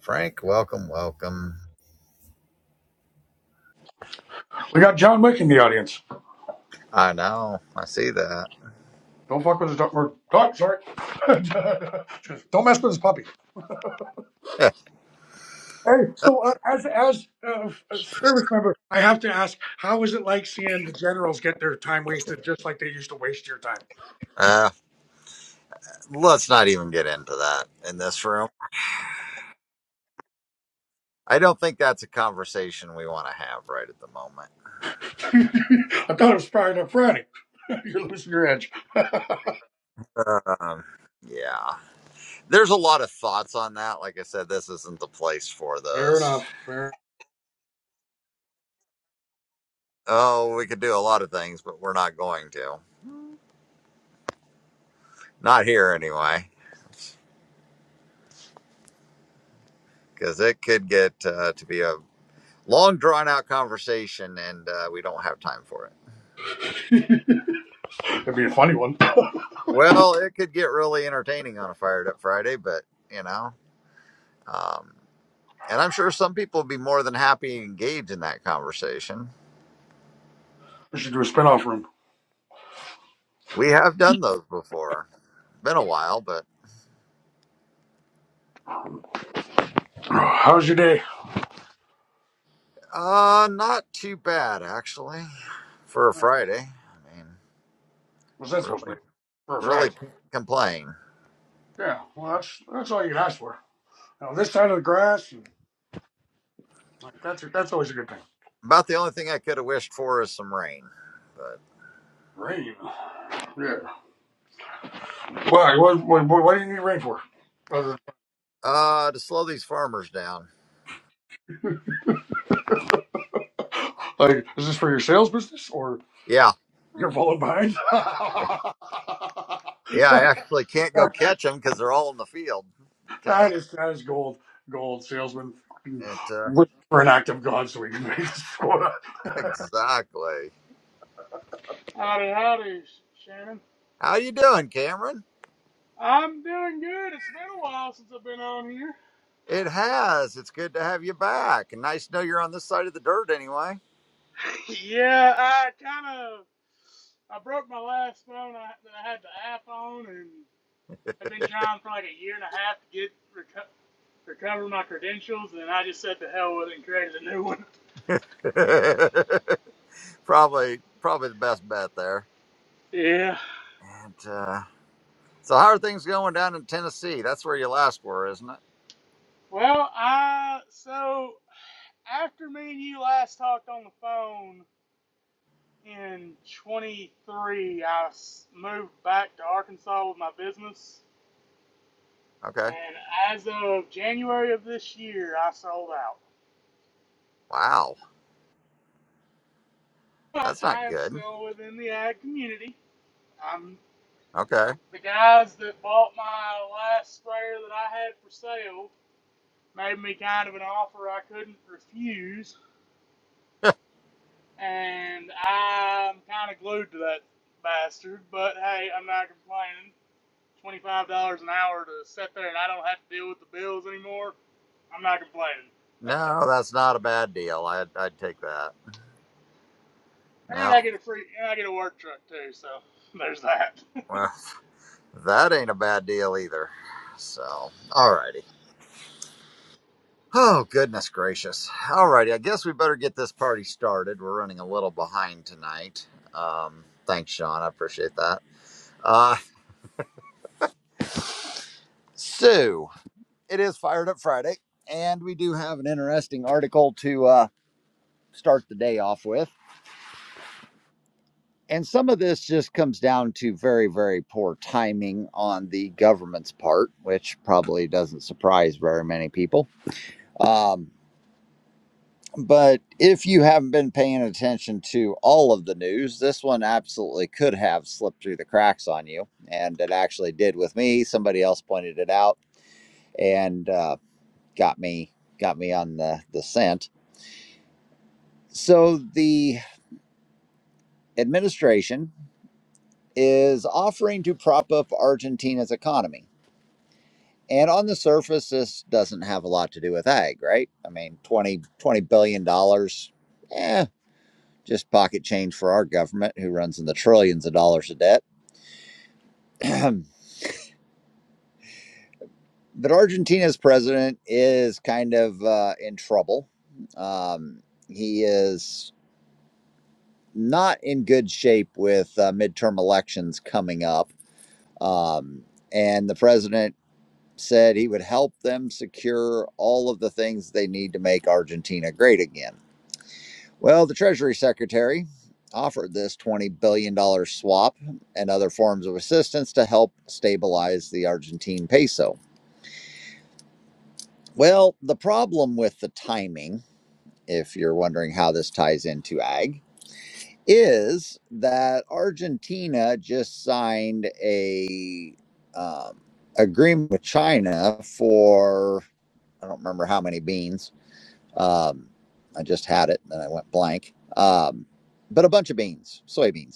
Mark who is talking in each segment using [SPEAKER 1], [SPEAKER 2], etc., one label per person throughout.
[SPEAKER 1] Frank, welcome, welcome.
[SPEAKER 2] We got John Wick in the audience.
[SPEAKER 1] I know. I see that.
[SPEAKER 2] Don't fuck with his dog. Or, dog sorry. Just don't mess with his puppy. Hey, so uh, as as uh, a service member, I have to ask, how is it like seeing the generals get their time wasted just like they used to waste your time?
[SPEAKER 1] Uh, let's not even get into that in this room. I don't think that's a conversation we want to have right at the moment.
[SPEAKER 2] I thought it was Friday. no, Friday, you're losing your edge.
[SPEAKER 1] Um, yeah. There's a lot of thoughts on that. Like I said, this isn't the place for
[SPEAKER 2] Fair
[SPEAKER 1] those.
[SPEAKER 2] enough. Fair.
[SPEAKER 1] Oh, we could do a lot of things, but we're not going to. Not here anyway, because it could get uh, to be a long, drawn out conversation and uh, we don't have time for it.
[SPEAKER 2] That'd be a funny one.
[SPEAKER 1] Well, it could get really entertaining on a fired up Friday, but you know, um, and I'm sure some people would be more than happy to engage in that conversation.
[SPEAKER 2] We should do a spinoff room.
[SPEAKER 1] We have done those before. Been a while, but
[SPEAKER 2] How was your day?
[SPEAKER 1] uh, not too bad actually for a
[SPEAKER 2] All right.
[SPEAKER 1] Friday. I mean,
[SPEAKER 2] What's that supposed to mean
[SPEAKER 1] really,
[SPEAKER 2] for a
[SPEAKER 1] really
[SPEAKER 2] Friday?
[SPEAKER 1] can't complain.
[SPEAKER 2] Yeah. Well, that's that's all you can ask for. Now this side of the grass. and, Like, that's that's always a good thing.
[SPEAKER 1] About the only thing I could have wished for is some rain, but
[SPEAKER 2] Rain. Yeah. Why? What, what, what, do you need rain for? Other than-
[SPEAKER 1] uh, to slow these farmers down.
[SPEAKER 2] Like, is this for your sales business or
[SPEAKER 1] Yeah,
[SPEAKER 2] you're falling behind?
[SPEAKER 1] yeah, I actually can't go catch them because they're all in the field.
[SPEAKER 2] that is that is gold, gold salesman.
[SPEAKER 1] It uh,
[SPEAKER 2] Look For an act of God, so we can make this quota.
[SPEAKER 1] Exactly.
[SPEAKER 3] Howdy, howdy, Shannon.
[SPEAKER 1] How you doing, Cameron?
[SPEAKER 3] I'm doing good. It's been a while since I've been on here.
[SPEAKER 1] It has. It's good to have you back. And nice to know you're on this side of the dirt anyway.
[SPEAKER 3] Yeah, I kind of I broke my last phone I, that I had the app on, and I've been trying for like a year and a half to get reco- recover my credentials, and I just said to hell with it and created a new one.
[SPEAKER 1] probably probably the best bet there.
[SPEAKER 3] Yeah.
[SPEAKER 1] And uh so how are things going down in Tennessee? That's where you last were, isn't it?
[SPEAKER 3] Well, I so after me and you last talked on the phone in 23, I s- moved back to Arkansas with my business
[SPEAKER 1] Okay.
[SPEAKER 3] And as of January of this year, I sold out.
[SPEAKER 1] Wow.
[SPEAKER 3] But I am still within the ag community. I'm
[SPEAKER 1] Okay.
[SPEAKER 3] the guys that bought my last sprayer that I had for sale made me kind of an offer I couldn't refuse, and I'm kind of glued to that bastard. But hey, I'm not complaining. Twenty-five dollars an hour to sit there, and I don't have to deal with the bills anymore. I'm not complaining.
[SPEAKER 1] No, that's not a bad deal. I'd I'd take that.
[SPEAKER 3] And I
[SPEAKER 1] No,
[SPEAKER 3] get a free, and I get a work truck too. So there's that.
[SPEAKER 1] well, that ain't a bad deal either. So, alrighty. Oh, goodness gracious. All righty. I guess we better get this party started. We're running a little behind tonight. Um, thanks, Sean. I appreciate that. Uh, so, it is Fired Up Friday, and we do have an interesting article to uh, start the day off with. And some of this just comes down to very, very poor timing on the government's part, which probably doesn't surprise very many people. Um, But if you haven't been paying attention to all of the news, this one absolutely could have slipped through the cracks on you. And it actually did with me. Somebody else pointed it out and uh, got me got me on the, the scent. So the administration is offering to prop up Argentina's economy. And on the surface, this doesn't have a lot to do with ag, right? I mean, twenty twenty billion billion. Eh, just pocket change for our government, who runs in the trillions of dollars of debt. but Argentina's president is kind of uh, in trouble. Um, he is not in good shape with uh, midterm elections coming up. Um, and the president said he would help them secure all of the things they need to make Argentina great again. Well, the Treasury Secretary offered this $20 billion dollars swap and other forms of assistance to help stabilize the Argentine peso. Well, the problem with the timing, if you're wondering how this ties into ag, is that Argentina just signed a um, agreement with China for I don't remember how many beans. Um, I just had it, and then I went blank. Um, but a bunch of beans, soybeans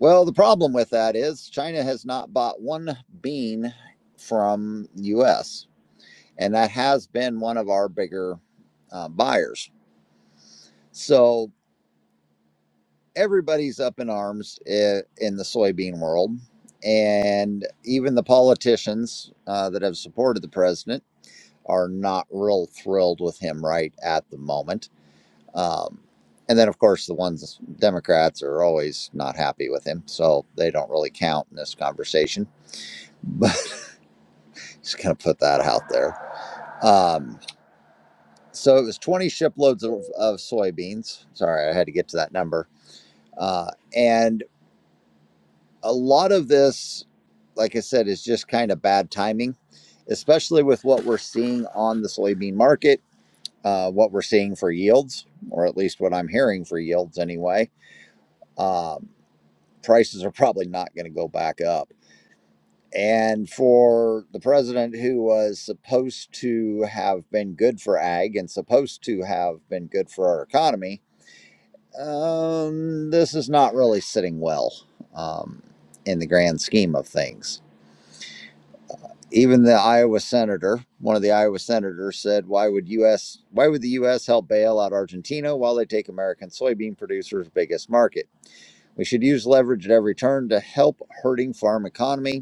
[SPEAKER 1] Well, the problem with that is China has not bought one bean from US, and that has been one of our bigger uh, buyers. So everybody's up in arms i- in the soybean world, and even the politicians uh, that have supported the president are not real thrilled with him right at the moment. Um, and then, of course, the ones Democrats are always not happy with him, so they don't really count in this conversation Just gonna put that out there. Um, so it was 20 shiploads of, of soybeans. Sorry, I had to get to that number. Uh, and a lot of this, like I said, is just kind of bad timing, especially with what we're seeing on the soybean market, uh, what we're seeing for yields, or at least what I'm hearing for yields anyway. Um, prices are probably not going to go back up. And for the president who was supposed to have been good for ag and supposed to have been good for our economy, um, this is not really sitting well um, in the grand scheme of things. Even the Iowa senator, one of the Iowa senators said, why would US why would the US help bail out Argentina while they take American soybean producers' biggest market? We should use leverage at every turn to help hurting farm economy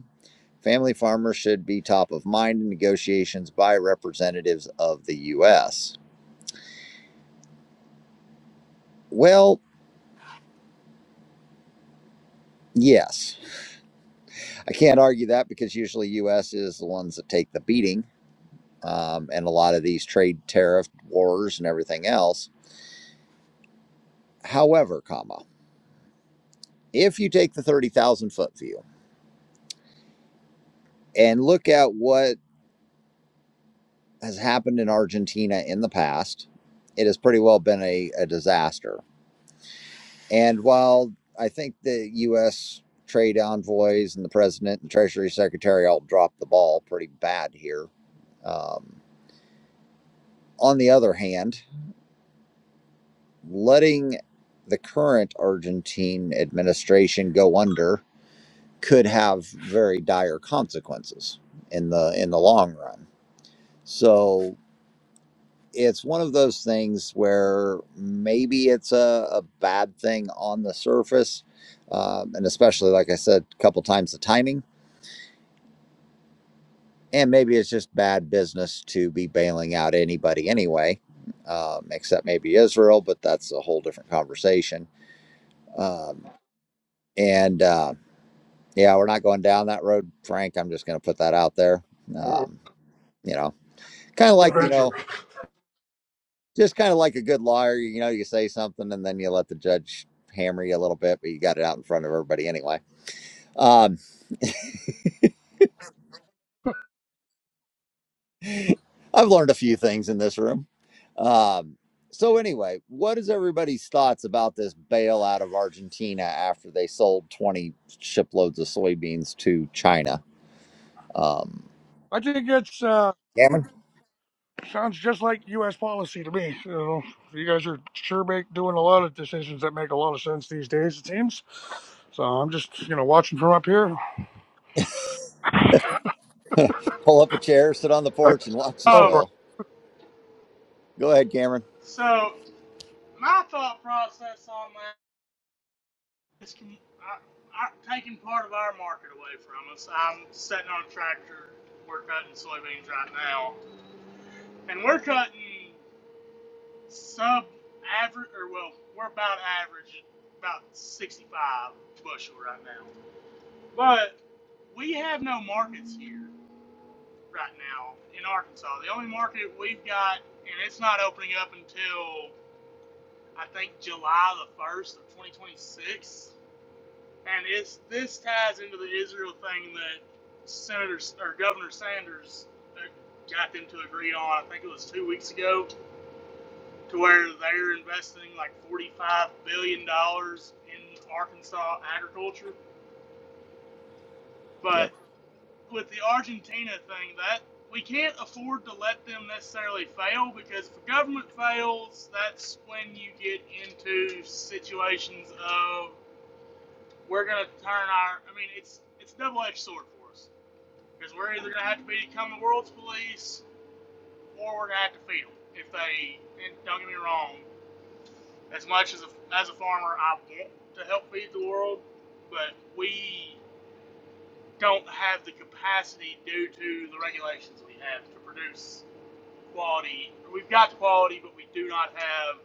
[SPEAKER 1] Family farmers should be top of mind in negotiations by representatives of the U.S. Well, yes, I can't argue that because usually U.S. is the ones that take the beating um, and a lot of these trade tariff wars and everything else. However, comma, if you take the thirty thousand foot view and look at what has happened in Argentina in the past, it has pretty well been a, a disaster And while I think the U.S. trade envoys and the president and Treasury Secretary all dropped the ball pretty bad here, um, on the other hand, letting the current Argentine administration go under could have very dire consequences in the in the long run. So it's one of those things where maybe it's a, a bad thing on the surface, um, and especially like I said a couple times, the timing and maybe it's just bad business to be bailing out anybody anyway, um, except maybe Israel, but that's a whole different conversation. Um, and uh, yeah, we're not going down that road, Frank. I'm just going to put that out there.
[SPEAKER 2] Whoa,
[SPEAKER 1] Um, you know, kind of like, you
[SPEAKER 2] adventure.
[SPEAKER 1] know, just kind of like a good lawyer, you know, you say something and then you let the judge hammer you a little bit, but you got it out in front of everybody anyway. Um, I've learned a few things in this room. Um, so anyway, what is everybody's thoughts about this bailout of Argentina after they sold 20 shiploads of soybeans to China? Um,
[SPEAKER 2] I think it's uh,
[SPEAKER 1] Cameron,
[SPEAKER 2] sounds just like U.S. policy to me. You know, you guys are sure make doing a lot of decisions that make a lot of sense these days. It seems. So I'm just you know watching from up here.
[SPEAKER 1] pull up a chair, sit on the porch, and watch.
[SPEAKER 2] up
[SPEAKER 3] Um,
[SPEAKER 2] on
[SPEAKER 1] Go ahead, Cameron.
[SPEAKER 3] so my thought process on that is com- I, I, taking part of our market away from us. I'm sitting on a tractor. We're cutting soybeans right now, and we're cutting sub average, or well, we're about average, about 65 bushel right now. But we have no markets here right now in Arkansas. The only market we've got, and it's not opening up until I think July the first of 2026, and it's this ties into the Israel thing that Senator or Governor Sanders uh, got them to agree on. I think it was two weeks ago, to where they're investing like 45 billion dollars in Arkansas agriculture. But with the Argentina thing, that we can't afford to let them necessarily fail because if the government fails, that's when you get into situations of we're gonna turn our. I mean, it's it's a double-edged sword for us because we're either gonna have to become the world's police or we're gonna have to feed them if they. And don't get me wrong, as much as a, as a farmer, I want to help feed the world, but we don't have the capacity due to the regulations we have to produce quality. We've got the quality, but we do not have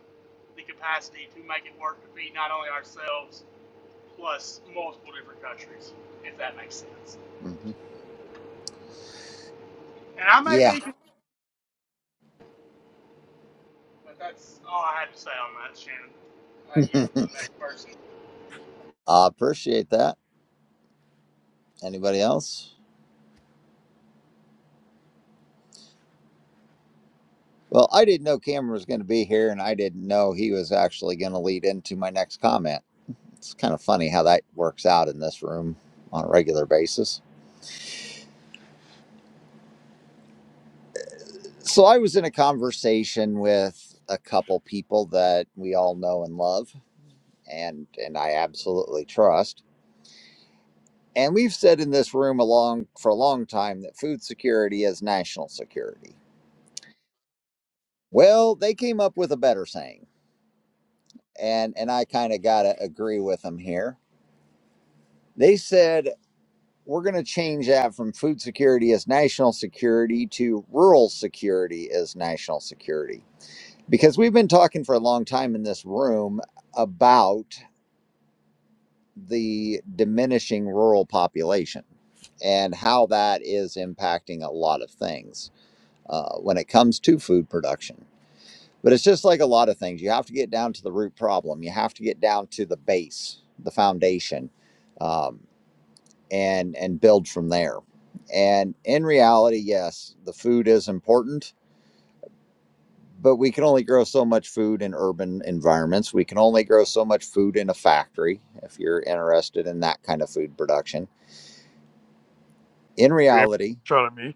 [SPEAKER 3] the capacity to make it work to feed not only ourselves plus multiple different countries, if that makes sense. And I may be, but that's all I had to say on that, Shannon. I
[SPEAKER 1] I
[SPEAKER 3] yield to the next person.
[SPEAKER 1] appreciate that. Anybody else? Well, I didn't know Cameron was going to be here, and I didn't know he was actually going to lead into my next comment. It's kind of funny how that works out in this room on a regular basis. So I was in a conversation with a couple people that we all know and love and and I absolutely trust. And we've said in this room along for a long time that food security is national security. Well, they came up with a better saying. And and I kind of got to agree with them here. They said we're going to change that from food security is national security to rural security is national security. Because we've been talking for a long time in this room about the diminishing rural population and how that is impacting a lot of things uh, when it comes to food production. But it's just like a lot of things. You have to get down to the root problem. You have to get down to the base, the foundation, um, and and build from there. And in reality, yes, the food is important, but we can only grow so much food in urban environments. We can only grow so much food in a factory if you're interested in that kind of food production In
[SPEAKER 2] Jamie
[SPEAKER 1] reality,
[SPEAKER 2] shot at me.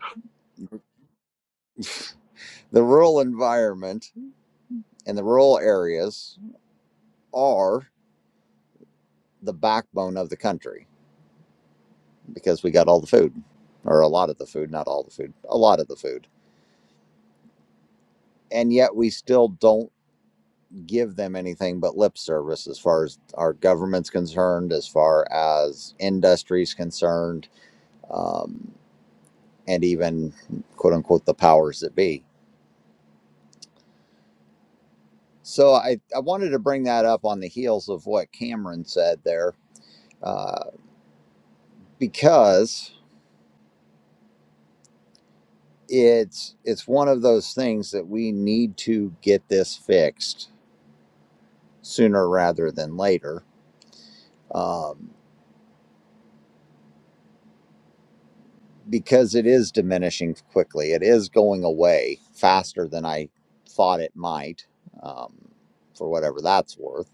[SPEAKER 1] the rural environment and the rural areas are the backbone of the country because we got all the food, or a lot of the food, not all the food, a lot of the food. And yet we still don't give them anything but lip service as far as our government's concerned, as far as industry's concerned, um, and even quote unquote the powers that be. So I, I wanted to bring that up on the heels of what Cameron said there, uh, because it's it's one of those things that we need to get this fixed sooner rather than later um, because it is diminishing quickly it is going away faster than i thought it might um, for whatever that's worth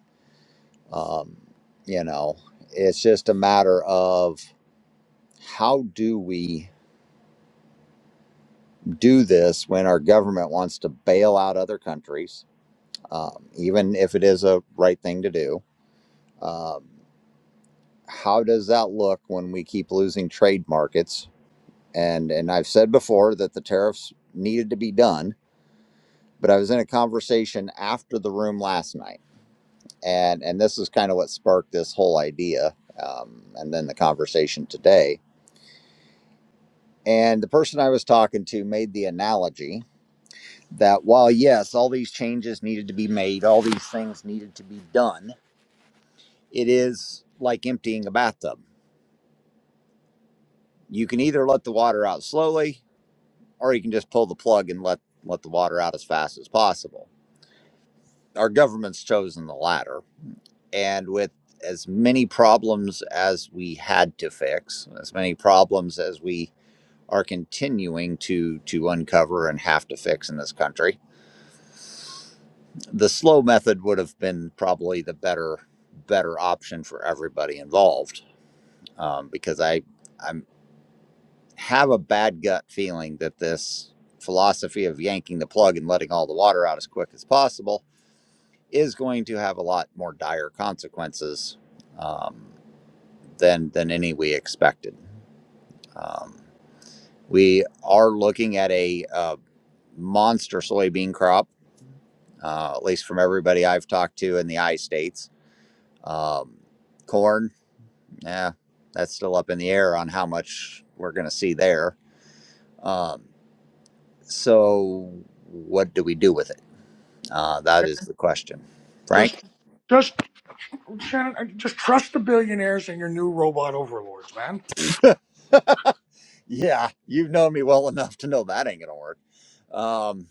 [SPEAKER 1] um, you know it's just a matter of how do we do this when our government wants to bail out other countries um, even if it is a right thing to do Um, how does that look when we keep losing trade markets? And and I've said before that the tariffs needed to be done, but I was in a conversation after the room last night, and and this is kind of what sparked this whole idea, um, and then the conversation today. And the person I was talking to made the analogy that while yes, all these changes needed to be made, all these things needed to be done, it is like emptying a bathtub. You can either let the water out slowly or you can just pull the plug and let let the water out as fast as possible. Our government's chosen the latter, and with as many problems as we had to fix, as many problems as we are continuing to to uncover and have to fix in this country, the slow method would have been probably the better better option for everybody involved, um, because I I have a bad gut feeling that this philosophy of yanking the plug and letting all the water out as quick as possible is going to have a lot more dire consequences um, than than any we expected. Um, we are looking at a uh, monster soybean crop, uh, at least from everybody I've talked to in the I states. Um, corn, yeah, that's still up in the air on how much we're going to see there. Um, so, what do we do with it? Uh, that is the question, Frank.
[SPEAKER 2] Just, just, Shannon, I- just trust the billionaires and your new robot overlords, man.
[SPEAKER 1] Yeah, you've known me well enough to know that ain't gonna work. Um,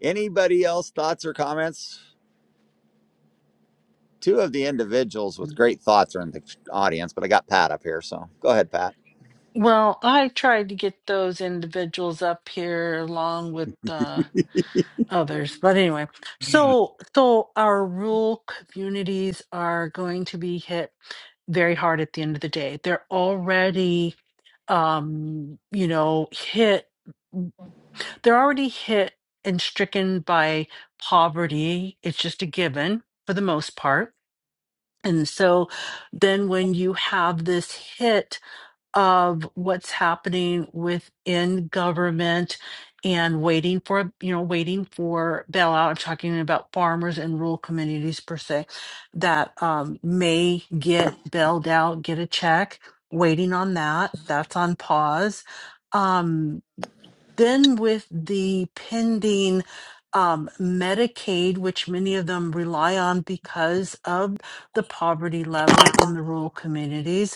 [SPEAKER 1] anybody else thoughts or comments? Two of the individuals with great thoughts are in the audience, but I got Pat up here, so go ahead, Pat.
[SPEAKER 4] Well, I tried to get those individuals up here along with uh, others, but anyway, so so our rural communities are going to be hit very hard at the end of the day. They're already, um, you know, hit. They're already hit and stricken by poverty. It's just a given for the most part. And so then when you have this hit of what's happening within government and waiting for, you know, waiting for bailout. I'm talking about farmers and rural communities per se that um, may get bailed out, get a check, waiting on that. That's on pause. Um, then with the pending um, Medicaid, which many of them rely on because of the poverty level in the rural communities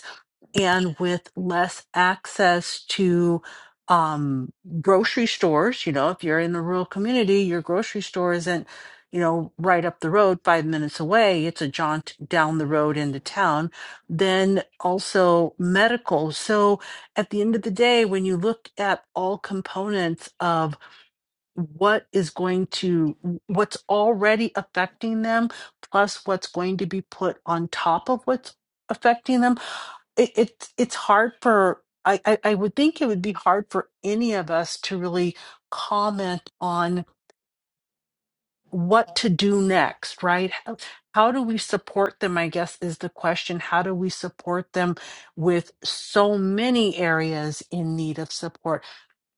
[SPEAKER 4] and with less access to um, grocery stores, you know, if you're in a rural community, your grocery store isn't, you know, right up the road, five minutes away. It's a jaunt down the road into town. Then also medical. So at the end of the day, when you look at all components of what is going to, what's already affecting them, plus what's going to be put on top of what's affecting them, it, it it's hard for I, I I would think it would be hard for any of us to really comment on what to do next, right? How, how do we support them? I guess is the question. How do we support them with so many areas in need of support?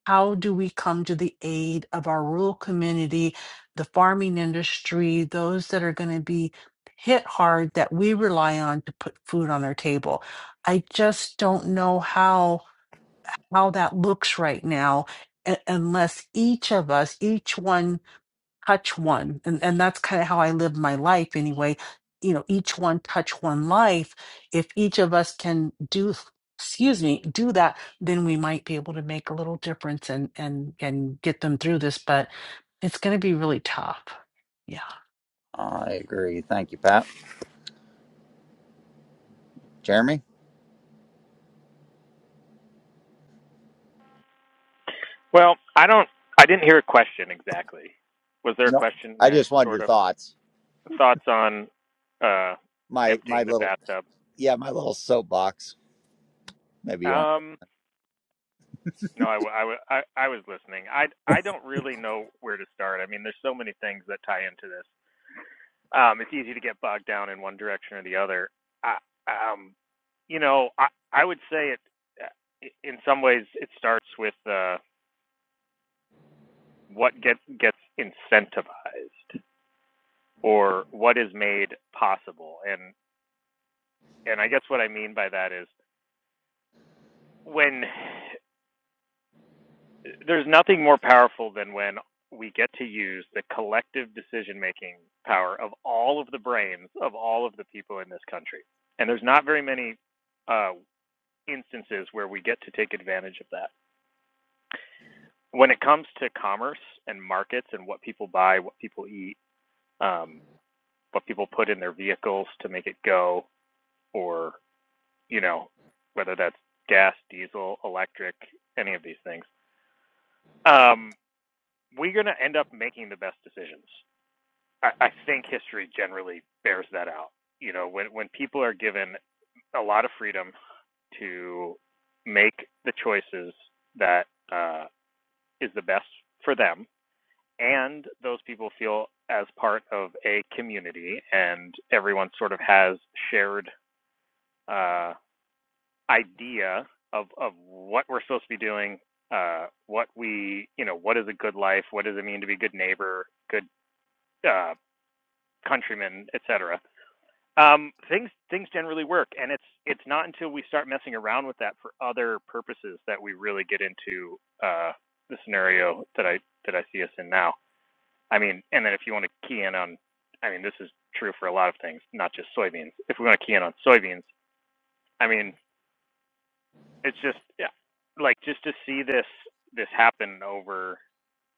[SPEAKER 4] how do we come to the aid of our rural community, the farming industry, those that are going to be hit hard that we rely on to put food on their table? I just don't know how how that looks right now u- unless each of us, each one touch one and and that's kind of how i live my life anyway you know each one touch one life if each of us can do excuse me do that then we might be able to make a little difference and and and get them through this but it's going to be really tough yeah
[SPEAKER 1] I agree. Thank you, Pat. Jeremy?
[SPEAKER 5] Well, I don't. I didn't hear a question exactly. Was there a
[SPEAKER 1] No.
[SPEAKER 5] question in
[SPEAKER 1] I
[SPEAKER 5] there?
[SPEAKER 1] just wanted
[SPEAKER 5] Sort
[SPEAKER 1] your
[SPEAKER 5] of
[SPEAKER 1] thoughts.
[SPEAKER 5] thoughts on uh,
[SPEAKER 1] My my
[SPEAKER 5] emptying the
[SPEAKER 1] little
[SPEAKER 5] bathtub.
[SPEAKER 1] yeah, my little soapbox. Maybe you weren't.
[SPEAKER 5] Um, no, I, w- I, w- I, I was listening. I, I don't really know where to start. I mean, there's so many things that tie into this. Um, it's easy to get bogged down in one direction or the other. I, um, you know, I, I would say it. uh, In some ways, it starts with uh, what gets gets incentivized or what is made possible. and and I guess what I mean by that is when there's nothing more powerful than when we get to use the collective decision making power of all of the brains of all of the people in this country. And there's not very many uh, instances where we get to take advantage of that. When it comes to commerce and markets and what people buy, what people eat, um, what people put in their vehicles to make it go, or, you know, whether that's gas, diesel, electric, any of these things, um, we're going to end up making the best decisions. I, I think history generally bears that out. You know, when when people are given a lot of freedom to make the choices that uh, is the best for them, and those people feel as part of a community, and everyone sort of has shared uh, idea of of what we're supposed to be doing uh, what we, you know, what is a good life? What does it mean to be a good neighbor, good uh, countrymen, etc. Um, things things generally work, and it's it's not until we start messing around with that for other purposes that we really get into uh, the scenario that I that I see us in now. I mean, and then if you want to key in on, I mean, this is true for a lot of things, not just soybeans. If we want to key in on soybeans, I mean, it's just yeah, like just to see this this happen over.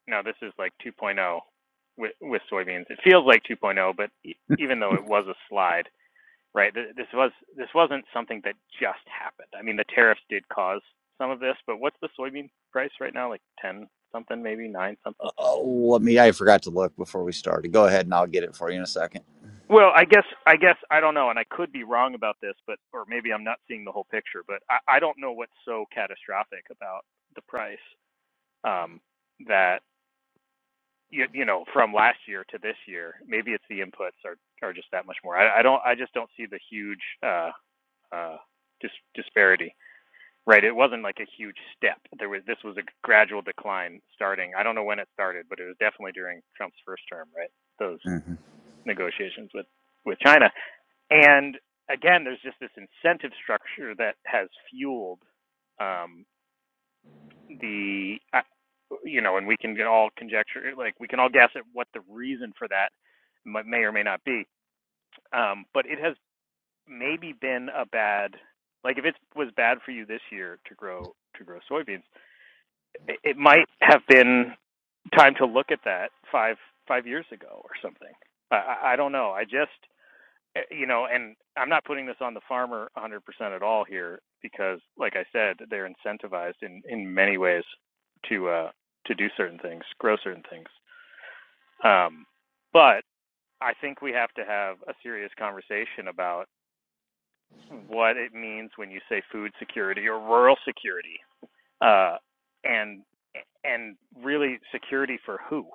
[SPEAKER 5] Now this is like 2.0 with with soybeans. It feels like 2.0, but e- even though it was a slide right? This was this wasn't something that just happened. I mean, the tariffs did cause some of this, but what's the soybean price right now? Like ten something, maybe nine something.
[SPEAKER 1] Oh, let me. I forgot to look before we started. Go ahead, and I'll get it for you in a 2nd
[SPEAKER 5] Well, I guess I guess I don't know, and I could be wrong about this, but or maybe I'm not seeing the whole picture. But I, I don't know what's so catastrophic about the price um, that you, you know from last year to this year. Maybe it's the inputs are are just that much more. I, I don't I just don't see the huge uh, uh, dis- disparity. Right. It wasn't like a huge step. There was this was a gradual decline starting. I don't know when it started, but it was definitely during Trump's first term, right? Those
[SPEAKER 1] hmm
[SPEAKER 5] negotiations with with China. And again, there's just this incentive structure that has fueled um, the I you know, and we can all conjecture, like we can all guess at what the reason for that may or may not be. Um, but it has maybe been a bad, like if it was bad for you this year to grow to grow soybeans, it, might have been time to look at that five five years ago or something. I, I, don't know. I just eh, you know, and I'm not putting this on the farmer 100% at all here because, like I said, they're incentivized in in many ways to uh to do certain things, grow certain things. Um, but I think we have to have a serious conversation about what it means when you say food security or rural security uh, and and really security for who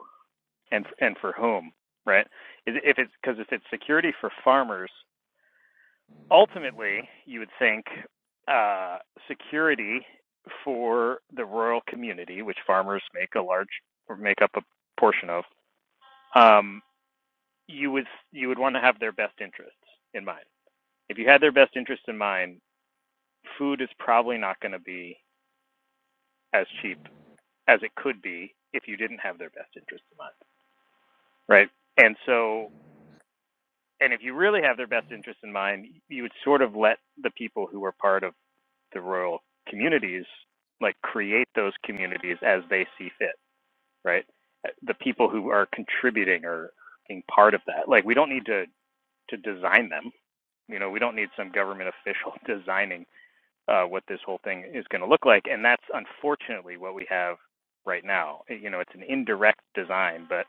[SPEAKER 5] and and for whom, right? If it's because if it's security for farmers, ultimately you would think uh, security for the rural community, which farmers make a large or make up a portion of, um, you would you would want to have their best interests in mind. If you had their best interests in mind, food is probably not going to be as cheap as it could be if you didn't have their best interests in mind. right? And so, and if you really have their best interest in mind, you would sort of let the people who are part of the rural communities like create those communities as they see fit, right? The people who are contributing or being part of that, like we don't need to to design them. You know, we don't need some government official designing uh, what this whole thing is going to look like. And that's unfortunately what we have right now. Eh, You know, it's an indirect design, but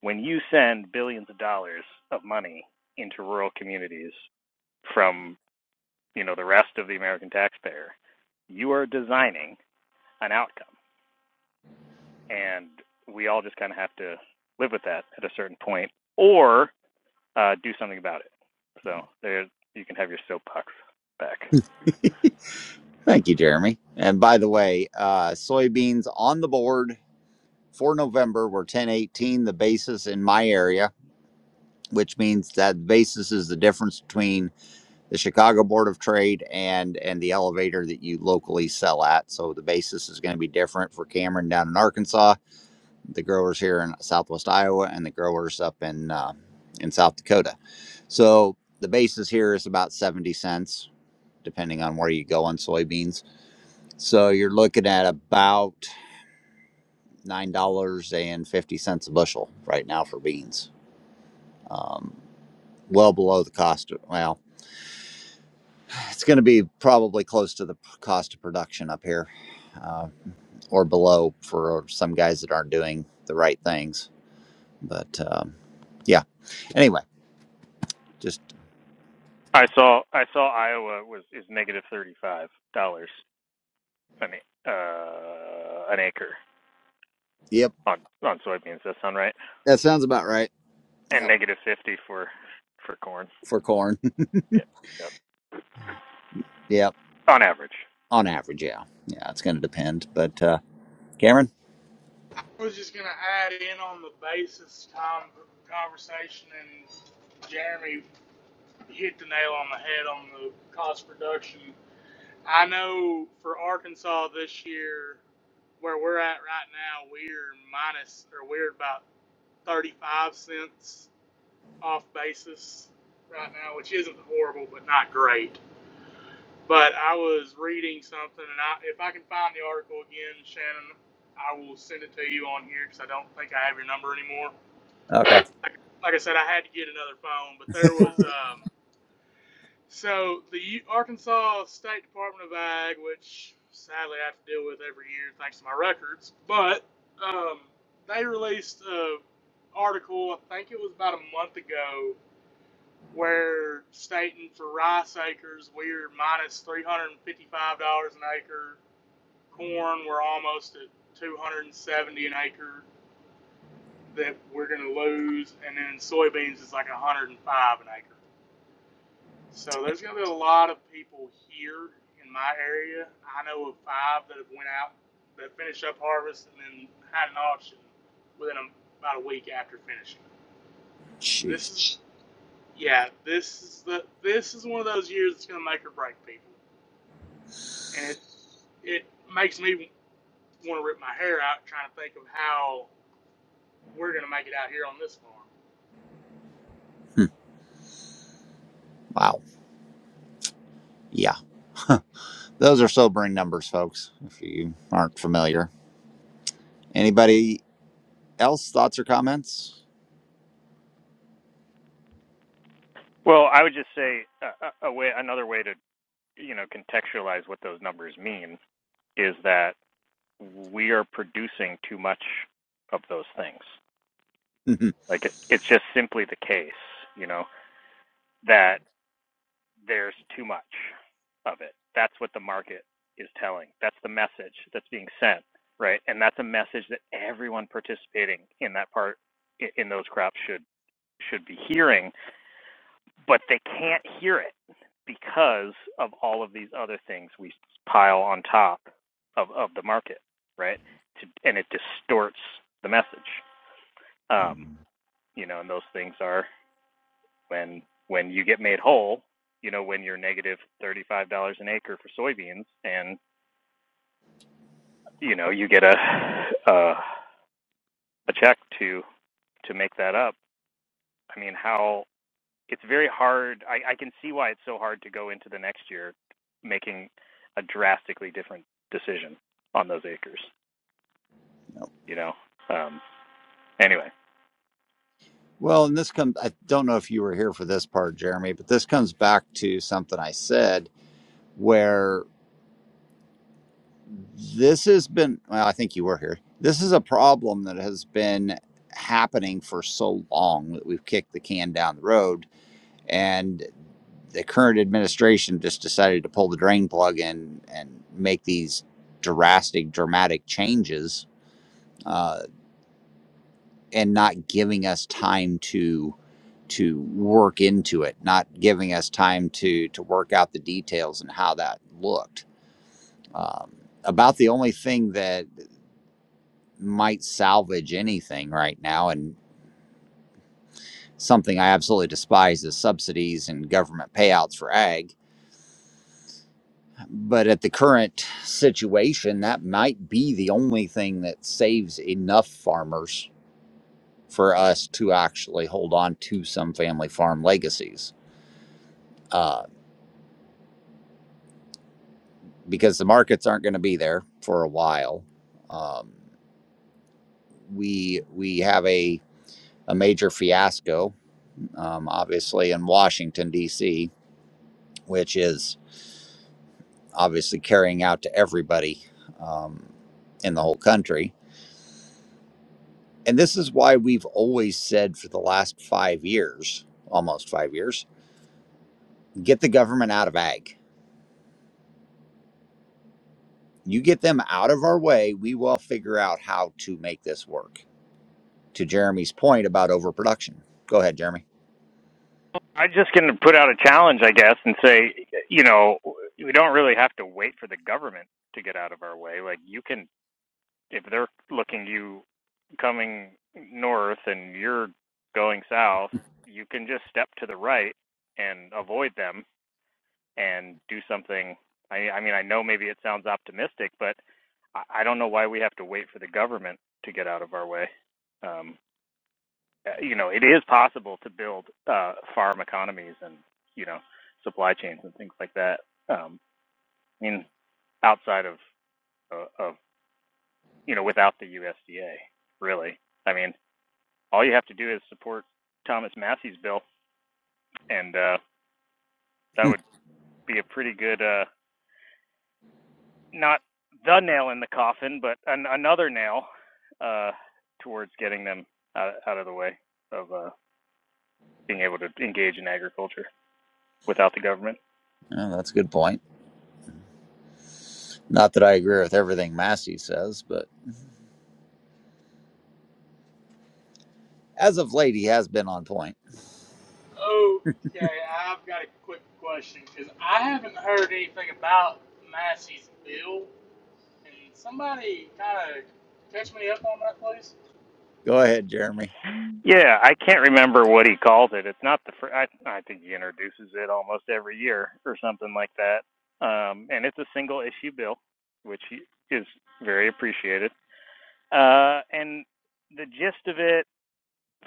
[SPEAKER 5] when you send billions of dollars of money into rural communities from, you know, the rest of the American taxpayer, you are designing an outcome. And we all just kind of have to live with that at a certain point or uh, do something about it. So there you can have your soapbox back.
[SPEAKER 1] Thank you, Jeremy. And by the way, uh, soybeans on the board for November were 1018, the basis in my area, which means that basis is the difference between the Chicago Board of Trade and and the elevator that you locally sell at. So the basis is going to be different for Cameron down in Arkansas, the growers here in Southwest Iowa, and the growers up in uh, in South Dakota. So the basis here is about 70 cents, depending on where you go on soybeans. So you're looking at about nine dollars and fifty cents a bushel right now for beans. um, well below the cost of, well, it's going to be probably close to the cost of production up here uh, or below for some guys that aren't doing the right things. But um, yeah, anyway, just,
[SPEAKER 5] I saw I saw Iowa was is negative thirty five dollars an a- uh an acre
[SPEAKER 1] yep,
[SPEAKER 5] on on soybeans. Does that sound right?
[SPEAKER 1] that sounds about right.
[SPEAKER 5] And
[SPEAKER 1] Yep.
[SPEAKER 5] negative fifty for for corn.
[SPEAKER 1] For corn.
[SPEAKER 5] Yeah, yep.
[SPEAKER 1] yep.
[SPEAKER 5] on average.
[SPEAKER 1] On average, yeah. Yeah, it's going to depend. But uh, Cameron?
[SPEAKER 3] I was just going to add in on the basis time conversation, and Jeremy hit the nail on the head on the cost reduction. I know for Arkansas this year, where we're at right now, we're minus or we're about 35 cents off basis right now, which isn't horrible, but not great. But I was reading something, and I, if I can find the article again, Shannon, I will send it to you on here because I don't think I have your number anymore.
[SPEAKER 1] Okay.
[SPEAKER 3] Like, like I said, I had to get another phone, but there was um, so the U- Arkansas State Department of Ag, which sadly I have to deal with every year thanks to my records, but um, they released a article. I think it was about a month ago. Where stating for rice acres, we're minus $355 an acre corn we're almost at 270 an acre that we're going to lose and then soybeans is like 105 an acre so there's going to be a lot of people here in my area i know of five that have went out that finished up harvest and then had an auction within a, about a week after finishing
[SPEAKER 1] Jeez.
[SPEAKER 3] this is yeah this is the this is one of those years that's going to make or break people and it it makes me want to rip my hair out trying to think of how we're gonna make it out here on this farm.
[SPEAKER 1] Hmm. Wow. Yeah. Those are sobering numbers, folks, if you aren't familiar. Anybody else? Thoughts or comments?
[SPEAKER 5] Well, I would just say uh, a a way another way to you know contextualize what those numbers mean is that we are producing too much of those things. Like it, it's just simply the case, you know, that there's too much of it. That's what the market is telling. That's the message that's being sent, right? And that's a message that everyone participating in that part in those crops should should be hearing, but they can't hear it because of all of these other things we pile on top of of the market, right? To, and it distorts the message. Um, you know, and those things are when when you get made whole, you know, when you're negative thirty-five dollars an acre for soybeans, and you know, you get a a, a check to to make that up. I mean, how it's very hard. I, I can see why it's so hard to go into the next year making a drastically different decision on those acres. You know. Um, anyway,
[SPEAKER 1] Well, and this comes, I don't know if you were here for this part, Jeremy, but this comes back to something I said where this has been, well, I think you were here. This is a problem that has been happening for so long that we've kicked the can down the road. And the current administration just decided to pull the drain plug and, and make these drastic, dramatic changes. Uh, and not giving us time to to work into it, not giving us time to to work out the details and how that looked. Um, about the only thing that might salvage anything right now, and something I absolutely despise is subsidies and government payouts for ag. But at the current situation, that might be the only thing that saves enough farmers for us to actually hold on to some family farm legacies Uh, because the markets aren't going to be there for a while. Um, we we have a a major fiasco, um, obviously in Washington D.C., which is obviously carrying out to everybody um, in the whole country. And this is why we've always said for the last five years, almost five years, get the government out of ag. You get them out of our way, we will figure out how to make this work. To Jeremy's point about overproduction. Go ahead, Jeremy.
[SPEAKER 5] I'm just going to put out a challenge, I guess, and say, you know, we don't really have to wait for the government to get out of our way. Like you can if they're looking you coming north and you're going south, you can just step to the right and avoid them and do something. I, I mean, I know maybe it sounds optimistic, but I, don't know why we have to wait for the government to get out of our way. Um, uh, you know, it is possible to build uh, farm economies and you know supply chains and things like that. Um, I mean, outside of, of of you know without the USDA, really. I mean, all you have to do is support Thomas Massey's bill, and uh, that would be a pretty good, uh, not the nail in the coffin, but an, another nail uh, towards getting them out, out of the way of uh, being able to engage in agriculture without the government.
[SPEAKER 1] Yeah, that's a good point. Not that I agree with everything Massey says, but as of late, he has been on point.
[SPEAKER 3] Okay, I've got a quick question because I haven't heard anything about Massey's bill, and somebody kind of catch me up on that, please.
[SPEAKER 1] Go ahead, Jeremy.
[SPEAKER 5] Yeah, I can't remember what he calls it. It's not the first. I, I think he introduces it almost every year or something like that. Um, and it's a single issue bill, which is very appreciated. Uh, and the gist of it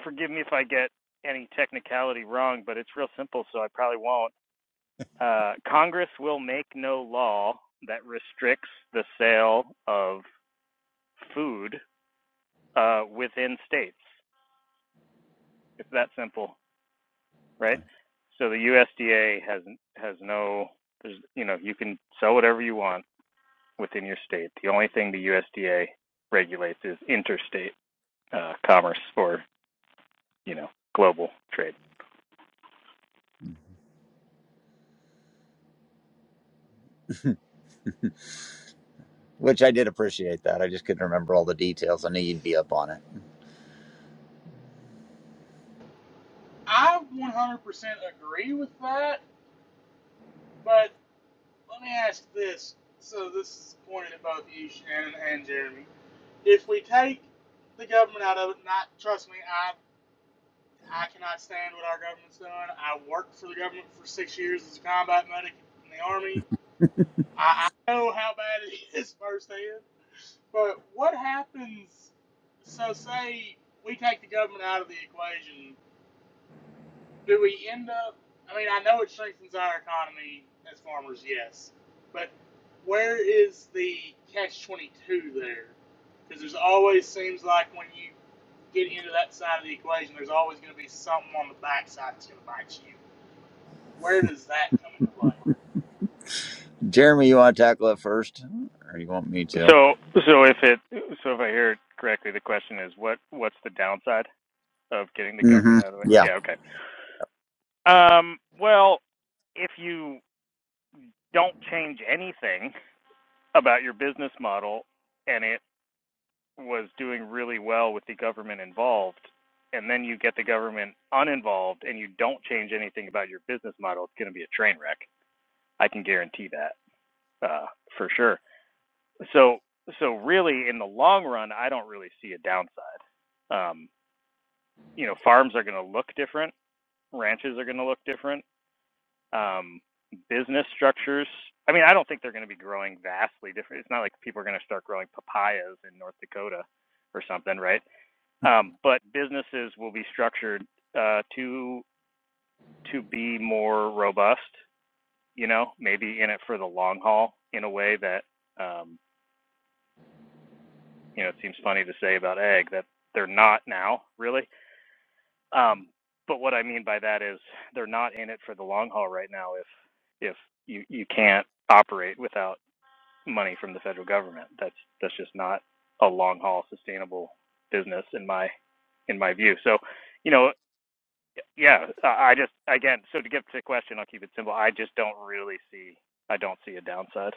[SPEAKER 5] forgive me if I get any technicality wrong, but it's real simple, so I probably won't. Uh, Congress will make no law that restricts the sale of food uh, within states. It's that simple, right?
[SPEAKER 1] Yeah.
[SPEAKER 5] So the USDA has has no, there's, you know, you can sell whatever you want within your state. The only thing the USDA regulates is interstate uh, commerce or you know global trade.
[SPEAKER 1] Which I did appreciate that. I just couldn't remember all the details. I knew you'd be up on it.
[SPEAKER 3] I 100% agree with that, but let me ask this. So this is pointed at both you, Shannon, and Jeremy. If we take the government out of it, not trust me, I I cannot stand what our government's doing. I worked for the government for six years as a combat medic in the army. I, I know how bad it is firsthand, but what happens? So, say we take the government out of the equation, do we end up? I mean, I know it strengthens our economy as farmers, yes, but where is the catch 22 there? Because there's always seems like when you get into that side of the equation, there's always going to be something on the backside that's going to bite you. Where does that come into play?
[SPEAKER 1] Jeremy, you want to tackle it first, or you want me to?
[SPEAKER 5] So so if it so if I hear it correctly, the question is what what's the downside of getting the government
[SPEAKER 1] hmm
[SPEAKER 5] out of the way?
[SPEAKER 1] Yeah.
[SPEAKER 5] Yeah, okay. Um, well, if you don't change anything about your business model and it was doing really well with the government involved and then you get the government uninvolved and you don't change anything about your business model, it's going to be a train wreck. I can guarantee that. Uh, for sure. So so really, in the long run, I don't really see a downside. Um, you know, farms are going to look different, ranches are going to look different, um, business structures. I mean, I don't think they're going to be growing vastly different. It's not like people are going to start growing papayas in North Dakota or something, right? Um, but businesses will be structured uh, to to be more robust. You know, maybe in it for the long haul in a way that. Um, you know, it seems funny to say about egg that they're not now, really. Um, but what I mean by that is they're not in it for the long haul right now. If if you you can't operate without money from the federal government, that's that's just not a long haul sustainable business in my in my view. So, you know, yeah, I I just again, so to get to the question, I'll keep it simple. I just don't really see I don't see a downside.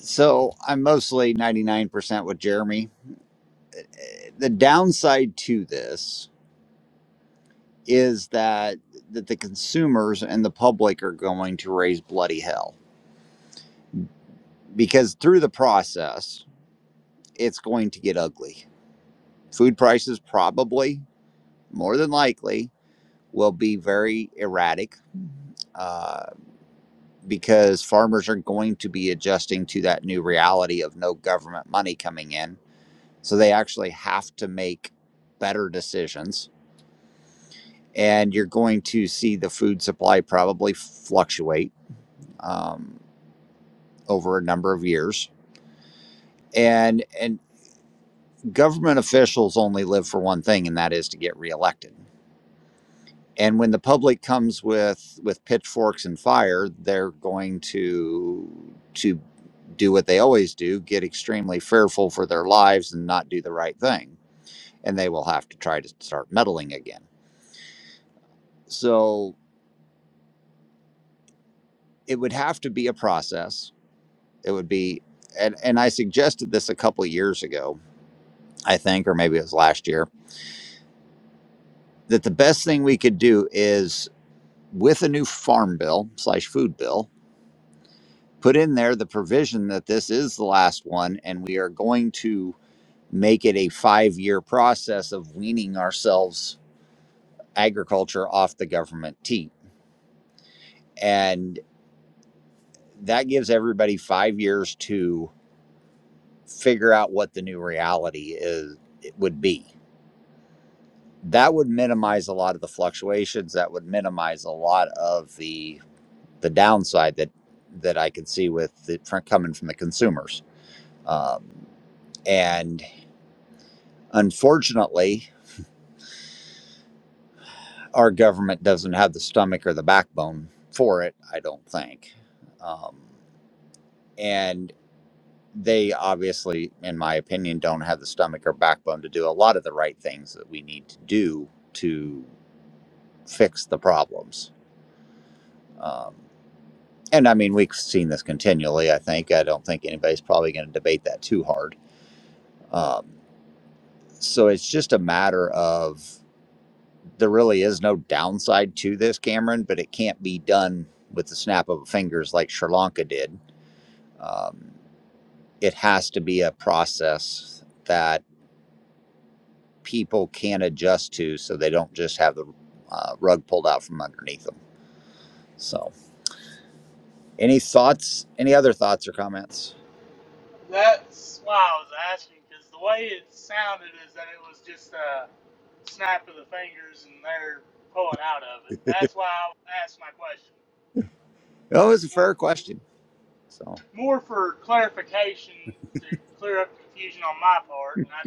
[SPEAKER 1] So I'm mostly 99% with Jeremy. The downside to this is that that the consumers and the public are going to raise bloody hell because through the process it's going to get ugly. Food prices probably, more than likely, will be very erratic uh, because farmers are going to be adjusting to that new reality of no government money coming in. So they actually have to make better decisions. And you're going to see the food supply probably fluctuate um, over a number of years. And, and government officials only live for one thing, and that is to get reelected and when the public comes with with pitchforks and fire they're going to to do what they always do get extremely fearful for their lives and not do the right thing and they will have to try to start meddling again so it would have to be a process it would be and, and i suggested this a couple of years ago i think or maybe it was last year that the best thing we could do is with a new farm bill slash food bill put in there the provision that this is the last one and we are going to make it a five year process of weaning ourselves agriculture off the government tea and that gives everybody five years to figure out what the new reality is it would be that would minimize a lot of the fluctuations that would minimize a lot of the the downside that that i could see with it fr- coming from the consumers um, and unfortunately our government doesn't have the stomach or the backbone for it, I don't think. Um, and they obviously, in my opinion, don't have the stomach or backbone to do a lot of the right things that we need to do to fix the problems. Um, and I mean, we've seen this continually, I think. I don't think anybody's probably going to debate that too hard. Um, so it's just a matter of there really is no downside to this, Cameron, but it can't be done with the snap of fingers like Sri Lanka did. Um, it has to be a process that people can adjust to so they don't just have the uh, rug pulled out from underneath them. So, any thoughts, any other thoughts or comments?
[SPEAKER 3] That's why I was asking because the way it sounded is that it was just a snap of the fingers and they're pulling out of it. That's why I asked my question
[SPEAKER 1] Oh, it's a
[SPEAKER 3] more
[SPEAKER 1] fair question. So,
[SPEAKER 3] more for clarification to clear up confusion on my part. And I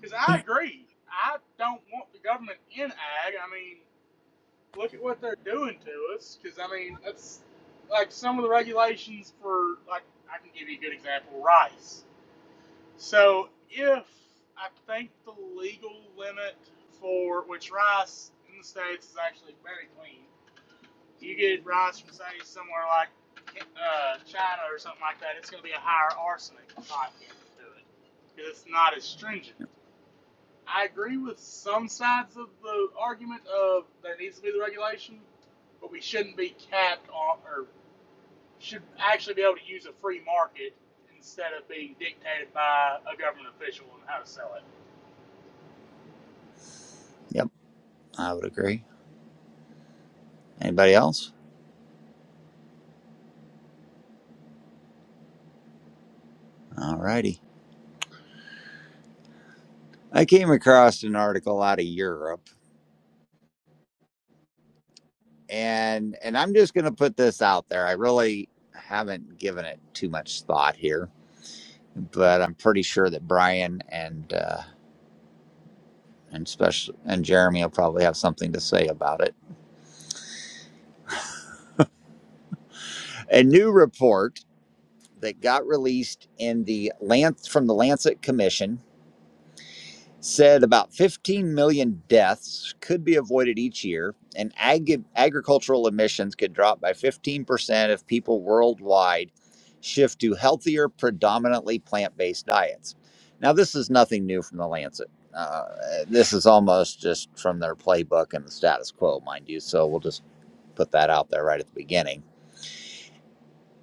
[SPEAKER 3] because I agree, I don't want the government in ag. I mean, look at what they're doing to us. Because I mean, that's like some of the regulations for like I can give you a good example, rice. So if I think the legal limit for which rice in the states is actually very clean, you get rice from say somewhere like uh, China or something like that, it's going to be a higher arsenic content to it because it's not as stringent. I agree with some sides of the argument of there needs to be the regulation, but we shouldn't be capped on or should actually be able to use a free market instead of being dictated by a government official on how to sell it.
[SPEAKER 1] yep, I would agree. Anybody else? All righty. I came across an article out of Europe and and I'm just going to put this out there. I really haven't given it too much thought here, but I'm pretty sure that Brian and uh, and special and Jeremy will probably have something to say about it. A new report that got released in the Lance from the Lancet Commission said about 15 million deaths could be avoided each year, and ag- agricultural emissions could drop by 15% if people worldwide shift to healthier, predominantly plant based diets. Now, this is nothing new from the Lancet. Uh, this is almost just from their playbook and the status quo, mind you. So we'll just put that out there right at the beginning.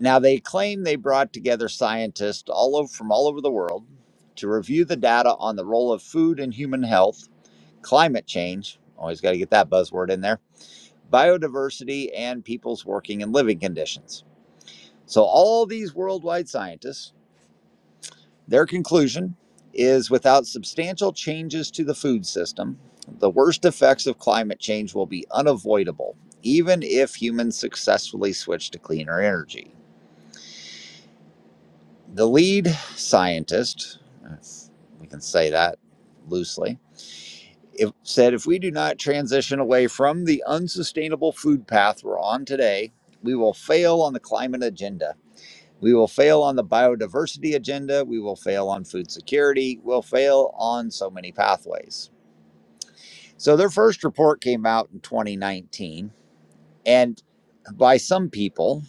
[SPEAKER 1] Now, they claim they brought together scientists all over, from all over the world to review the data on the role of food in human health climate change, always got to get that buzzword in there, biodiversity, and people's working and living conditions. So, all these worldwide scientists, their conclusion is without substantial changes to the food system, the worst effects of climate change will be unavoidable, even if humans successfully switch to cleaner energy. The lead scientist, if we can say that loosely, It said if we do not transition away from the unsustainable food path we're on today, we will fail on the climate agenda. We will fail on the biodiversity agenda. We will fail on food security. We'll fail on so many pathways. So, their first report came out in 2019. And by some people,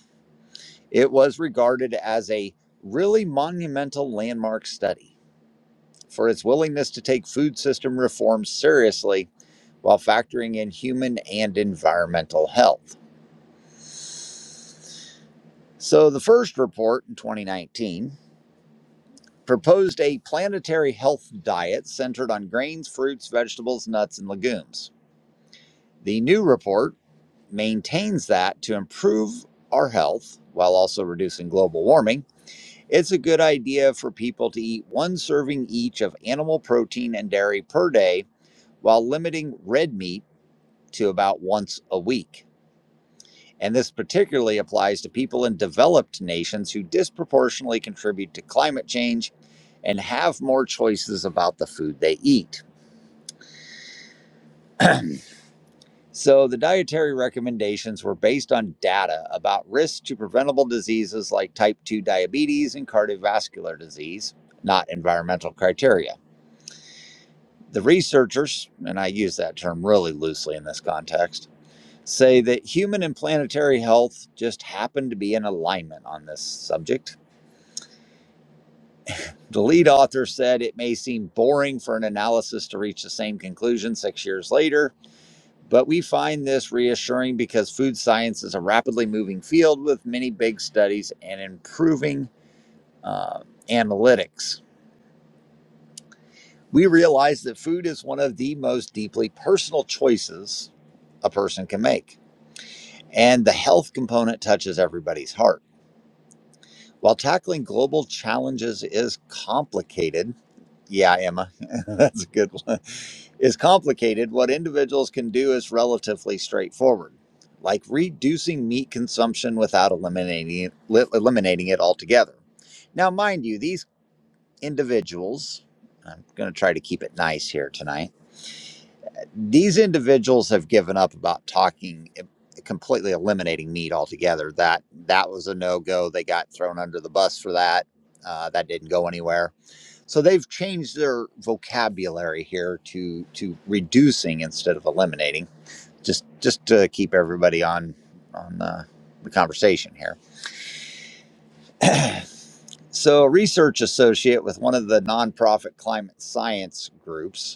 [SPEAKER 1] it was regarded as a really monumental landmark study for its willingness to take food system reform seriously while factoring in human and environmental health. So, the first report in 2019 proposed a planetary health diet centered on grains, fruits, vegetables, nuts, and legumes. The new report maintains that to improve our health while also reducing global warming, it's a good idea for people to eat one serving each of animal protein and dairy per day while limiting red meat to about once a week. And this particularly applies to people in developed nations who disproportionately contribute to climate change and have more choices about the food they eat. So, the dietary recommendations were based on data about risks to preventable diseases like type 2 diabetes and cardiovascular disease, not environmental criteria. The researchers, and I use that term really loosely in this context, say that human and planetary health just happen to be in alignment on this subject The lead author said it may seem boring for an analysis to reach the same conclusion six years later, but we find this reassuring because food science is a rapidly moving field with many big studies and improving uh, analytics. We realize that food is one of the most deeply personal choices a person can make, and the health component touches everybody's heart. While tackling global challenges is complicated, yeah, Emma, that's a good one, is complicated, what individuals can do is relatively straightforward, like reducing meat consumption without eliminating it, li- eliminating it altogether. Now, mind you, these individuals, I'm going to try to keep it nice here tonight these individuals have given up about talking e, completely eliminating meat altogether that that was a no-go they got thrown under the bus for that uh, that didn't go anywhere so they've changed their vocabulary here to to reducing instead of eliminating just just to keep everybody on on uh, the conversation here so a research associate with one of the nonprofit climate science groups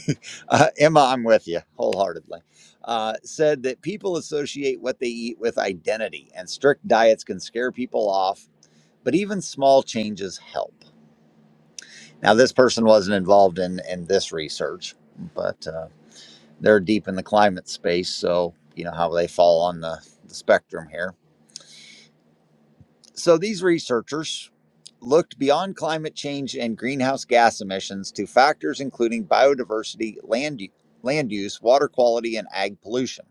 [SPEAKER 1] uh, Emma, I'm with you wholeheartedly. Uh, said that people associate what they eat with identity, and strict diets can scare people off, but even small changes help. Now, this person wasn't involved in in this research, but uh, they're deep in the climate space, so you know how they fall on the, the spectrum here. So these researchers looked beyond climate change and greenhouse gas emissions to factors including biodiversity, land u- land use, water quality, and ag pollution.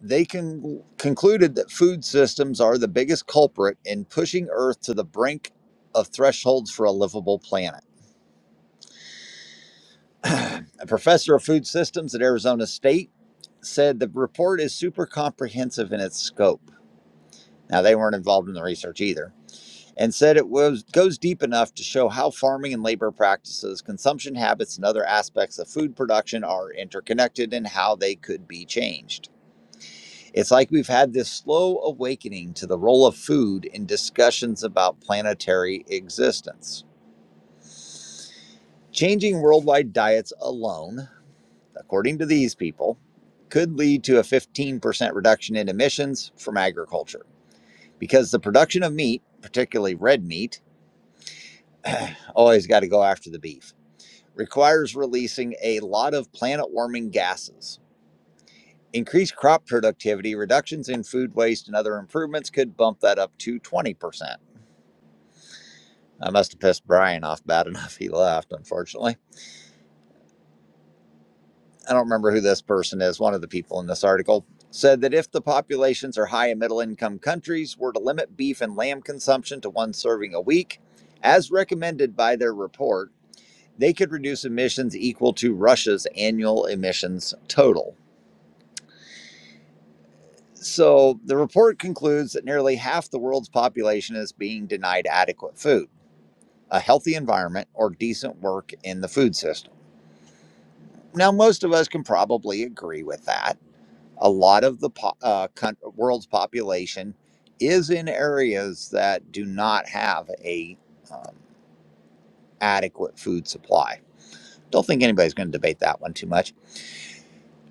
[SPEAKER 1] They con- concluded that food systems are the biggest culprit in pushing Earth to the brink of thresholds for a livable planet. a professor of food systems at Arizona State said the report is super comprehensive in its scope. Now, they weren't involved in the research either, and said it was, goes deep enough to show how farming and labor practices, consumption habits, and other aspects of food production are interconnected and how they could be changed. It's like we've had this slow awakening to the role of food in discussions about planetary existence. Changing worldwide diets alone, according to these people, could lead to a 15% reduction in emissions from agriculture because the production of meat, particularly red meat, always got to go after the beef, requires releasing a lot of planet warming gases. Increased crop productivity, reductions in food waste, and other improvements could bump that up to 20%. I must have pissed Brian off bad enough he left, unfortunately. I don't remember who this person is. One of the people in this article said that if the populations are high and middle income countries were to limit beef and lamb consumption to one serving a week, as recommended by their report, they could reduce emissions equal to Russia's annual emissions total. So the report concludes that nearly half the world's population is being denied adequate food, a healthy environment, or decent work in the food system. Now, most of us can probably agree with that. A lot of the po- uh, coun- world's population is in areas that do not have a um, adequate food supply. Don't think anybody's going to debate that one too much.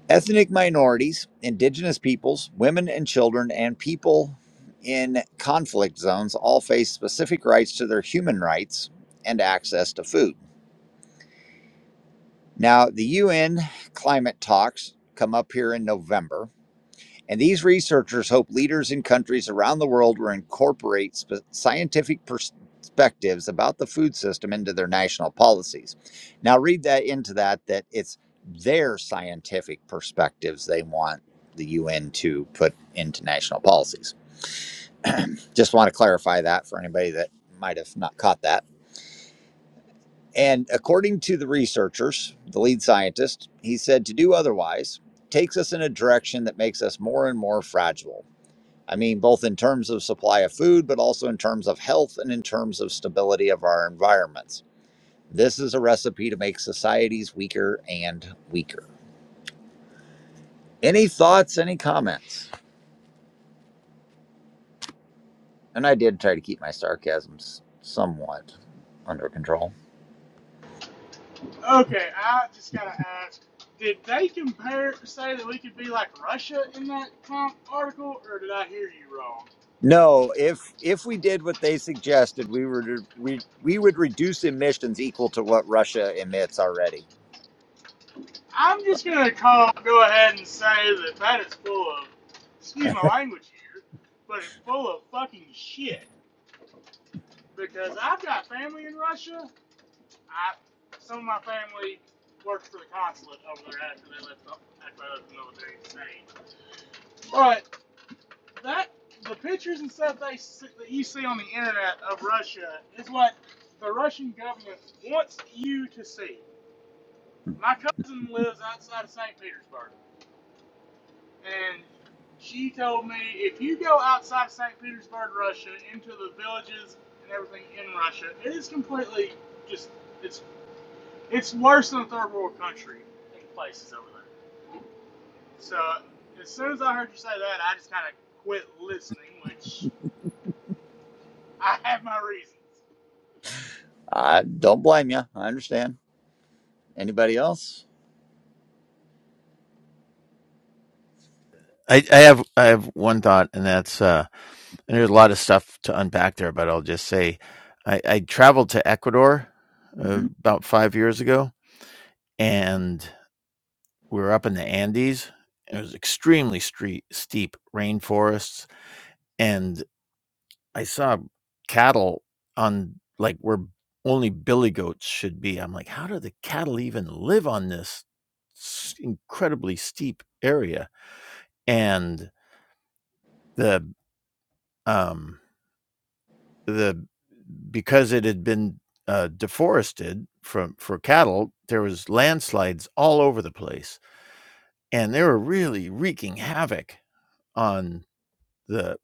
[SPEAKER 1] Ethnic minorities, indigenous peoples, women and children, and people in conflict zones all face specific rights to their human rights and access to food. Now, the UN climate talks come up here in November And these researchers hope leaders in countries around the world will incorporate spe- scientific perspectives about the food system into their national policies. Now, read that into that, that it's their scientific perspectives they want the UN to put into national policies. Just want to clarify that for anybody that might have not caught that. And according to the researchers, the lead scientist, he said to do otherwise takes us in a direction that makes us more and more fragile. I mean, both in terms of supply of food, but also in terms of health and in terms of stability of our environments. This is a recipe to make societies weaker and weaker. Any thoughts, any comments? And I did try to keep my sarcasm somewhat under control.
[SPEAKER 3] Okay, I just gotta ask: Did they compare, say that we could be like Russia in that comp article, or did I hear you wrong?
[SPEAKER 1] No, if if we did what they suggested, we would we we would reduce emissions equal to what Russia emits already.
[SPEAKER 3] I'm just gonna call, go ahead and say that that is full of, excuse my language here, but it's full of fucking shit. Because I've got family in Russia. I, some of my family worked for the consulate over there after they left the, after I left the military. Same. But that the pictures and stuff they that you see on the internet of Russia is what the Russian government wants you to see. My cousin lives outside of St. Petersburg, and she told me if you go outside of St. Petersburg, Russia, into the villages and everything in Russia, it is completely just it's it's worse than a third world country in places over there. So as soon as I heard you say that, I just kind of quit listening, which I have my reasons.
[SPEAKER 1] I don't blame you. I understand. Anybody else?
[SPEAKER 6] I, I have I have one thought, and that's uh, and there's a lot of stuff to unpack there, but I'll just say I, I traveled to Ecuador
[SPEAKER 1] Mhm.
[SPEAKER 6] uh, about five years ago, and we were up in the Andes. It was extremely street, steep rainforests, and I saw cattle on like where only billy goats should be. I'm like, how do the cattle even live on this s- incredibly steep area? And the um the because it had been, uh, deforested from for cattle, there was landslides all over the place, and they were really wreaking havoc on the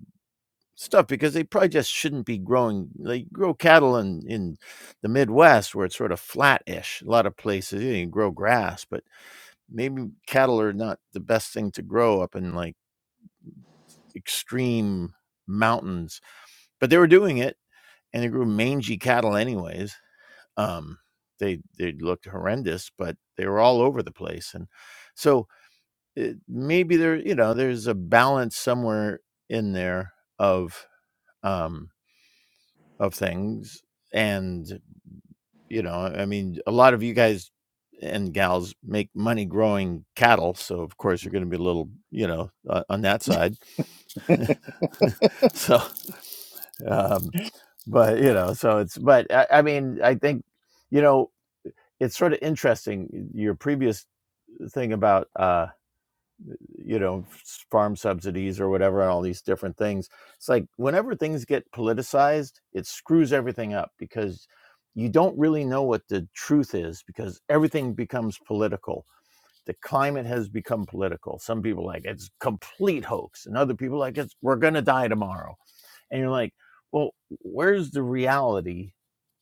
[SPEAKER 6] stuff because they probably just shouldn't be growing they grow cattle in in the Midwest where it's sort of flat-ish, a lot of places, you can grow grass, but maybe cattle are not the best thing to grow up in, like, extreme mountains, but they were doing it, and they grew mangy cattle anyways. Um, they they looked horrendous, but they were all over the place, and so it, maybe there you know there's a balance somewhere in there of um, of things, and you know I mean a lot of you guys and gals make money growing cattle, so of course you're going to be a little you know uh, on that side. So um, but you know so it's but I, I mean I think. You know, it's sort of interesting your previous thing about uh you know farm subsidies or whatever and all these different things it's like whenever things get politicized it screws everything up because you don't really know what the truth is because everything becomes political the climate has become political some people are like it's complete hoax and other people are like it's we're going to die tomorrow and you're like well where's the reality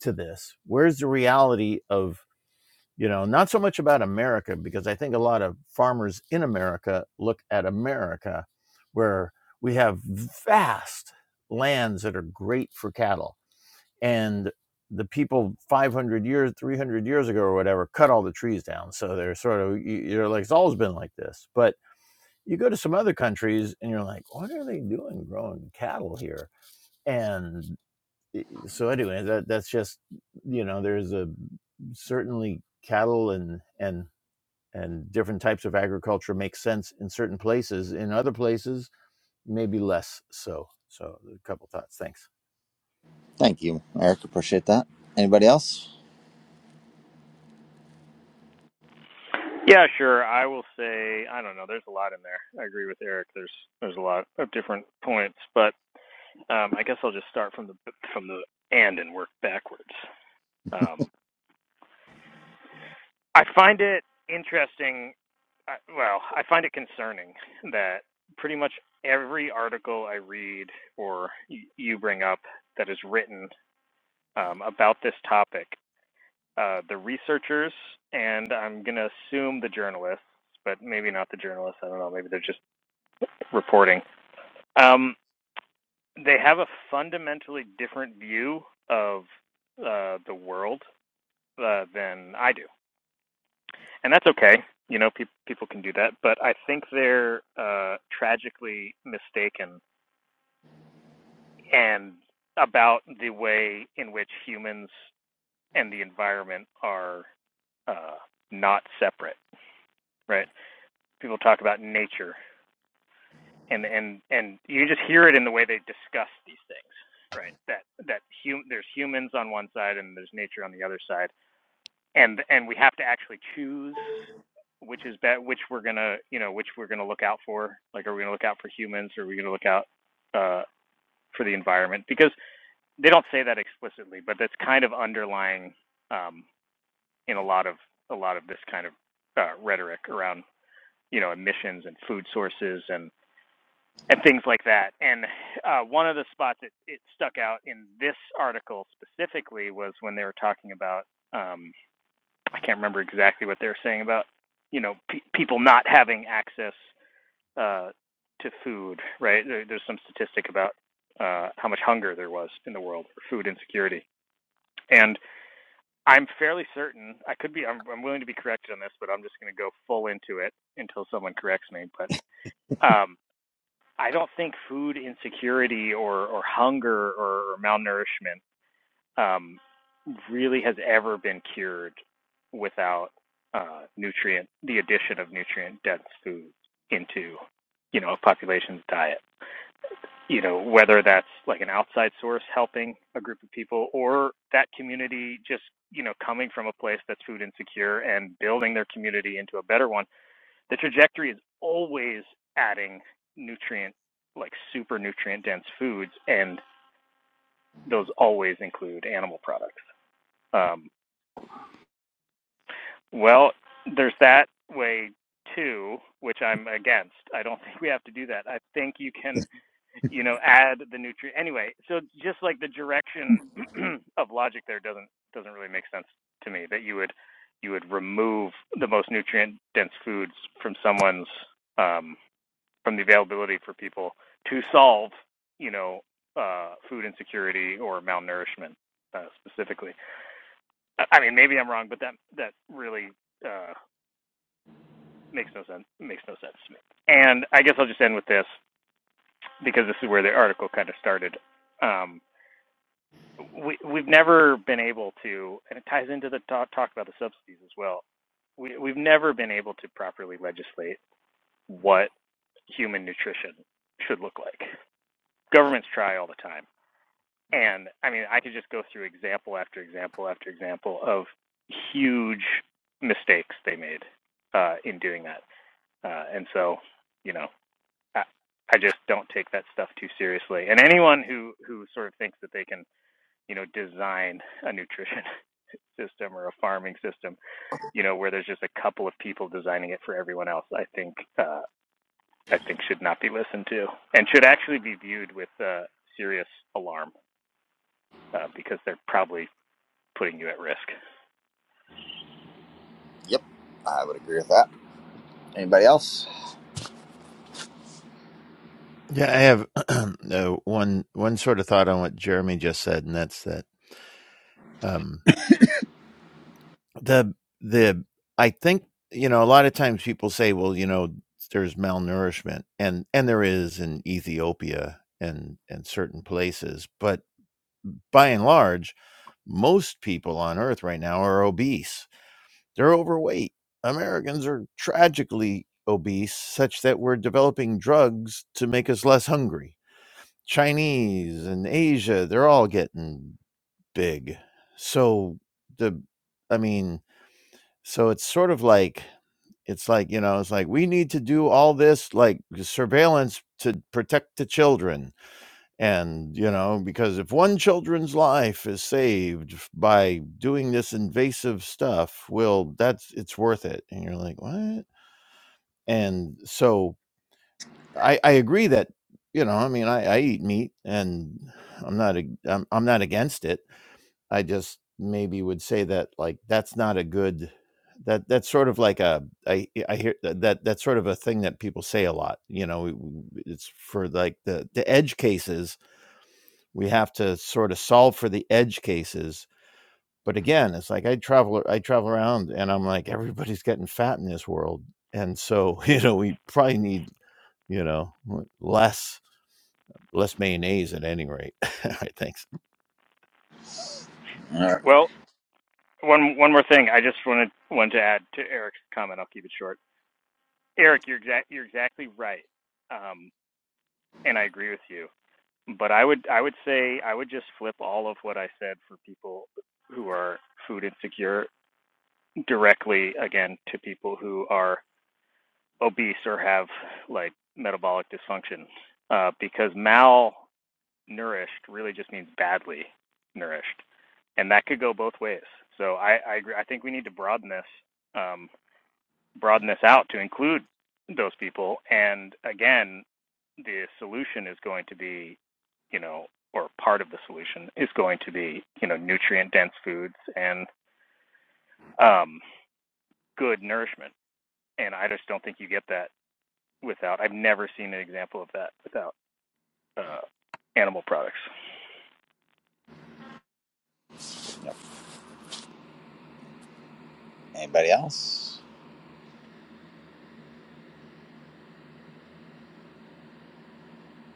[SPEAKER 6] to this where's the reality of you know not so much about america because i think a lot of farmers in america look at america where we have vast lands that are great for cattle and the people 500 years 300 years ago or whatever cut all the trees down so they're sort of you- are like it's always been like this but you go to some other countries and you're like what are they doing growing cattle here and so anyway that, that's just you know there's a certainly cattle and and and different types of agriculture make sense in certain places. In other places, maybe less so. So, a couple thoughts. Thanks.
[SPEAKER 1] Thank you, Eric. Appreciate that. Anybody else?
[SPEAKER 5] Yeah, sure. I will say I don't know. There's a lot in there. I agree with Eric. There's there's a lot of different points, but um, I guess I'll just start from the from the end and work backwards. Um, I find it interesting. I, well, I find it concerning that pretty much every article I read or y- you bring up that is written um, about this topic, uh, the researchers and I'm gonna assume the journalists, but maybe not the journalists. I don't know. Maybe they're just reporting. Um, they have a fundamentally different view of uh, the world uh, than I do, and that's okay. You know, pe- people can do that, but I think they're uh, tragically mistaken and about the way in which humans and the environment are uh, not separate. Right? People talk about nature and and and you just hear it in the way they discuss these things right that that hum- there's humans on one side and there's nature on the other side and and we have to actually choose which is bet which we're gonna you know which we're gonna look out for like are we gonna look out for humans or are we gonna look out uh for the environment because they don't say that explicitly but that's kind of underlying um in a lot of a lot of this kind of uh, rhetoric around you know emissions and food sources and and things like that. And uh, one of the spots that it stuck out in this article specifically was when they were talking about um, I can't remember exactly what they were saying about you know pe- people not having access uh, to food. Right? There, there's some statistic about uh, how much hunger there was in the world, for food insecurity, and I'm fairly certain I could be. I'm, I'm willing to be corrected on this, but I'm just going to go full into it until someone corrects me. But um, I don't think food insecurity or, or hunger or, or malnourishment um, really has ever been cured without uh, nutrient, the addition of nutrient dense foods into, you know, a population's diet. You know, whether that's like an outside source helping a group of people or that community just, you know, coming from a place that's food insecure and building their community into a better one the trajectory is always adding nutrient, like super nutrient dense foods, and those always include animal products. Um, well, there's that way too, which I'm against. I don't think we have to do that. I think you can, you know, add the nutrient anyway. So just like the direction of logic there doesn't doesn't really make sense to me that you would you would remove the most nutrient dense foods from someone's um, from the availability for people to solve, you know, uh, food insecurity or malnourishment uh, specifically. I- mean, maybe I'm wrong, but that that really uh, makes no sense. Makes no sense to me. And I guess I'll just end with this because this is where the article kind of started. Um, we we've never been able to, and it ties into the talk, talk about the subsidies as well. We we've never been able to properly legislate what human nutrition should look like. Governments try all the time And I mean, I could just go through example after example after example of huge mistakes they made uh, in doing that. Uh, and so, you know, I, I just don't take that stuff too seriously. And anyone who who sort of thinks that they can, you know, design a nutrition system or a farming system, you know, where there's just a couple of people designing it for everyone else, I think uh, I think should not be listened to and should actually be viewed with uh, serious alarm uh, because they're probably putting you at risk.
[SPEAKER 1] Yep, I would agree with that. Anybody else?
[SPEAKER 6] Yeah, I have uh, one one sort of thought on what Jeremy just said, and that's that um, the the I think you know a lot of times people say, well, you know, there's malnourishment, and and there is in Ethiopia and and certain places, but by and large, most people on Earth right now are obese They're overweight. Americans are tragically obese, such that we're developing drugs to make us less hungry. Chinese and Asia, they're all getting big. So the I mean, so it's sort of like it's like, you know, it's like we need to do all this like surveillance to protect the children and, you know, because if one children's life is saved f- by doing this invasive stuff, well, that's it's worth it. And you're like, what? And so I, I agree that, you know, I mean, I, I eat meat and I'm not, ag- I'm, I'm not against it. I just maybe would say that like, that's not a good, that that's sort of like a, I, I hear that, that that's sort of a thing that people say a lot, you know, it's for like the, the edge cases we have to sort of solve for the edge cases but again it's like i travel i travel around and i'm like everybody's getting fat in this world and so you know we probably need you know less less mayonnaise at any rate I think.
[SPEAKER 1] All right.
[SPEAKER 5] Well, one one more thing. I just wanted wanted to add to Eric's comment. I'll keep it short. Eric, you're exact you're exactly right, um, and I agree with you. But I would I would say I would just flip all of what I said for people who are food insecure directly again to people who are obese or have like metabolic dysfunction, uh, because mal nourished really just means badly nourished, and that could go both ways. So I I, agree. I think we need to broaden this um, broaden this out to include those people. And again, the solution is going to be, you know, or part of the solution is going to be, you know, nutrient dense foods and um, good nourishment. And I just don't think you get that without. I've never seen an example of that without uh, animal products.
[SPEAKER 1] Anybody else?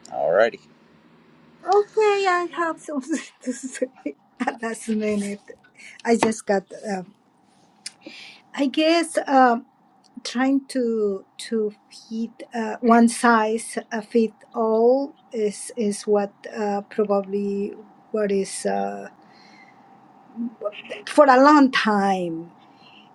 [SPEAKER 1] Alrighty.
[SPEAKER 7] Okay, I have something to say at last minute. I just got, um, I guess, um, trying to to fit uh, one size uh, fit all is is what uh, probably what is uh, for a long time.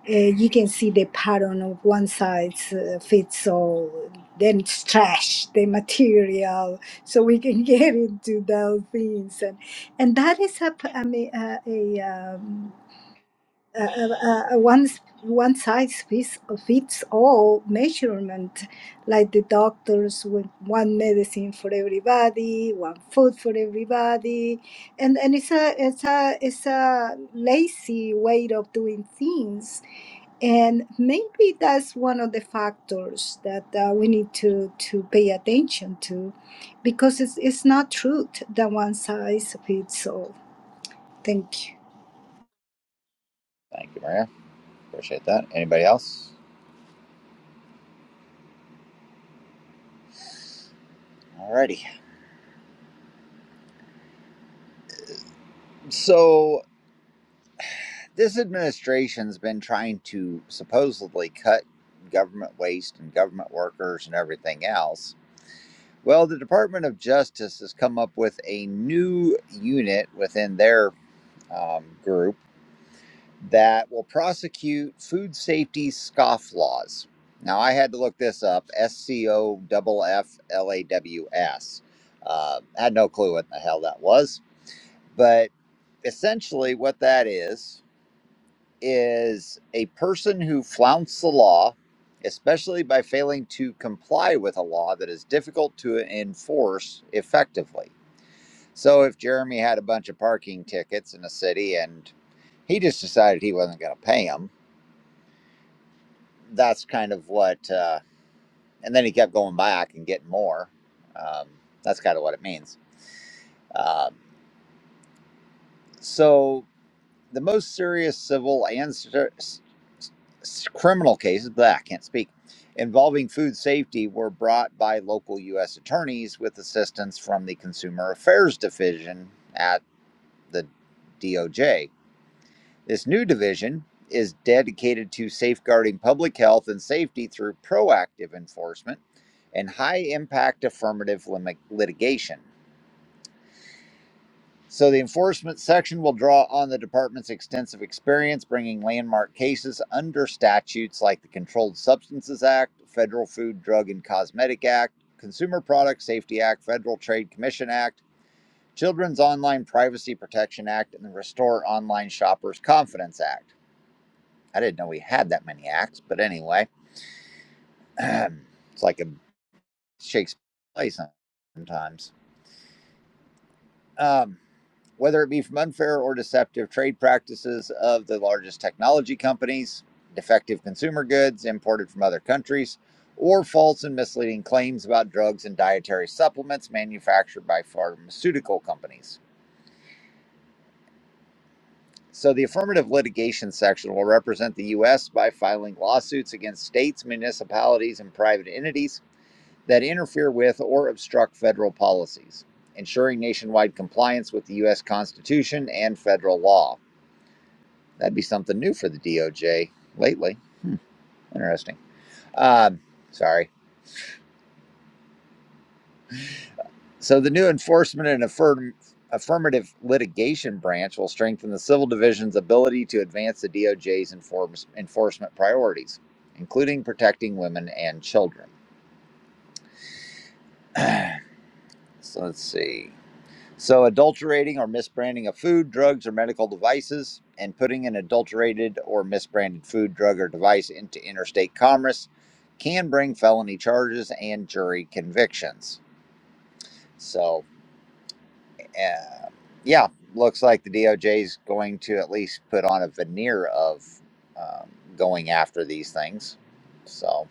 [SPEAKER 7] uh, you can see the pattern of one size uh, fits all, then it's trash, the material. So we can get into those things, and and that is a p- I mean, a, a, um, a, a, a one one size fits fits all measurement, like the doctors with one medicine for everybody, one food for everybody, and and it's a it's a it's a lazy way of doing things and maybe that's one of the factors that uh, we need to to pay attention to because it's, it's not truth that one size fits all thank you
[SPEAKER 1] Thank you, Maria. Appreciate that. Anybody else? Alrighty. So this administration's been trying to supposedly cut government waste and government workers and everything else. Well, the Department of Justice has come up with a new unit within their um, group that will prosecute food safety scofflaws. Now, I had to look this up S C O F F L A W S. Uh, I had no clue what the hell that was. But essentially, what that is, is a person who flouts the law, especially by failing to comply with a law that is difficult to enforce effectively. So if Jeremy had a bunch of parking tickets in a city and he just decided he wasn't going to pay them, that's kind of what, uh, and then he kept going back and getting more. Um, that's kind of what it means. Um, so the most serious civil and cer- s- criminal cases, but I can't speak, involving food safety were brought by local U.S. attorneys with assistance from the Consumer Affairs Division at the DOJ. This new division is dedicated to safeguarding public health and safety through proactive enforcement and high impact affirmative litigation. So, the enforcement section will draw on the department's extensive experience bringing landmark cases under statutes like the Controlled Substances Act, Federal Food, Drug, and Cosmetic Act, Consumer Product Safety Act, Federal Trade Commission Act, Children's Online Privacy Protection Act, and the Restore Online Shoppers Confidence Act. I didn't know we had that many acts, but anyway, it's like a Shakespeare play sometimes. Um, whether it be from unfair or deceptive trade practices of the largest technology companies, defective consumer goods imported from other countries, or false and misleading claims about drugs and dietary supplements manufactured by pharmaceutical companies. So, the affirmative litigation section will represent the U.S. by filing lawsuits against states, municipalities, and private entities that interfere with or obstruct federal policies, ensuring nationwide compliance with the U.S. Constitution and federal law. That'd be something new for the DOJ lately. Hmm, interesting. Um, sorry. So the new enforcement and affirm- affirmative litigation branch will strengthen the civil division's ability to advance the DOJ's enforce- enforcement priorities, including protecting women and children. So let's see. So, adulterating or misbranding of food, drugs, or medical devices, and putting an adulterated or misbranded food, drug, or device into interstate commerce can bring felony charges and jury convictions. So, uh, yeah, looks like the DOJ is going to at least put on a veneer of um, going after these things. So,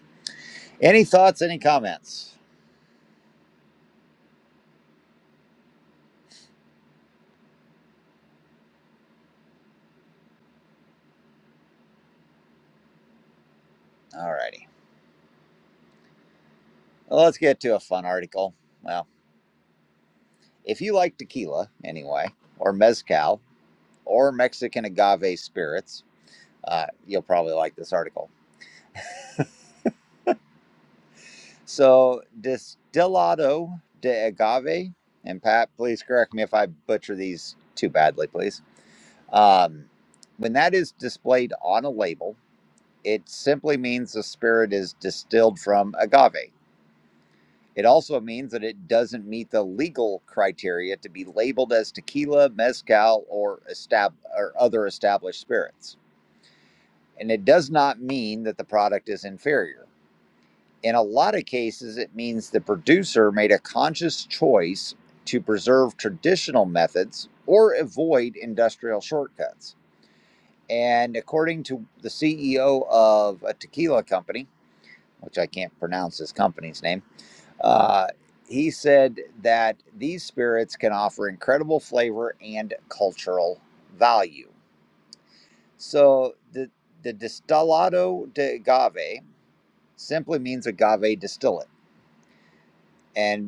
[SPEAKER 1] any thoughts, any comments? All righty. Well, let's get to a fun article. Well, if you like tequila, anyway, or mezcal, or Mexican agave spirits. Uh, you'll probably like this article. So, Destilado de Agave, and Pat, please correct me if I butcher these too badly, please. Um, when that is displayed on a label, it simply means the spirit is distilled from agave. It also means that it doesn't meet the legal criteria to be labeled as tequila, mezcal, or, estab- or other established spirits. And it does not mean that the product is inferior. In a lot of cases, it means the producer made a conscious choice to preserve traditional methods or avoid industrial shortcuts. And according to the CEO of a tequila company, which I can't pronounce his company's name, uh, he said that these spirits can offer incredible flavor and cultural value. So the, the distillado de agave simply means agave distillate. and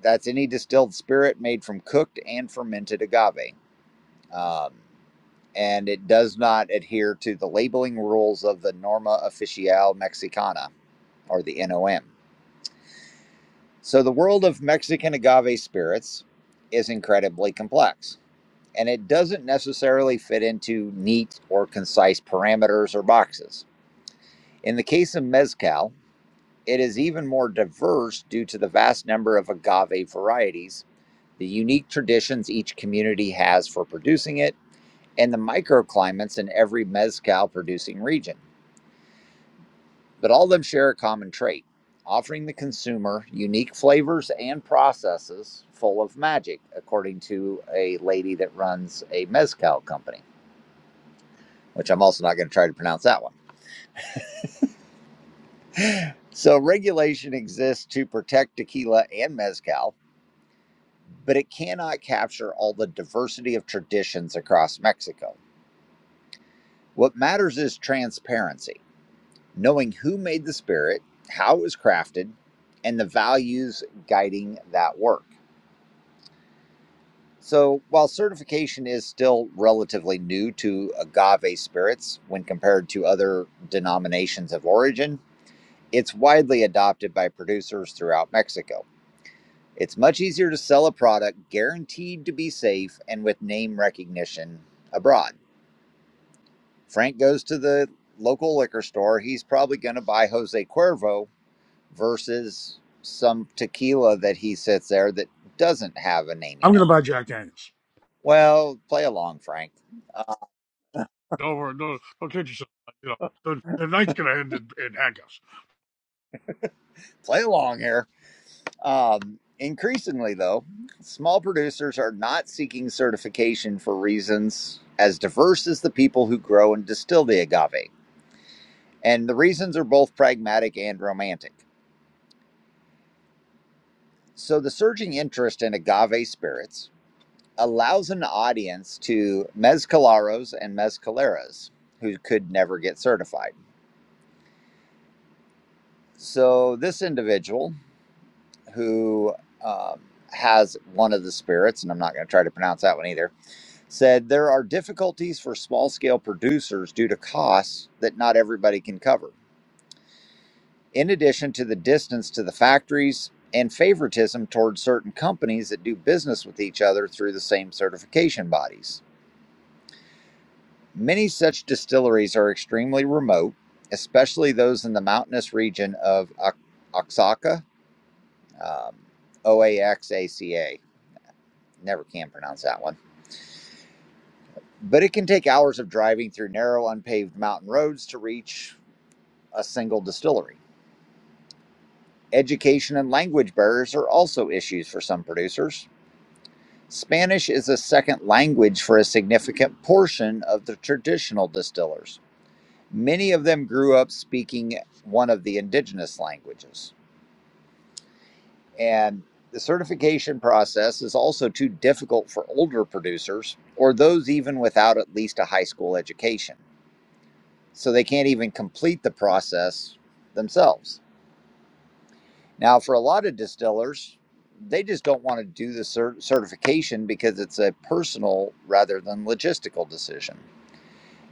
[SPEAKER 1] That's any distilled spirit made from cooked and fermented agave. Um, and it does not adhere to the labeling rules of the Norma Oficial Mexicana or the NOM. So, the world of Mexican agave spirits is incredibly complex, and it doesn't necessarily fit into neat or concise parameters or boxes. In the case of Mezcal, it is even more diverse due to the vast number of agave varieties the unique traditions each community has for producing it, and the microclimates in every Mezcal producing region. But all of them share a common trait offering the consumer unique flavors and processes full of magic, according to a lady that runs a Mezcal company, which I'm also not going to try to pronounce that one. So, regulation exists to protect tequila and Mezcal, but it cannot capture all the diversity of traditions across Mexico. What matters is transparency knowing who made the spirit, how it was crafted, and the values guiding that work. So, while certification is still relatively new to agave spirits when compared to other denominations of origin, it's widely adopted by producers throughout Mexico. It's much easier to sell a product guaranteed to be safe and with name recognition abroad. Frank goes to the local liquor store, he's probably going to buy Jose Cuervo versus some tequila that he sits there that doesn't have a namey
[SPEAKER 2] I'm
[SPEAKER 1] note.
[SPEAKER 2] gonna buy Jack Daniels.
[SPEAKER 1] Well, play along, Frank. Uh,
[SPEAKER 2] Don't worry, don't, don't kid yourself. You know, the, the night's gonna end in, in handcuffs.
[SPEAKER 1] play along here. Um, increasingly, though, small producers are not seeking certification for reasons as diverse as the people who grow and distill the agave. And the reasons are both pragmatic and romantic. So, the surging interest in agave spirits allows an audience to mezcaleros and mezcaleras who could never get certified So this individual who um, has one of the spirits, and I'm not going to try to pronounce that one either, said there are difficulties for small scale producers due to costs that not everybody can cover. In addition to the distance to the factories and favoritism towards certain companies that do business with each other through the same certification bodies. Many such distilleries are extremely remote, especially those in the mountainous region of Oaxaca um, OAXACA. Never can pronounce that one. But it can take hours of driving through narrow, unpaved mountain roads to reach a single distillery. Education and language barriers are also issues for some producers. Spanish is a second language for a significant portion of the traditional distillers. Many of them grew up speaking one of the indigenous languages. And the certification process is also too difficult for older producers or those even without at least a high school education. So they can't even complete the process themselves. Now, for a lot of distillers, they just don't want to do the cert- certification because it's a personal rather than logistical decision.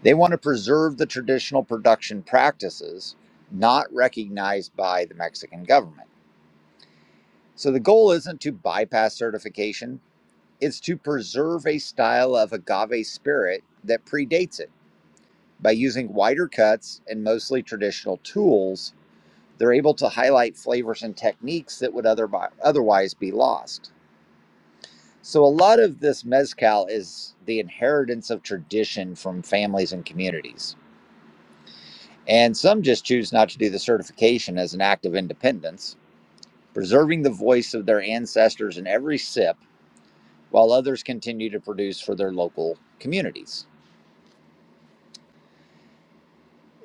[SPEAKER 1] They want to preserve the traditional production practices not recognized by the Mexican government. So the goal isn't to bypass certification, Is to preserve a style of agave spirit that predates it. By using wider cuts and mostly traditional tools, they're able to highlight flavors and techniques that would other, otherwise be lost. So, a lot of this mezcal is the inheritance of tradition from families and communities. And some just choose not to do the certification as an act of independence, preserving the voice of their ancestors in every sip, while others continue to produce for their local communities.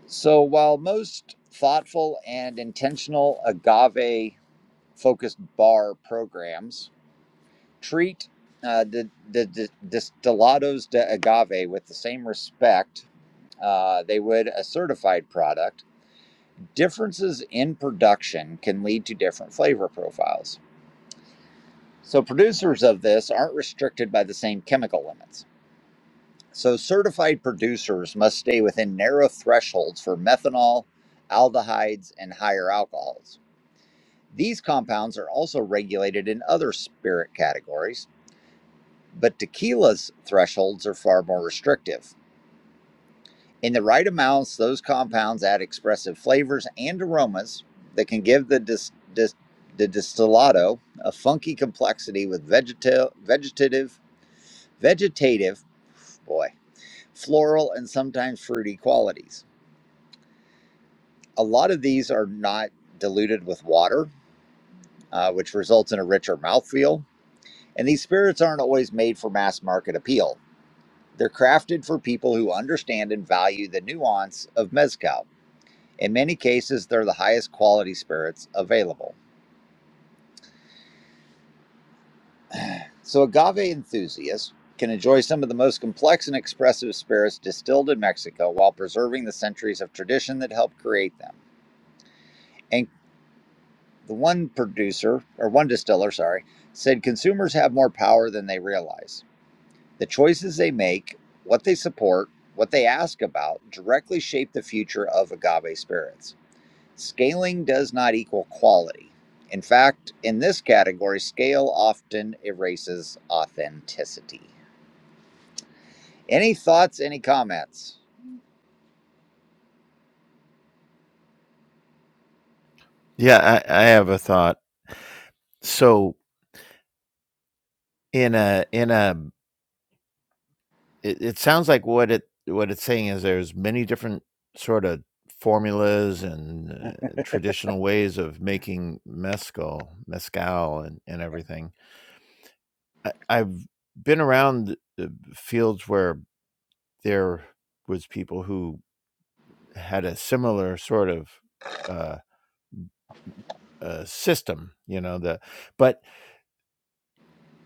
[SPEAKER 1] So, while most thoughtful and intentional agave focused bar programs treat uh, the, the, the destillados de agave with the same respect uh, they would a certified product, differences in production can lead to different flavor profiles. So, producers of this aren't restricted by the same chemical limits. So, certified producers must stay within narrow thresholds for methanol, aldehydes, and higher alcohols. These compounds are also regulated in other spirit categories, but tequila's thresholds are far more restrictive. In the right amounts, those compounds add expressive flavors and aromas that can give the, dis- dis- the distillado a funky complexity with vegeta- vegetative, vegetative, boy, floral, and sometimes fruity qualities. A lot of these are not diluted with water, uh, which results in a richer mouthfeel And these spirits aren't always made for mass market appeal. They're crafted for people who understand and value the nuance of Mezcal. In many cases, they're the highest quality spirits available. So, agave enthusiasts can enjoy some of the most complex and expressive spirits distilled in Mexico while preserving the centuries of tradition that helped create them. And the one producer, or one distiller, sorry, said consumers have more power than they realize. The choices they make, what they support, what they ask about directly shape the future of agave spirits. Scaling does not equal quality. In fact, in this category, scale often erases authenticity. Any thoughts, any comments?
[SPEAKER 6] yeah i, I have a thought so in a in a it, it sounds like what it what it's saying is there's many different sort of formulas and uh, traditional ways of making mezcal mezcal and, and
[SPEAKER 1] Yeah.
[SPEAKER 6] everything I, I've been around uh, fields where there was people who had a similar sort of uh, uh, system, you know. The but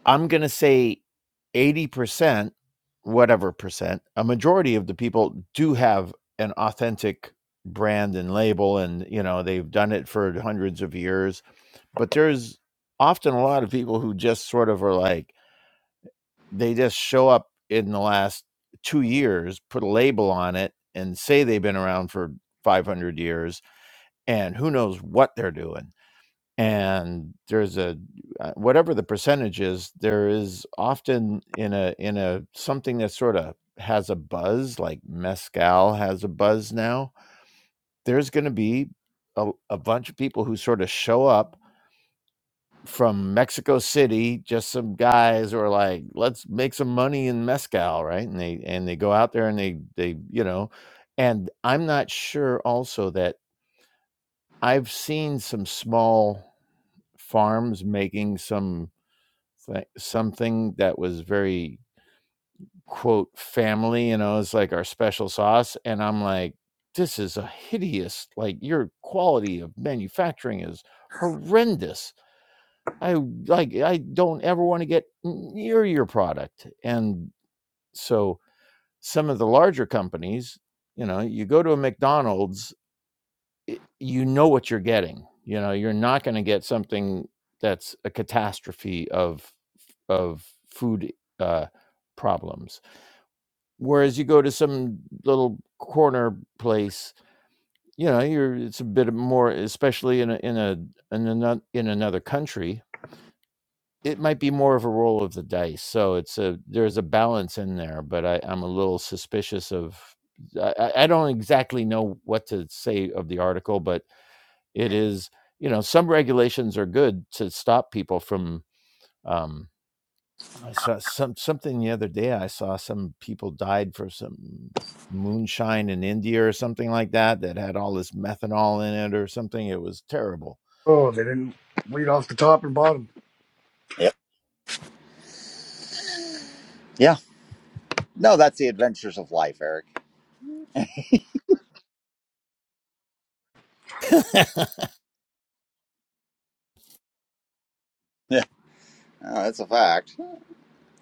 [SPEAKER 6] I'm going to say eighty percent, whatever percent, a majority of the people do have an authentic brand and label, and you know they've done it for hundreds of years. But there's often a lot of people who just sort of are like they just show up in the last two years, put a label on it, and say they've been around for 500 years, and who knows what they're doing. And there's a uh, whatever the percentage is, there is often in a in a something that sort of has a buzz, like mezcal has a buzz now. There's going to be a, a bunch of people who sort of show up from Mexico City, just some guys who are like, let's make some money in mezcal, right? And they and they go out there and they they you know, and I'm not sure also that I've seen some small farms making some th- something that was very quote family, you know, it's like our special sauce, and I'm like, this is a hideous like your quality of manufacturing is horrendous I like I don't ever want to get near your product. And so some of the larger companies, you know, you go to a McDonald's, you know what you're getting. You know, you're not going to get something that's a catastrophe of of food uh, problems. Whereas you go to some little corner place, you know, you're it's a bit more, especially in a in a in another in another country it might be more of a roll of the dice. So it's a there's a balance in there, but I, I'm a little suspicious of. I, I I don't exactly know what to say of the article, but it is you know some regulations are good to stop people from. Um, I saw some something the other day. I saw some people died for some moonshine in India or something like that that had all this methanol in it or something. It was terrible.
[SPEAKER 2] Oh, they didn't read off the top and bottom.
[SPEAKER 1] Yep. Yeah. No, that's the adventures of life, Eric. Yeah. Oh, that's a fact.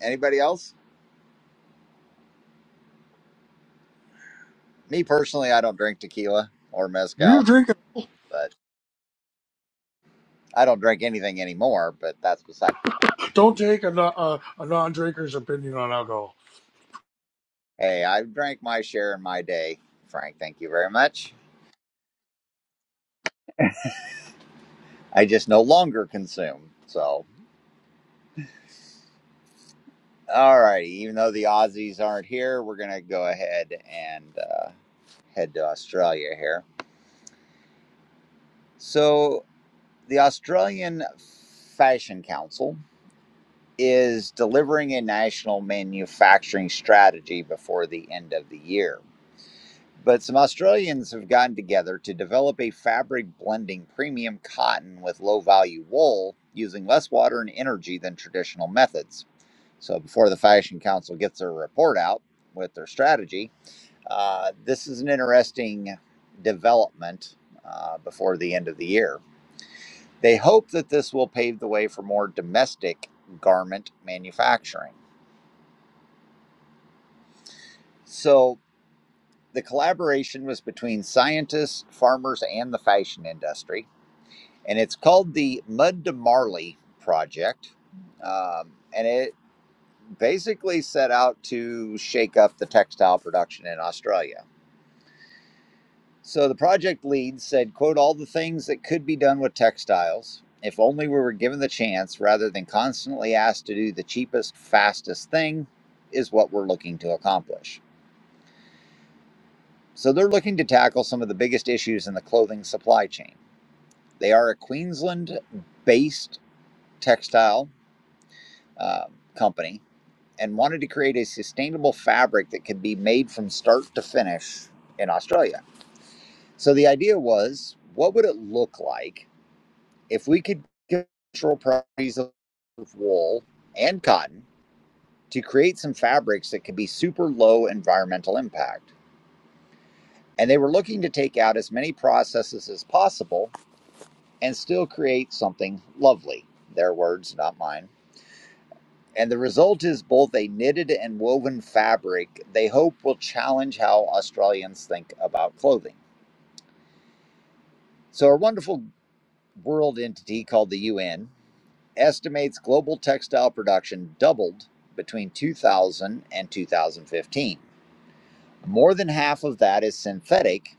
[SPEAKER 1] Anybody else? Me personally, I don't drink tequila or
[SPEAKER 2] Do You
[SPEAKER 1] mezcal,
[SPEAKER 2] drink
[SPEAKER 1] but I don't drink anything anymore, but that's beside the point.
[SPEAKER 2] Don't take a, non- uh, a non-drinker's opinion on alcohol.
[SPEAKER 1] Hey, I've drank my share in my day, Frank. Thank you very much. I just no longer consume. So, all right. Even though the Aussies aren't here, we're going to go ahead and uh, head to Australia here. So, the Australian Fashion Council is delivering a national manufacturing strategy before the end of the year. But some Australians have gotten together to develop a fabric blending premium cotton with low value wool using less water and energy than traditional methods. So, before the Fashion Council gets their report out with their strategy, uh, this is an interesting development uh, before the end of the year. They hope that this will pave the way for more domestic garment manufacturing. So, the collaboration was between scientists, farmers, and the fashion industry. and it's called the Mud to Marley Project. Um, and it basically set out to shake up the textile production in Australia. So the project lead said, quote, all the things that could be done with textiles if only we were given the chance rather than constantly asked to do the cheapest, fastest thing is what we're looking to accomplish. So they're looking to tackle some of the biggest issues in the clothing supply chain. They are a Queensland based textile uh, company and wanted to create a sustainable fabric that could be made from start to finish in Australia. So the idea was what would it look like if we could control properties of wool and cotton to create some fabrics that could be super low environmental impact? And they were looking to take out as many processes as possible and still create something lovely. Their words, not mine. And the result is both a knitted and woven fabric they hope will challenge how Australians think about clothing. So, a wonderful world entity called the UN estimates global textile production doubled between 2000 and 2015. More than half of that is synthetic,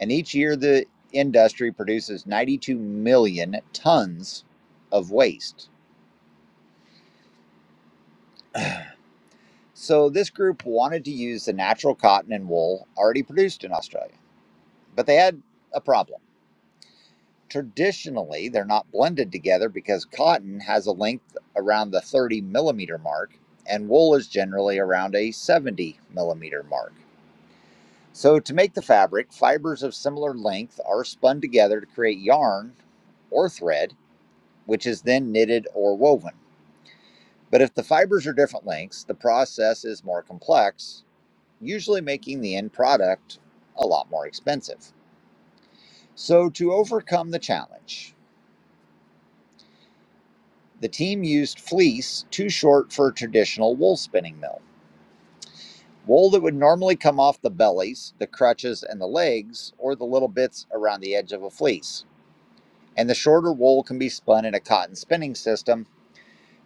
[SPEAKER 1] and each year the industry produces 92 million tons of waste. So, this group wanted to use the natural cotton and wool already produced in Australia But they had a problem. Traditionally, they're not blended together because cotton has a length around the 30 millimeter mark, and wool is generally around a 70 millimeter mark. So, to make the fabric, fibers of similar length are spun together to create yarn or thread, which is then knitted or woven. But if the fibers are different lengths, the process is more complex, usually making the end product a lot more expensive. So, to overcome the challenge, The team used fleece too short for a traditional wool spinning mill, wool that would normally come off the bellies, the crutches, and the legs, or the little bits around the edge of a fleece. And the shorter wool can be spun in a cotton spinning system.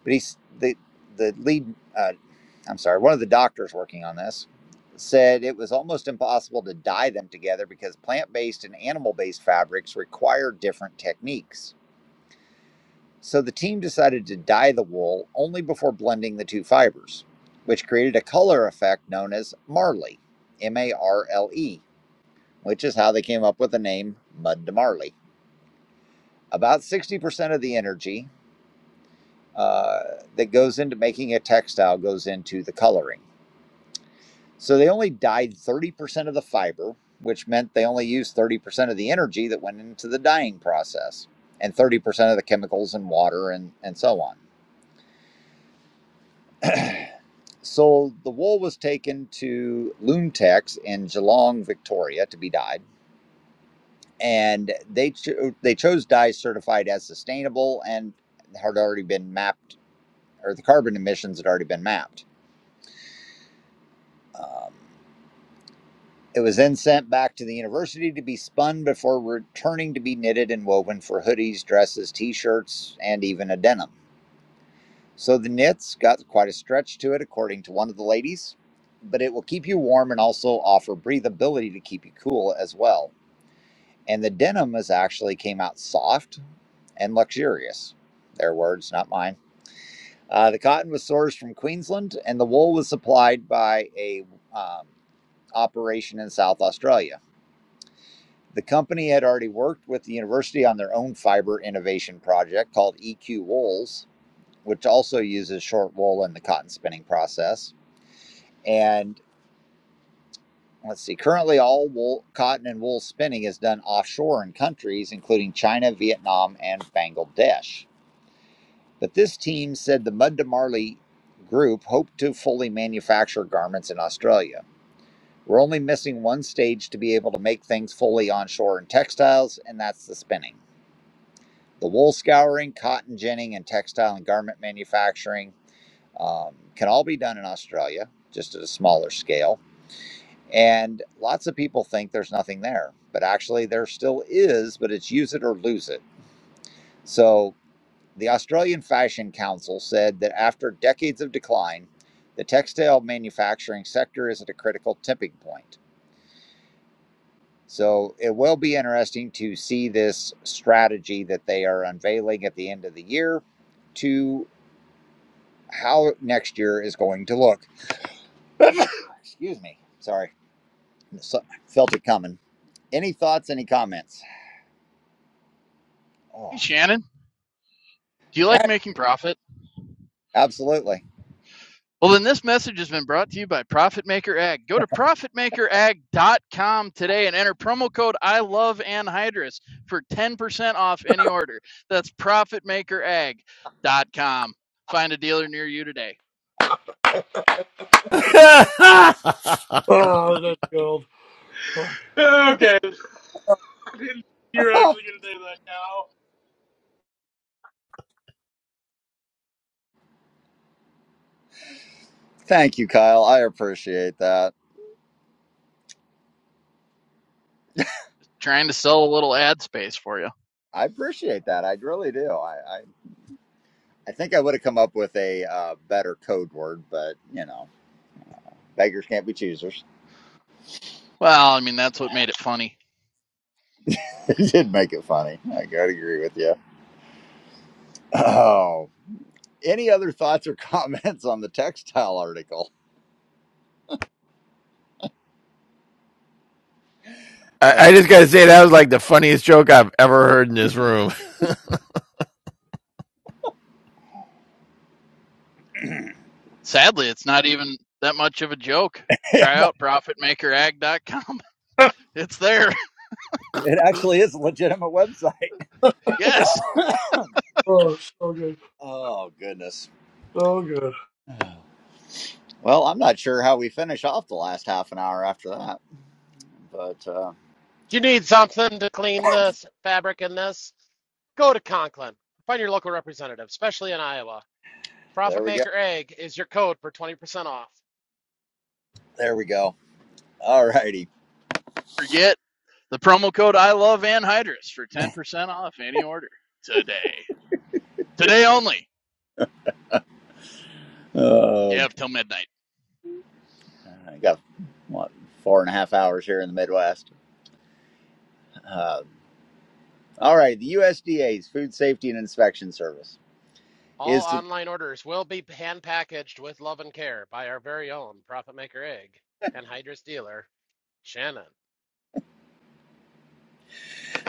[SPEAKER 1] But he's the the lead. Uh, I'm sorry, one of the doctors working on this said it was almost impossible to dye them together because plant-based and animal-based fabrics require different techniques. So the team decided to dye the wool only before blending the two fibers, which created a color effect known as Marley, M A R L E, which is how they came up with the name Mud to Marley. About 60% of the energy uh, that goes into making a textile goes into the coloring. So they only dyed 30% of the fiber, which meant they only used 30% of the energy that went into the dyeing process and 30% of the chemicals and water and, and so on. So the wool was taken to Loomtex in Geelong, Victoria, to be dyed, and they cho- they chose dyes certified as sustainable and had already been mapped, or the carbon emissions had already been mapped. Um, it was then sent back to the university to be spun before returning to be knitted and woven for hoodies, dresses, t-shirts, and even a denim. So the knit's got quite a stretch to it, according to one of the ladies, but it will keep you warm and also offer breathability to keep you cool as well. And the denim is actually came out soft and luxurious. Their words, not mine. Uh, the cotton was sourced from Queensland, and the wool was supplied by a um, operation in South Australia. The company had already worked with the university on their own fiber innovation project called EQ Wools, which also uses short wool in the cotton spinning process And let's see, currently all wool, cotton and wool spinning is done offshore in countries including China, Vietnam, and Bangladesh. But this team said the Mud to Marley group hoped to fully manufacture garments in Australia. We're only missing one stage to be able to make things fully onshore in textiles, and that's the spinning. The wool scouring, cotton ginning, and textile and garment manufacturing um, can all be done in Australia, just at a smaller scale And lots of people think there's nothing there, but actually there still is, but it's use it or lose it. So the Australian Fashion Council said that after decades of decline, the textile manufacturing sector is at a critical tipping point. So it will be interesting to see this strategy that they are unveiling at the end of the year to how next year is going to look. Excuse me. Sorry. So- Felt it coming. Any thoughts, any comments?
[SPEAKER 8] Hey,
[SPEAKER 1] Oh.
[SPEAKER 8] Shannon, do you
[SPEAKER 1] yeah.
[SPEAKER 8] like making profit?
[SPEAKER 1] Absolutely.
[SPEAKER 8] Well, then this message has been brought to you by Profit Maker Ag. Go to profitmakerag.com today and enter promo code I love anhydrous for 10% off any order. That's profitmakerag.com. Find a dealer near you today.
[SPEAKER 2] Oh, that's gold.
[SPEAKER 3] Okay. I didn't- You're actually going to do that
[SPEAKER 1] Thank you, Kyle. I appreciate that.
[SPEAKER 8] Trying to sell a little ad space for you.
[SPEAKER 1] I appreciate that. I really do. I, I, I think I would have come up with a uh, better code word, but you know, beggars can't be choosers.
[SPEAKER 8] Well, I mean, that's what made it funny.
[SPEAKER 1] it did make it funny. I gotta agree with you. Oh, any other thoughts or comments on the textile article? Uh,
[SPEAKER 6] I, I just got to say that was like the funniest joke I've ever heard in this room.
[SPEAKER 8] Sadly, it's not even that much of a joke. Try out profitmakerag.com. It's there.
[SPEAKER 1] it actually is a legitimate website.
[SPEAKER 8] Yes.
[SPEAKER 2] Oh, so good,
[SPEAKER 1] oh goodness.
[SPEAKER 2] so good.
[SPEAKER 1] Well, I'm not sure how we finish off the last half an hour after that, but uh,
[SPEAKER 9] If you need something to clean the fabric in this, go to Conklin. Find your local representative, especially in Iowa.
[SPEAKER 1] there
[SPEAKER 9] Profit
[SPEAKER 1] we go.
[SPEAKER 9] Maker Egg is your code for 20% off.
[SPEAKER 1] There we go. All righty.
[SPEAKER 8] forget the promo code I love anhydrous for 10% off any order today. Today only. You
[SPEAKER 1] Oh,
[SPEAKER 8] have till midnight.
[SPEAKER 1] I got what four and a half hours here in the Midwest. Uh, all right, the USDA's Food Safety and Inspection Service
[SPEAKER 9] All
[SPEAKER 1] is
[SPEAKER 9] online orders will be hand packaged with love and care by our very own Profit Maker Egg and Hydrus dealer, Shannon.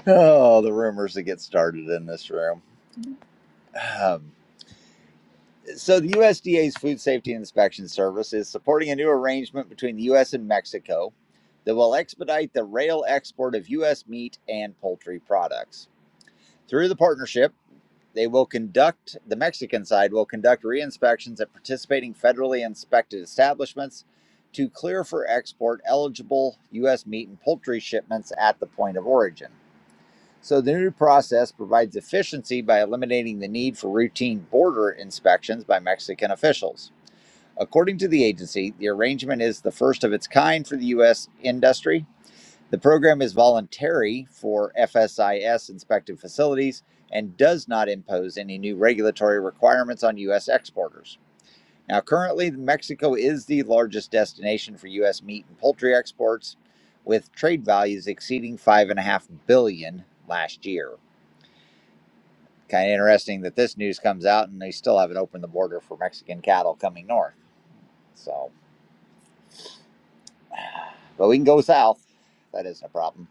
[SPEAKER 1] oh the rumors that get started in this room. Um, so the USDA's Food Safety and Inspection Service is supporting a new arrangement between the U.S. and Mexico that will expedite the rail export of U.S. meat and poultry products. Through the partnership, They will conduct, the Mexican side will conduct re-inspections at participating federally inspected establishments to clear for export eligible U.S. meat and poultry shipments at the point of origin. So the new process provides efficiency by eliminating the need for routine border inspections by Mexican officials. According to the agency, the arrangement is the first of its kind for the U.S. industry the program is voluntary for FSIS inspected facilities and does not impose any new regulatory requirements on U.S. exporters. Now, currently, Mexico is the largest destination for U.S. meat and poultry exports, with trade values exceeding five and a half billion dollars last year. Kind of interesting that this news comes out and they still haven't opened the border for Mexican cattle coming north. So, but we can go south. That isn't a problem.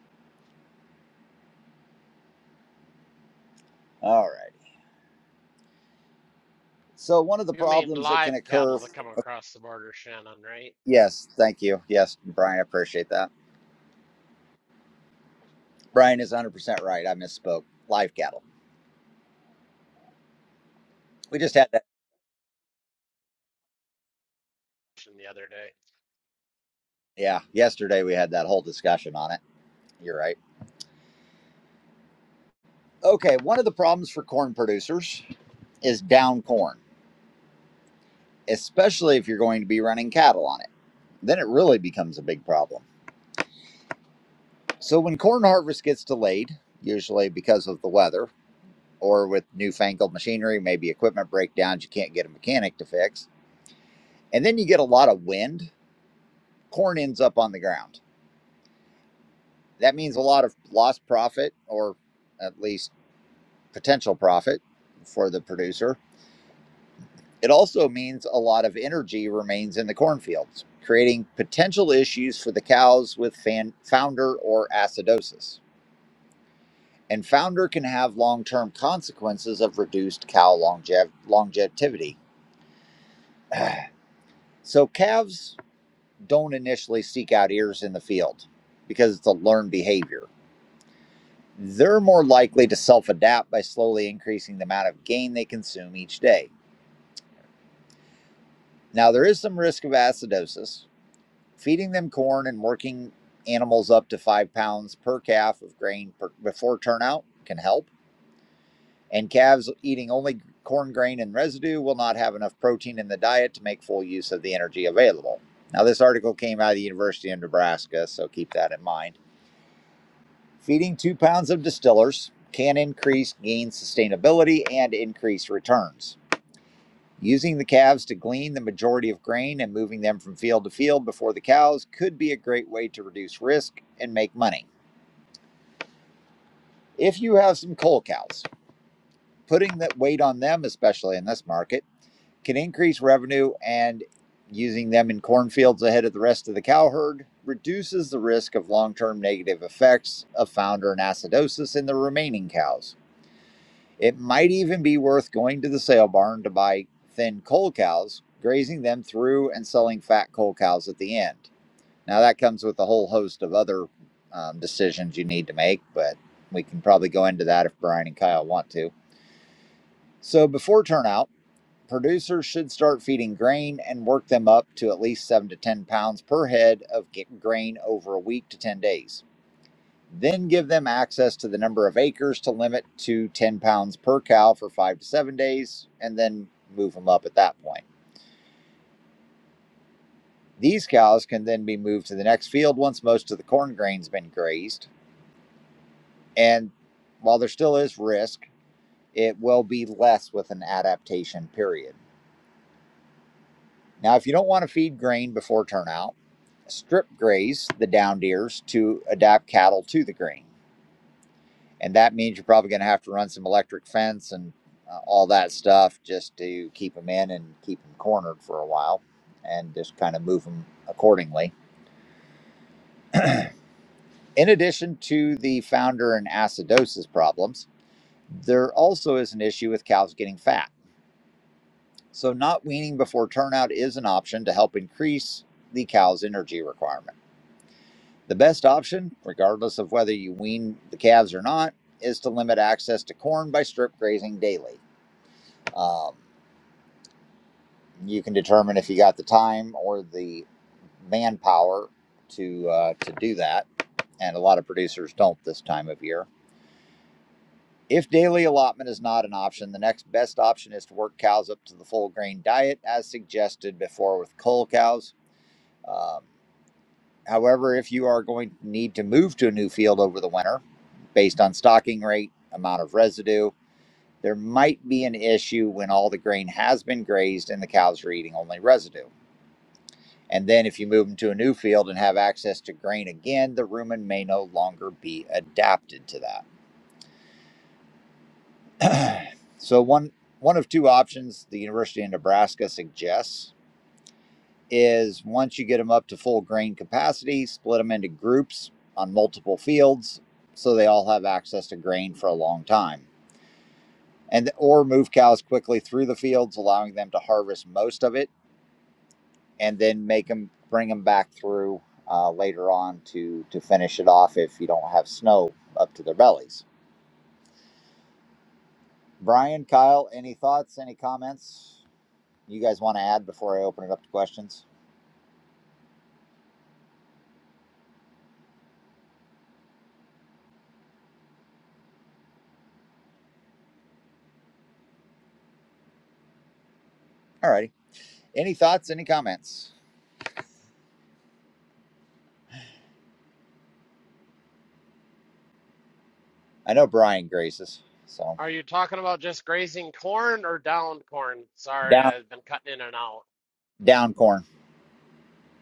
[SPEAKER 1] All right. So, one of the
[SPEAKER 9] You mean
[SPEAKER 1] problems that can
[SPEAKER 9] live
[SPEAKER 1] occur
[SPEAKER 9] cattle that come across the border, Shannon, right?
[SPEAKER 1] Yes, thank you. Yes, Brian, I appreciate that. Brian is 100% right. I misspoke. Live cattle. We just had that.
[SPEAKER 9] The other day.
[SPEAKER 1] Yeah, yesterday we had that whole discussion on it. You're right. Okay, one of the problems for corn producers is down corn, especially if you're going to be running cattle on it. Then it really becomes a big problem. So when corn harvest gets delayed, usually because of the weather or with newfangled machinery, maybe equipment breakdowns you can't get a mechanic to fix, and then you get a lot of wind, corn ends up on the ground That means a lot of lost profit or at least potential profit for the producer. It also means a lot of energy remains in the cornfields, creating potential issues for the cows with fan, founder or acidosis. And founder can have long term consequences of reduced cow longev- longevity. So calves don't initially seek out ears in the field because it's a learned behavior they're more likely to self adapt by slowly increasing the amount of gain they consume each day. Now, there is some risk of acidosis. Feeding them corn and working animals up to five pounds per calf of grain per, before turnout can help. And calves eating only corn grain and residue will not have enough protein in the diet to make full use of the energy available. Now, this article came out of the University of Nebraska, so keep that in mind. Feeding two pounds of distillers can increase gain sustainability and increase returns. Using the calves to glean the majority of grain and moving them from field to field before the cows could be a great way to reduce risk and make money. If you have some coal cows, putting that weight on them, especially in this market, can increase revenue and using them in cornfields ahead of the rest of the cow herd reduces the risk of long term negative effects of founder and acidosis in the remaining cows. It might even be worth going to the sale barn to buy thin coal cows, grazing them through, and selling fat coal cows at the end. Now, that comes with a whole host of other um, decisions you need to make, but we can probably go into that if Brian and Kyle want to. So, before turnout, producers should start feeding grain and work them up to at least 7 to 10 pounds per head of grain over a week to 10 days then give them access to the number of acres to limit to 10 pounds per cow for five to seven days, and then move them up at that point. These cows can then be moved to the next field once most of the corn grain's been grazed. And while there still is risk, it will be less with an adaptation period. Now, if you don't want to feed grain before turnout, strip graze the down deers to adapt cattle to the grain. and that means you're probably going to have to run some electric fence and uh, all that stuff just to keep them in and keep them cornered for a while and just kind of move them accordingly. In addition to the founder and acidosis problems, there also is an issue with cows getting fat. So, not weaning before turnout is an option to help increase the cow's energy requirement. The best option, regardless of whether you wean the calves or not, is to limit access to corn by strip grazing daily. Um, You can determine if you got the time or the manpower to uh, to do that, and a lot of producers don't this time of year. If daily allotment is not an option, the next best option is to work cows up to the full grain diet as suggested before with cull cows. Um, however, if you are going to need to move to a new field over the winter, based on stocking rate, amount of residue, there might be an issue when all the grain has been grazed and the cows are eating only residue. And then if you move them to a new field and have access to grain again, the rumen may no longer be adapted to that. so one one of two options the University of Nebraska suggests is once you get them up to full grain capacity, split them into groups on multiple fields so they all have access to grain for a long time. And or move cows quickly through the fields allowing them to harvest most of it and then make them bring them back through uh, later on to to finish it off if you don't have snow up to their bellies. Brian, Kyle, any thoughts? Any comments you guys want to add before I open it up to questions? Alrighty. Any thoughts? Any comments? I know Brian graces, so
[SPEAKER 9] Are you talking about just grazing corn or downed corn? Sorry,
[SPEAKER 1] down
[SPEAKER 9] I've been cutting in and out.
[SPEAKER 1] down corn.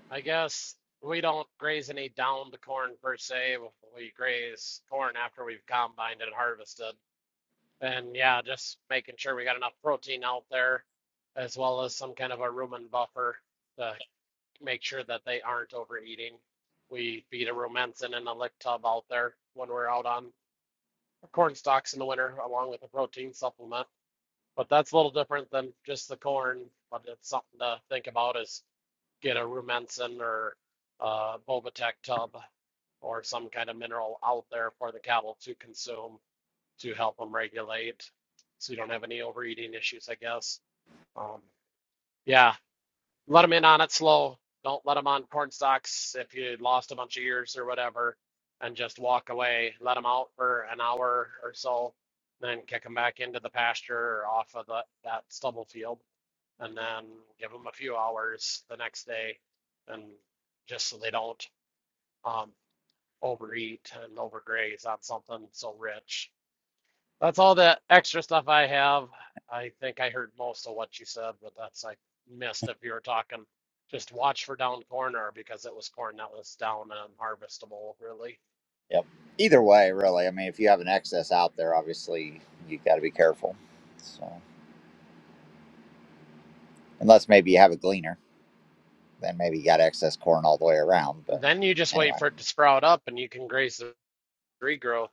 [SPEAKER 9] I guess we don't graze any downed corn per se. We graze corn after we've combined and harvested. And yeah, just making sure we got enough protein out there, as well as some kind of a rumen buffer to make sure that they aren't overeating. We feed a rumensin and a lick tub out there when we're out on corn stalks in the winter, along with a protein supplement. But that's a little different than just the corn, but it's something to think about is get a rumensin or uh, Bobatech tub or some kind of mineral out there for the cattle to consume to help them regulate so you don't have any overeating issues, I guess. Um, yeah, let them in on it slow. Don't let them on corn stalks if you lost a bunch of ears or whatever, and just walk away. Let them out for an hour or so, then kick them back into the pasture or off of the, that stubble field and then give them a few hours the next day and just so they don't um, overeat and overgraze on something so rich. That's all the extra stuff I have. I think I heard most of what you said, but that's I missed if you were talking. Just watch for down corner because it was corn that was down and unharvestable, really.
[SPEAKER 1] Yep. Either way, really. I mean, if you have an excess out there, obviously you got to be careful. So unless maybe you have a gleaner, then maybe you got excess corn all the way around.
[SPEAKER 9] And
[SPEAKER 1] But
[SPEAKER 9] then you just
[SPEAKER 1] anyway.
[SPEAKER 9] wait for it to sprout up and you can graze the regrowth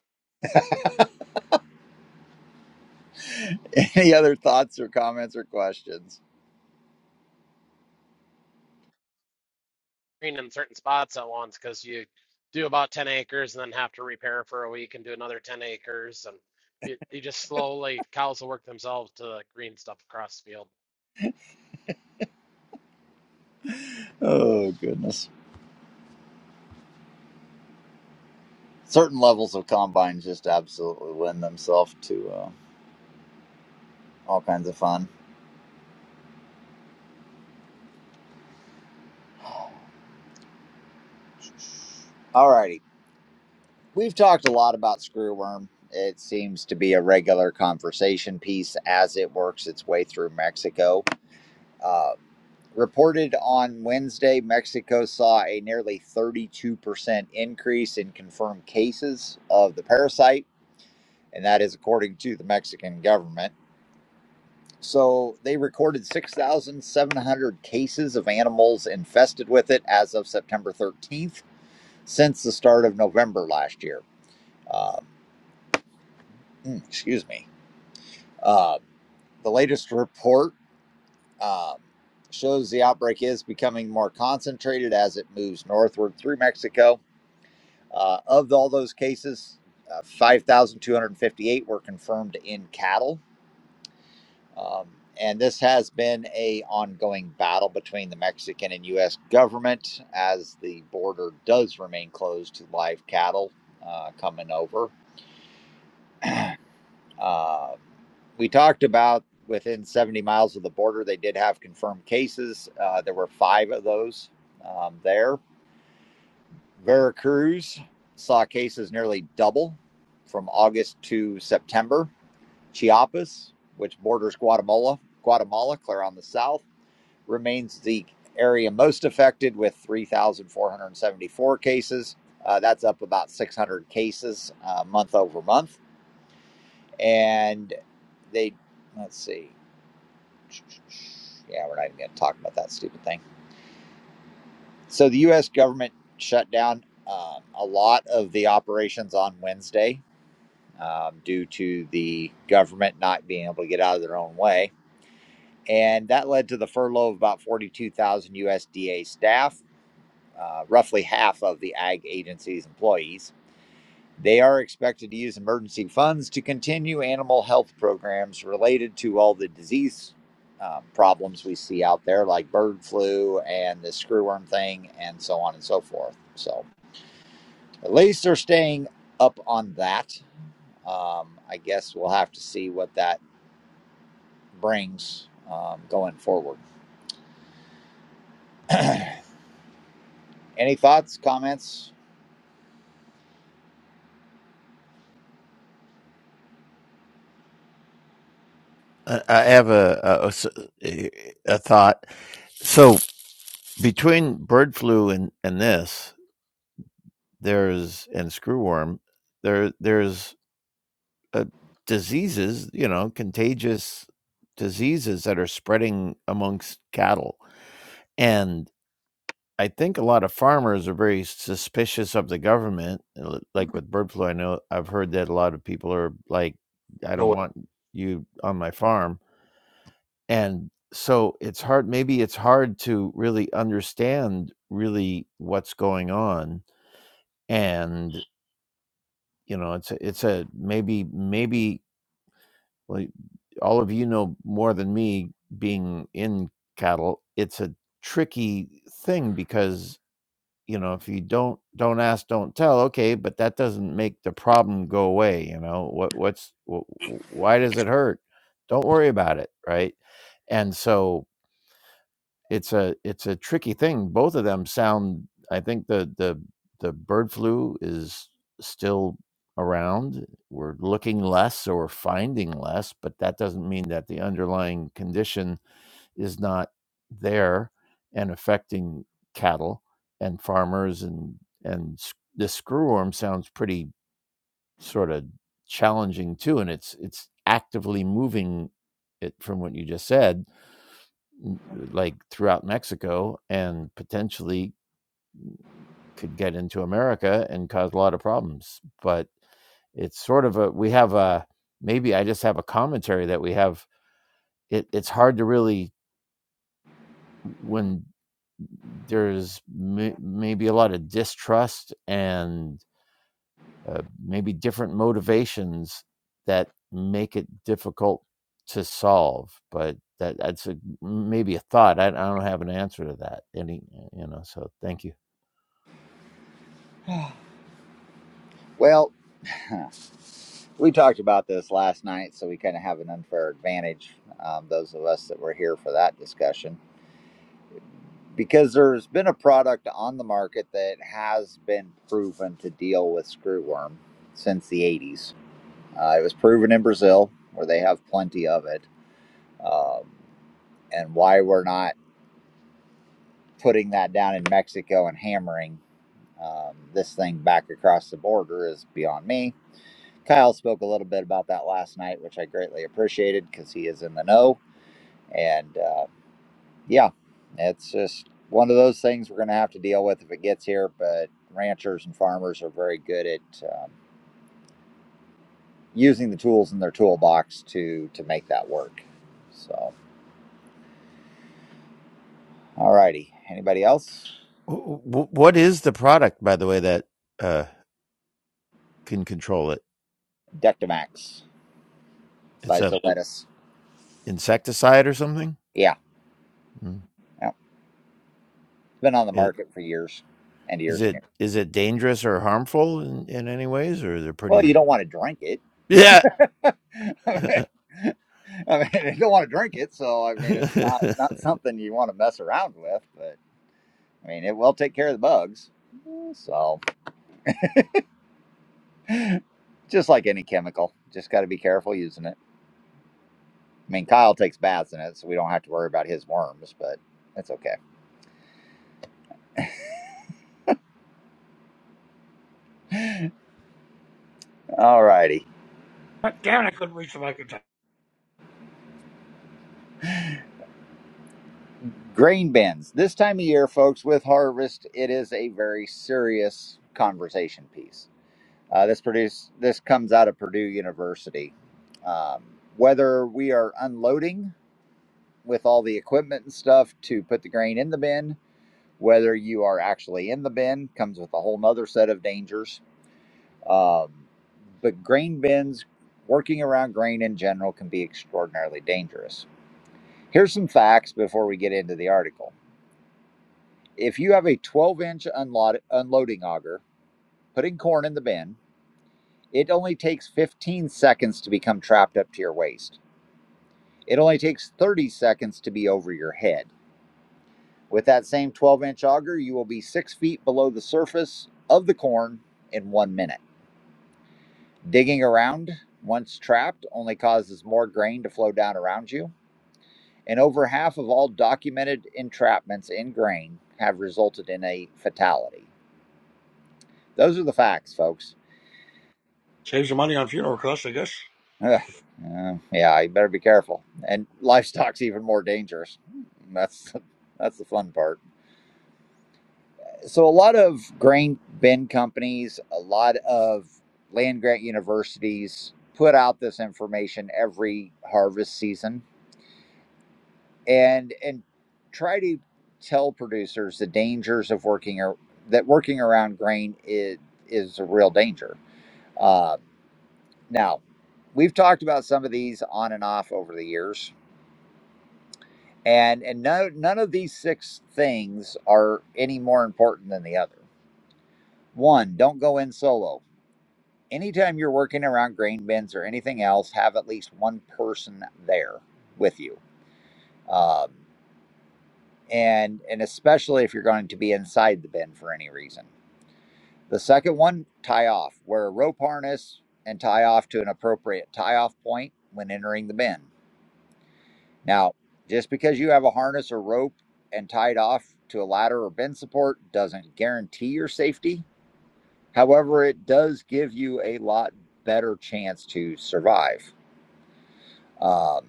[SPEAKER 1] Any other thoughts or comments or questions?
[SPEAKER 9] green in certain spots at once because you do about 10 acres and then have to repair for a week and do another 10 acres and it, you just slowly cows will work themselves to the green stuff across the field
[SPEAKER 1] Oh goodness! Certain levels of combines just absolutely lend themselves to uh, all kinds of fun. Alrighty, we've talked a lot about screwworm. It seems to be a regular conversation piece as it works its way through Mexico. Uh, reported on Wednesday, Mexico saw a nearly 32% increase in confirmed cases of the parasite, and that is according to the Mexican government. So they recorded 6,700 cases of animals infested with it as of September 13th since the start of November last year. Um, mm, excuse me. Uh, the latest report um, shows the outbreak is becoming more concentrated as it moves northward through Mexico. Uh, of all those cases, uh, 5,258 were confirmed in cattle Um, and this has been a ongoing battle between the Mexican and U.S. government as the border does remain closed to live cattle uh, coming over. Uh, we talked about within 70 miles of the border, they did have confirmed cases. Uh, there were five of those um, there. Veracruz saw cases nearly double from August to September. Chiapas, which borders Guatemala, Guatemala, clear on the south remains the area most affected with 3,474 cases. Uh, that's up about 600 cases uh, month over month. And they, let's see. Yeah, we're not even going to talk about that stupid thing. So the U.S. government shut down um, a lot of the operations on Wednesday um, due to the government not being able to get out of their own way. And that led to the furlough of about 42,000 USDA staff uh, roughly half of the ag agency's employees. They are expected to use emergency funds to continue animal health programs related to all the disease um, problems we see out there, like bird flu and the screwworm thing, and so on and so forth. So, at least they're staying up on that. Um, I guess we'll have to see what that brings um, going forward. Any thoughts, comments?
[SPEAKER 6] I, I have a a, a thought. So between bird flu and and this, there's and screwworm, there there's uh diseases, you know, contagious diseases that are spreading amongst cattle, and. I think a lot of farmers are very suspicious of the government. uh, Like with bird flu, I know I've heard that a lot of people are like, I
[SPEAKER 2] No
[SPEAKER 6] don't
[SPEAKER 2] way.
[SPEAKER 6] want you on my farm. And so it's hard, maybe it's hard to really understand really what's going on. And, you know, it's a, it's a maybe, maybe like all of you know more than me being in cattle. It's a tricky thing because you know if you don't don't ask don't tell okay but that doesn't make the problem go away you know what what's wh- wh- why does it hurt don't worry about it right and so it's a it's a tricky thing both of them sound i think the the the bird flu is still around we're looking less or we're finding less but that doesn't mean that the underlying condition is not there and affecting cattle and farmers and and s- this screwworm sounds pretty sort of challenging too and it's it's actively moving it from what you just said like throughout Mexico and potentially could get into America and cause a lot of problems but it's sort of a we have a maybe I just have a commentary that we have it it's hard to really when there's may, maybe a lot of distrust and uh, maybe different motivations that make it difficult to solve but that that's a, maybe a thought I, I don't have an answer to that any you know so thank you
[SPEAKER 1] Well, We talked about this last night, so we kind of have an unfair advantage, um, those of us that were here for that discussion, because there's been a product on the market that has been proven to deal with screwworm since the 80s. Uh, it was proven in Brazil, where they have plenty of it. Um, and why we're not putting that down in Mexico and hammering um, this thing back across the border is beyond me. Kyle spoke a little bit about that last night, which I greatly appreciated because he is in the know And uh, yeah, it's just one of those things we're going to have to deal with if it gets here. But ranchers and farmers are very good at um, using the tools in their toolbox to to make that work. So, alrighty. Anybody else?
[SPEAKER 6] Wh- wh- what is the product by the way that uh, can control it
[SPEAKER 1] Dectamax
[SPEAKER 6] it's
[SPEAKER 1] by
[SPEAKER 6] a
[SPEAKER 1] Zoetis.
[SPEAKER 6] insecticide or something?
[SPEAKER 1] Yeah,
[SPEAKER 6] Mm.
[SPEAKER 1] yeah. It's been on the
[SPEAKER 6] Is,
[SPEAKER 1] market for years and
[SPEAKER 6] is
[SPEAKER 1] years and
[SPEAKER 6] it
[SPEAKER 1] years.
[SPEAKER 6] is it dangerous or harmful in, in any ways, or they're
[SPEAKER 1] Well,
[SPEAKER 6] pretty?
[SPEAKER 1] you don't want to drink it.
[SPEAKER 6] Yeah.
[SPEAKER 1] I mean, I mean, you don't want to drink it, so I mean, it's not not something you want to mess around with. but. I mean, it will take care of the bugs. So, just like any chemical, just got to be careful using it. I mean, Kyle takes baths in it, so we don't have to worry about his worms, but that's okay. All righty.
[SPEAKER 2] God damn it, I couldn't reach the mic in time.
[SPEAKER 1] Grain bins. This time of year, folks, with harvest, it is a very serious conversation piece. Uh, this produce this comes out of Purdue University. Um, whether we are unloading with all the equipment and stuff to put the grain in the bin, whether you are actually in the bin comes with a whole nother set of dangers um, but grain bins working around grain in general can be extraordinarily dangerous here's some facts before we get into the article if you have a 12 inch unload- unloading auger putting corn in the bin it only takes 15 seconds to become trapped up to your waist it only takes 30 seconds to be over your head with that same 12 inch auger you will be six feet below the surface of the corn in one minute Digging around, once trapped, only causes more grain to flow down around you. And over half of all documented entrapments in grain have resulted in a fatality. Those are the facts, folks.
[SPEAKER 2] Save some money on funeral costs, I guess.
[SPEAKER 1] Ugh. Uh, yeah, you better be careful. And livestock's even more dangerous. That's that's the fun part. So a lot of grain bin companies, a lot of land grant universities put out this information every harvest season and and try to tell producers the dangers of working or that working around grain is is a real danger. Uh, now, we've talked about some of these on and off over the years, and and no none of these six things are any more important than the other. One, don't go in solo. Anytime you're working around grain bins or anything else, have at least one person there with you. Um, and and especially if you're going to be inside the bin for any reason. The second one, tie off. Wear a rope harness and tie off to an appropriate tie off point when entering the bin. Now, just because you have a harness or rope and tied off to a ladder or bin support doesn't guarantee your safety. However, it does give you a lot better chance to survive. Um,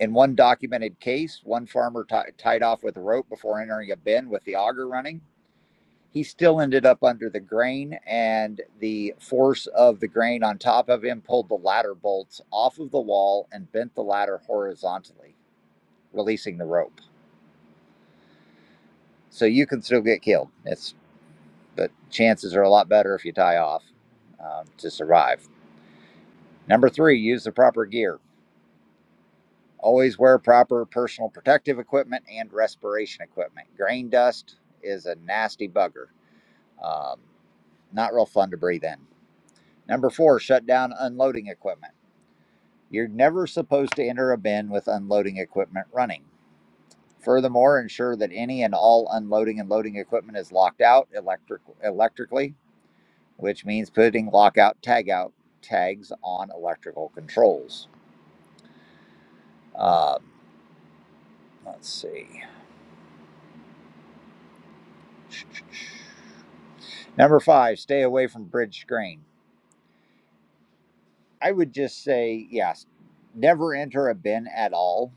[SPEAKER 1] in one documented case, one farmer ti tied off with a rope before entering a bin with the auger running he still ended up under the grain, and the force of the grain on top of him pulled the ladder bolts off of the wall and bent the ladder horizontally, releasing the rope. So you can still get killed. It's but chances are a lot better if you tie off um, to survive. Number three, use the proper gear. Always wear proper personal protective equipment and respiration equipment. Grain dust is a nasty bugger. Um, not real fun to breathe in. Number four, shut down unloading equipment You're never supposed to enter a bin with unloading equipment running. Furthermore, ensure that any and all unloading and loading equipment is locked out electric, electrically, which means putting lockout tagout tags on electrical controls. Um, let's see. Number five, stay away from bridge screen. I would just say yes, never enter a bin at all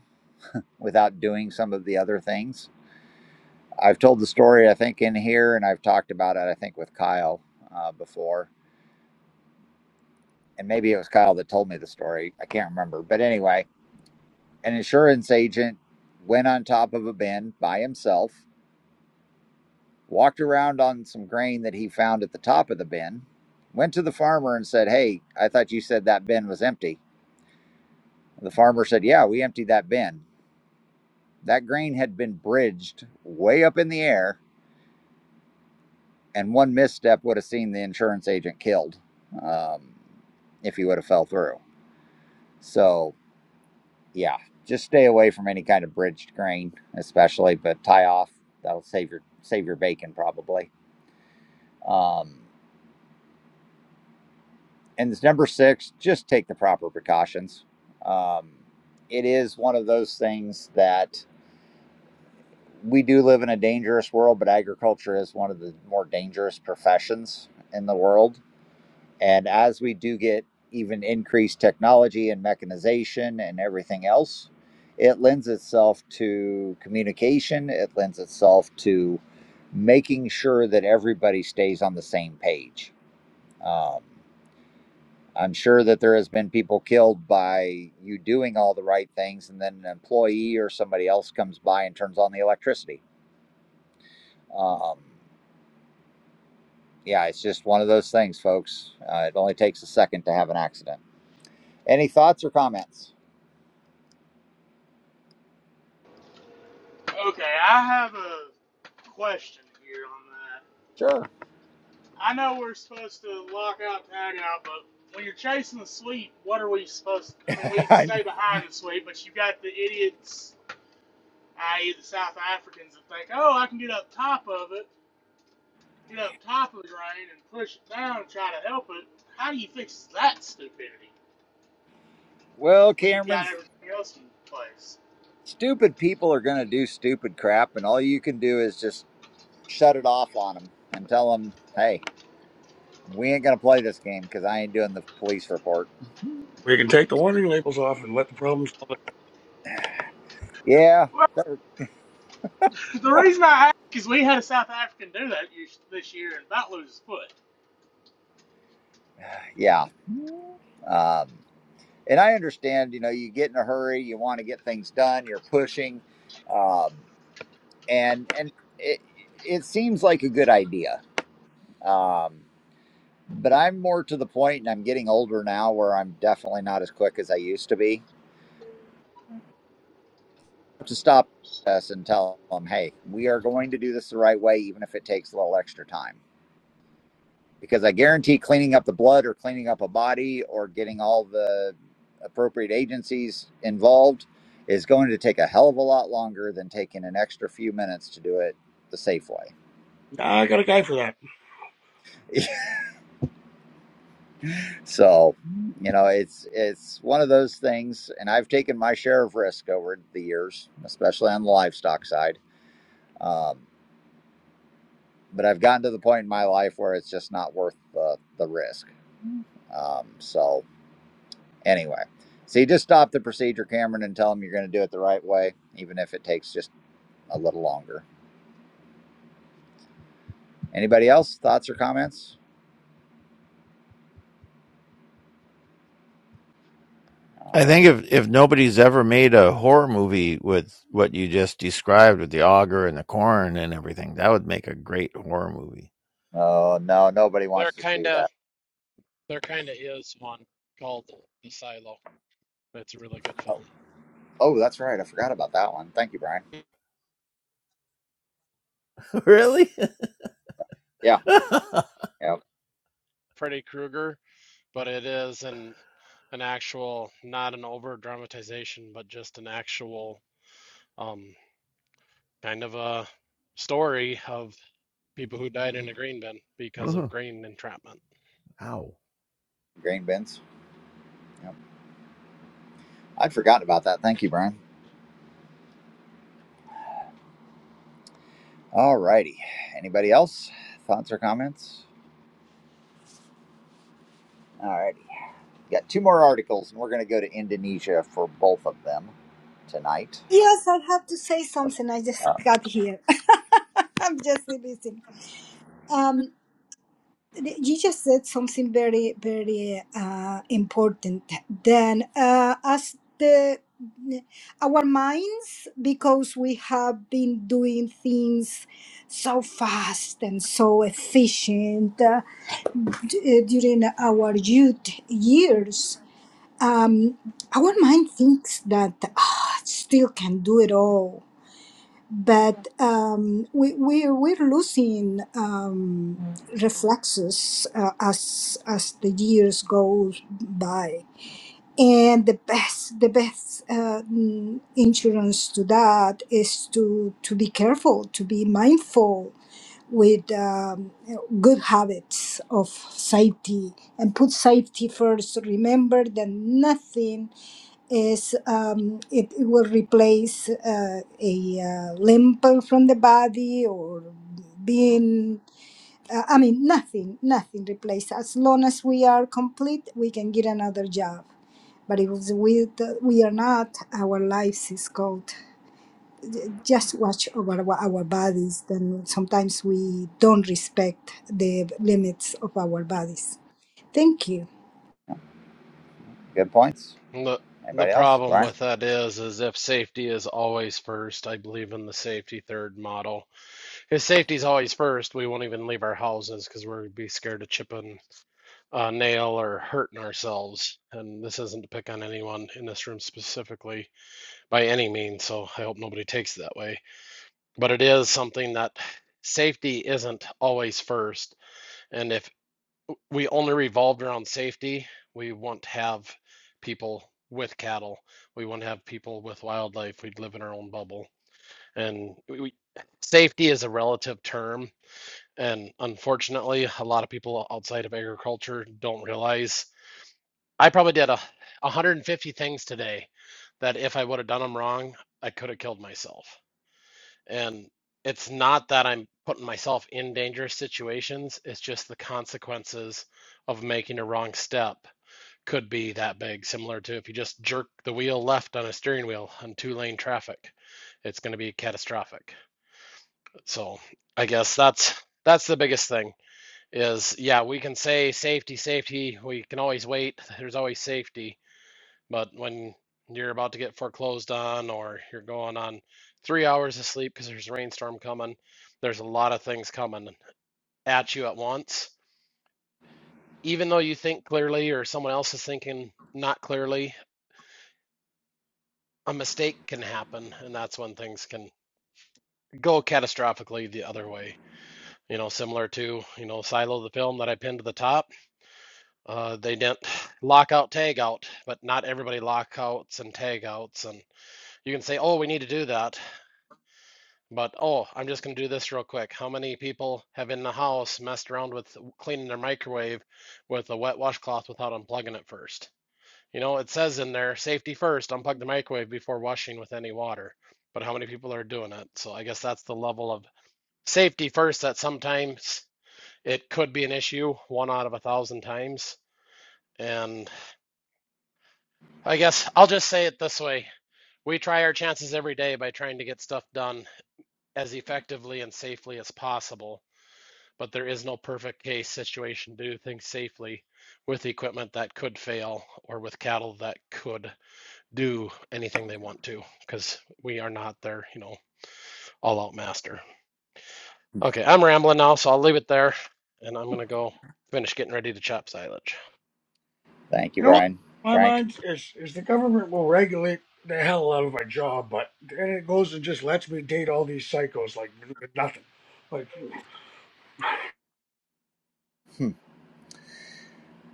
[SPEAKER 1] without doing some of the other things I've told the story, I think, in here, and I've talked about it, I think, with Kyle uh, before. And maybe it was Kyle that told me the story. I can't remember. But anyway, an insurance agent went on top of a bin by himself, walked around on some grain that he found at the top of the bin, went to the farmer and said, Hey, I thought you said that bin was empty. The farmer said, Yeah, we emptied that bin. That grain had been bridged way up in the air and one misstep would have seen the insurance agent killed um, if he would have fell through. So yeah, just stay away from any kind of bridged grain, especially. But tie off that'll save your save your bacon probably. Um, and this number six, just take the proper precautions. Um, it is one of those things that we do live in a dangerous world, but agriculture is one of the more dangerous professions in the world And as we do get even increased technology and mechanization and everything else, it lends itself to communication. It lends itself to making sure that everybody stays on the same page. Um, I'm sure that there has been people killed by you doing all the right things, and then an employee or somebody else comes by and turns on the electricity. Um, yeah, it's just one of those things, folks. Uh, it only takes a second to have an accident. Any thoughts or comments?
[SPEAKER 3] now. Okay, I have a question here on that.
[SPEAKER 1] Sure.
[SPEAKER 3] I know we're supposed to lock out, tag out, but when you're chasing the sweep, what are we supposed I mean, we stay behind the sweep, but you got the idiots, i.e., the South Africans, that think, oh, I can get up top of it, get up top of the drain and push it down and try to help it. How do you fix that stupidity
[SPEAKER 1] Well,
[SPEAKER 3] when you've
[SPEAKER 1] Cameron,
[SPEAKER 3] got everything else in place?
[SPEAKER 1] stupid people are going to do stupid crap, and all you can do is just shut it off on them and tell them, hey, we ain't going to play this game because I ain't doing the police report.
[SPEAKER 2] We can take the warning labels off and let the problem solve it.
[SPEAKER 1] Yeah,
[SPEAKER 3] The reason I ask is we had a South African do that this year and about lose his foot.
[SPEAKER 1] yeah. Um, and I understand, you know, you get in a hurry, you want to get things done, you're pushing, um, and and it it seems like a good idea. Um, but I'm more to the point, and I'm getting older now, where I'm definitely not as quick as I used to be. to stop us and tell them, hey, we are going to do this the right way, even if it takes a little extra time. Because I guarantee cleaning up the blood or cleaning up a body or getting all the appropriate agencies involved is going to take a hell of a lot longer than taking an extra few minutes to do it the safe way.
[SPEAKER 2] Nah, I got a guy for that.
[SPEAKER 1] So, you know, it's it's one of those things, and I've taken my share of risk over the years, especially on the livestock side. Um, but I've gotten to the point in my life where it's just not worth the, the risk. Um, so anyway, so you just stop the procedure, Cameron, and tell them you're going to do it the right way, even if it takes just a little longer. Anybody else? Thoughts or comments?
[SPEAKER 6] I
[SPEAKER 1] All right.
[SPEAKER 6] think if if nobody's ever made a horror movie with what you just described with the auger and the corn and everything, that would make a great horror movie.
[SPEAKER 1] Oh no, nobody
[SPEAKER 9] there
[SPEAKER 1] wants to
[SPEAKER 9] kind
[SPEAKER 1] see that.
[SPEAKER 9] of there kind of is one called the silo it's a really good
[SPEAKER 1] Oh,
[SPEAKER 9] film
[SPEAKER 1] oh, that's right. I forgot about that one. Thank you, Brian.
[SPEAKER 6] really?
[SPEAKER 1] Yeah.
[SPEAKER 6] uh
[SPEAKER 1] Yep.
[SPEAKER 9] freddy krueger but it is an an actual not an over dramatization but just an actual um kind of a story of people who died in a green bin because of grain entrapment
[SPEAKER 6] Ow.
[SPEAKER 1] Grain bins. Yep. I'd forgotten about that. Thank you, Brian. All righty. Anybody else? Thoughts or comments? All right. We've got two more articles, and we're going to go to Indonesia for both of them tonight.
[SPEAKER 7] yes i have to say something i just got here i'm just listening Um, you just said something very very uh, important then uh, as the our minds because we have been doing things so fast and so efficient uh, d- uh, during our youth years um, our mind thinks that "Ah, still can do it all but um, we, we we're losing um, reflexes uh, as, as the years go by. And the best, the best uh, mm, insurance to that is to, to be careful, to be mindful with um, good habits of safety and put safety first. Remember that nothing is um, it, it will replace uh, a uh, limp from the body or being. Uh, I mean, nothing, nothing replaces. As long as we are complete, we can get another job. But if we, we are not, our lives is cold just watch over our, bodies, then sometimes we don't respect the limits of our bodies. Thank you.
[SPEAKER 1] Good points.
[SPEAKER 9] The the
[SPEAKER 1] Anybody else?
[SPEAKER 9] problem
[SPEAKER 1] Brian?
[SPEAKER 9] with that is is if safety is always first, I believe in the safety third model. If safety's always first, we won't even leave our houses because we're be scared of chipping a nail or hurting ourselves. And this isn't to pick on anyone in this room specifically by any means, so I hope nobody takes it that way. But it is something that safety isn't always first, and if we only revolved around safety. We won't have people with cattle. We won't have people with wildlife. We'd live in our own bubble. And we, we- safety is a relative term. And unfortunately, a lot of people outside of agriculture don't realize. I probably did a 150 things today that if I would have done them wrong, I could have killed myself. And it's not that I'm putting myself in dangerous situations, it's just the consequences of making a wrong step could be that big, similar to if you just jerk the wheel left on a steering wheel on two lane traffic, it's going to be catastrophic. So I guess that's that's the biggest thing is yeah, we can say safety, safety. We can always wait. There's always safety, but when you're about to get foreclosed on or you're going on three hours of sleep because there's a rainstorm coming, there's a lot of things coming at you at once. Even though you think clearly or someone else is thinking not clearly, a mistake can happen and that's when things can go catastrophically the other way you know similar to you know silo the film that i pinned to the top uh, they didn't lock out tag out but not everybody lockouts and tag outs and you can say oh we need to do that but oh i'm just going to do this real quick how many people have in the house messed around with cleaning their microwave with a wet washcloth without unplugging it first You know, it says in there, safety first, unplug the microwave before washing with any water. But how many people are doing it? So I guess that's the level of safety first that sometimes it could be an issue one out of a thousand times. And I guess I'll just say it this way we try our chances every day by trying to get stuff done as effectively and safely as possible. But there is no perfect case situation to do things safely with equipment that could fail or with cattle that could do anything they want to because we are not their, you know, all out master. Okay, I'm rambling now, so I'll leave it there and I'm going to go finish getting ready to chop silage.
[SPEAKER 1] Thank you,
[SPEAKER 2] You know what
[SPEAKER 1] Brian.
[SPEAKER 2] blows my
[SPEAKER 1] Frank?
[SPEAKER 2] mind is is the government will regulate the hell out of my job, but then it goes and just lets me date all these psychos like with nothing. Like
[SPEAKER 1] Hmm.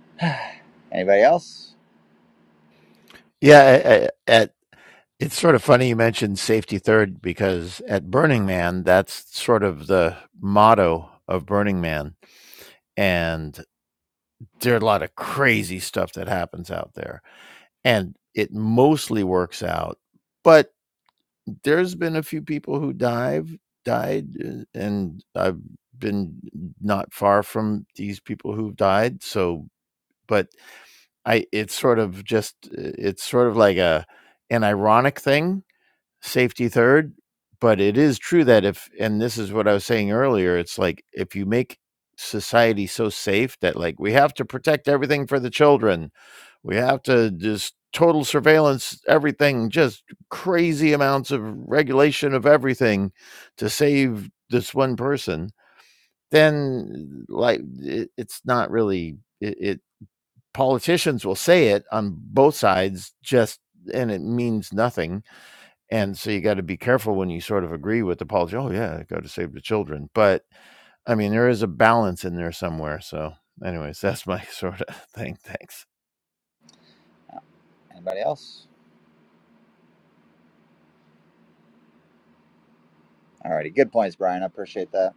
[SPEAKER 1] Anybody else?
[SPEAKER 6] Yeah. I- I- at it's sort of funny you mentioned safety third because at Burning Man, that's sort of the motto of Burning Man, and there are a lot of crazy stuff that happens out there and it mostly works out but there's been a few people who dive died uh, and i've been not far from these people who've died so but i it's sort of just uh, it's sort of like a an ironic thing safety third. But it is true that if, and this is what I was saying earlier, it's like if you make society so safe that like we have to protect everything for the children, we have to just total surveillance everything, just crazy amounts of regulation of everything to save this one person, then like it, it's not really it, it politicians will say it on both sides just and it means nothing and so you got to be careful when you sort of agree with the policy oh yeah got to save the children but i mean there is a balance in there somewhere so anyways that's my sort of thing thanks
[SPEAKER 1] No. Anybody else? Alrighty, good points, Brian. I appreciate that,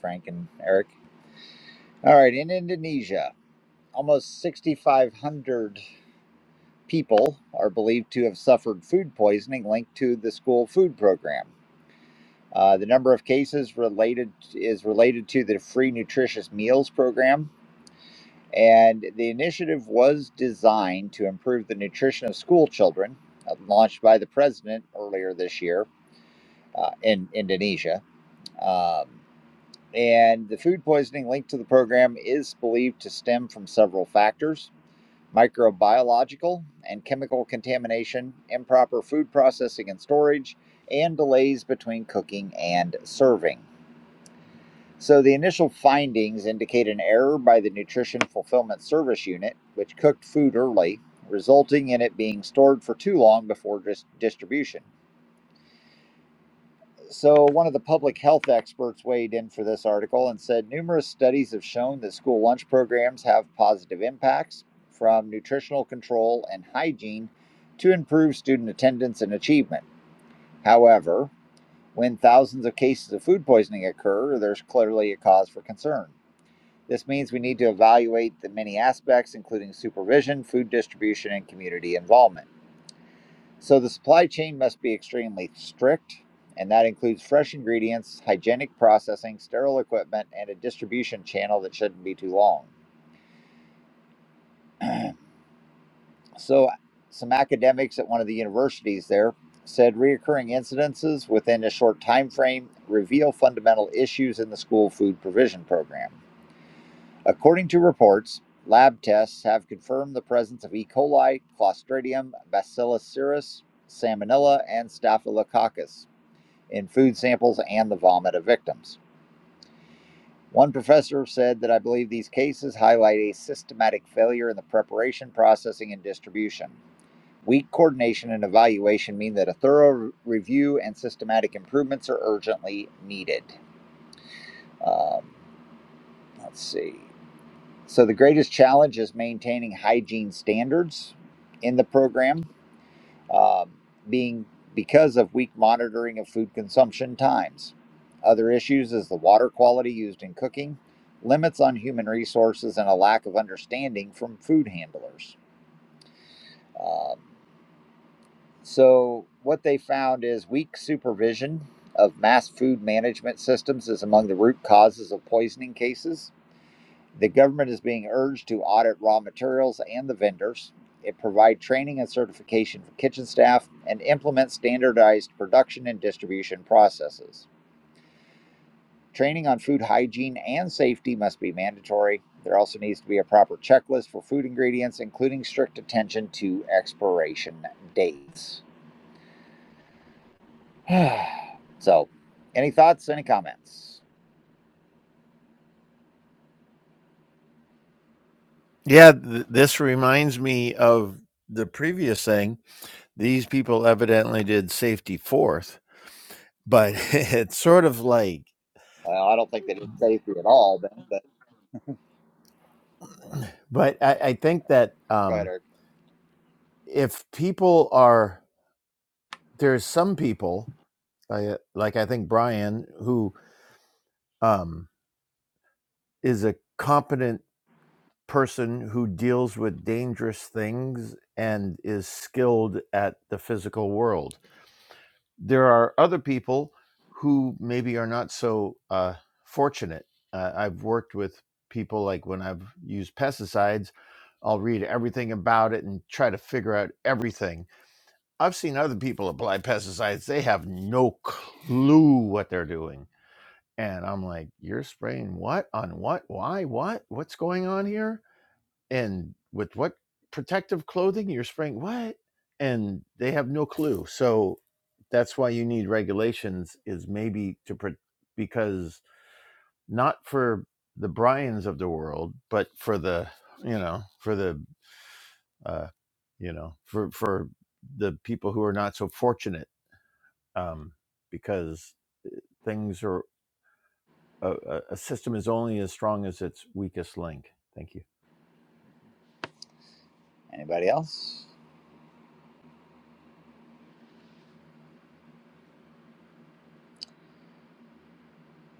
[SPEAKER 1] Frank and Eric. All right, in Indonesia, almost 6,500 people are believed to have suffered food poisoning linked to the school food program. Uh, the number of cases related is related to the free nutritious meals program, And the initiative was designed to improve the nutrition of school children, uh, launched by the president earlier this year uh, in Indonesia. Um, and the food poisoning linked to the program is believed to stem from several factors microbiological and chemical contamination, improper food processing and storage, and delays between cooking and serving. So the initial findings indicate an error by the Nutrition Fulfillment Service Unit, which cooked food early, resulting in it being stored for too long before dis- distribution. So one of the public health experts weighed in for this article and said numerous studies have shown that school lunch programs have positive impacts from nutritional control and hygiene to improve student attendance and achievement. However, when thousands of cases of food poisoning occur, there's clearly a cause for concern. This means we need to evaluate the many aspects, including supervision, food distribution, and community involvement. So the supply chain must be extremely strict, and that includes fresh ingredients, hygienic processing, sterile equipment, and a distribution channel that shouldn't be too long. So, some academics at one of the universities there said reoccurring incidences within a short time frame reveal fundamental issues in the school food provision program. According to reports, lab tests have confirmed the presence of E. coli, Clostridium, Bacillus cereus, Salmonella, and Staphylococcus in food samples and the vomit of victims. One professor said that I believe these cases highlight a systematic failure in the preparation, processing, and distribution. Weak coordination and evaluation mean that a thorough review and systematic improvements are urgently needed. Um, let's see. So the greatest challenge is maintaining hygiene standards in the program, uh, being because of weak monitoring of food consumption times. Other issues is the water quality used in cooking, limits on human resources, and a lack of understanding from food handlers. Um, so what they found is weak supervision of mass food management systems is among the root causes of poisoning cases. The government is being urged to audit raw materials and the vendors, it provide training and certification for kitchen staff, and implement standardized production and distribution processes. Training on food hygiene and safety must be mandatory. There also needs to be a proper checklist for food ingredients, including strict attention to expiration dates. so, any thoughts, any comments?
[SPEAKER 6] yeah th- this reminds me of the previous thing these people evidently did safety fourth but it's sort of like
[SPEAKER 1] Well, I don't think they did safety at all, Ben, but
[SPEAKER 6] but i, I think that
[SPEAKER 1] go ahead,
[SPEAKER 6] um
[SPEAKER 1] Eric.
[SPEAKER 6] if people are there's some people I, uh, like i think brian who um is a competent person who deals with dangerous things and is skilled at the physical world. There are other people who maybe are not so uh, fortunate. Uh, I've worked with people like when I've used pesticides, I'll read everything about it and try to figure out everything. I've seen other people apply pesticides, they have no clue what they're doing. And I'm like, you're spraying what on what? Why? What? What's going on here? and with what protective clothing you're spraying what and they have no clue so that's why you need regulations is maybe to pro- because not for the bryans of the world but for the you know for the uh you know for for the people who are not so fortunate um because things are a, a a system is only as strong as its weakest link thank you
[SPEAKER 1] Anybody else?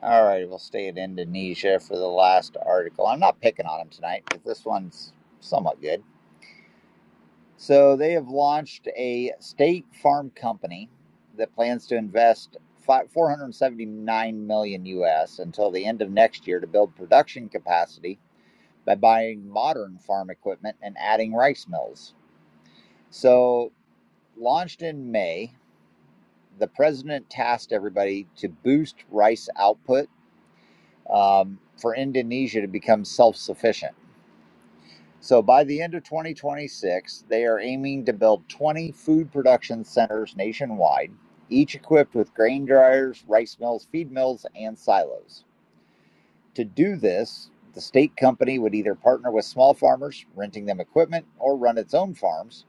[SPEAKER 1] All right, we'll stay in Indonesia for the last article. I'm not picking on them tonight because this one's somewhat good. So they have launched a state farm company that plans to invest fi- 479 million US until the end of next year to build production capacity by buying modern farm equipment and adding rice mills. So launched in May, the president tasked everybody to boost rice output um, for Indonesia to become self sufficient. So by the end of 2026, they are aiming to build 20 food production centers nationwide, each equipped with grain dryers, rice mills, feed mills, and silos. To do this, the state company would either partner with small farmers, renting them equipment, or run its own farms,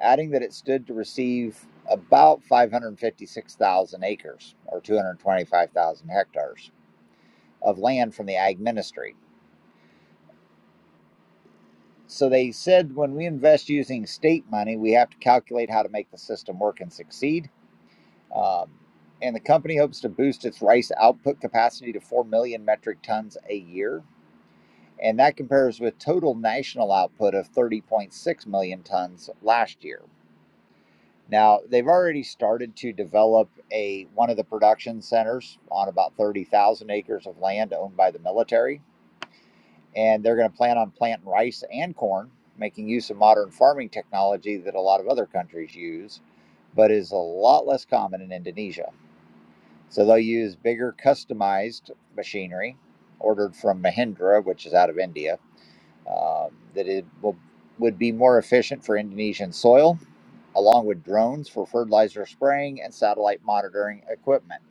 [SPEAKER 1] adding that it stood to receive about 556,000 acres or 225,000 hectares of land from the ag ministry. So they said when we invest using state money, we have to calculate how to make the system work and succeed. Um, and the company hopes to boost its rice output capacity to 4 million metric tons a year. And that compares with total national output of 30.6 million tons last year. Now, they've already started to develop a one of the production centers on about 30,000 acres of land owned by the military and they're going to plan on planting rice and corn, making use of modern farming technology that a lot of other countries use, but is a lot less common in Indonesia. So they'll use bigger customized machinery ordered from Mahindra, which is out of India, um, that it will, would be more efficient for Indonesian soil, along with drones for fertilizer spraying and satellite monitoring equipment.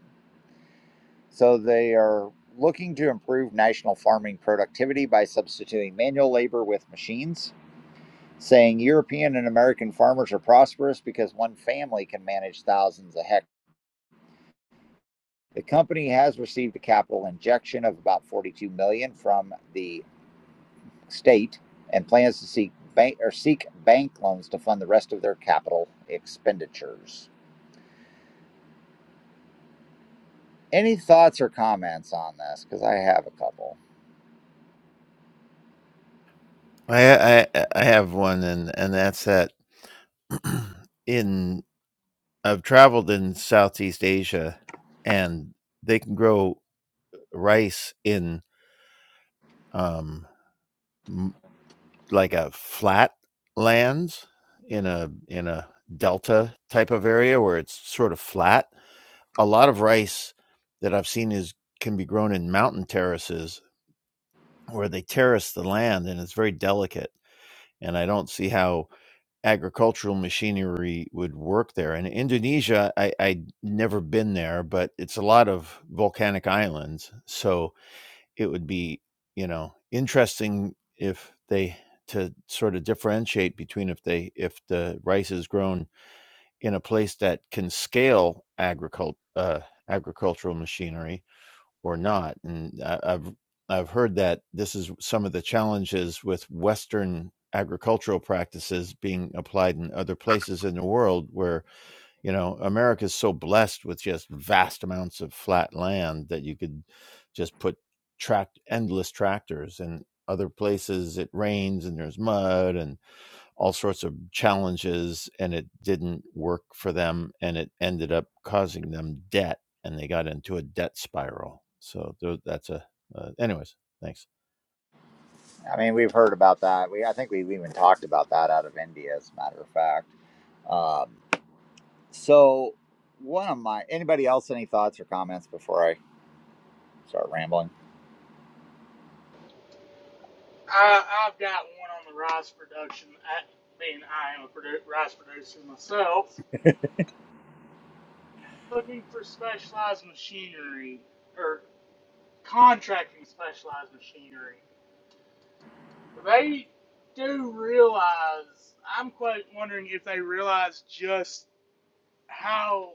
[SPEAKER 1] So they are looking to improve national farming productivity by substituting manual labor with machines saying European and American farmers are prosperous because one family can manage thousands of hectares. The company has received a capital injection of about 42 million dollars from the state and plans to seek bank or seek bank loans to fund the rest of their capital expenditures. Any thoughts or comments on this? Because I have a couple.
[SPEAKER 6] i i, I have one and and that's that in I've traveled in Southeast Asia, and they can grow rice in um, m- like a flat lands in a in a delta type of area where it's sort of flat. A lot of rice that I've seen is can be grown in mountain terraces where they terrace the land and it's very delicate. And I don't see how agricultural machinery would work there. And Indonesia, I, I'd never been there, but it's a lot of volcanic islands. So it would be, you know, interesting if they to sort of differentiate between if they if the rice is grown in a place that can scale agricult uh, agricultural machinery or not. And I, I've I've heard that this is some of the challenges with Western agricultural practices being applied in other places in the world where you know America is so blessed with just vast amounts of flat land that you could just put tract endless tractors and other places it rains and there's mud and all sorts of challenges and it didn't work for them and it ended up causing them debt and they got into a debt spiral so that's a uh, anyways thanks
[SPEAKER 1] I mean, we've heard about that. We I think we've even talked about that out of India, as a matter of fact. Um, so, one of my anybody else any thoughts or comments before I start rambling.
[SPEAKER 3] I, I've got one on the rice production. I, being I am a produ- rice producer myself, looking for specialized machinery or contracting specialized machinery. They do realize. I'm quite wondering if they realize just how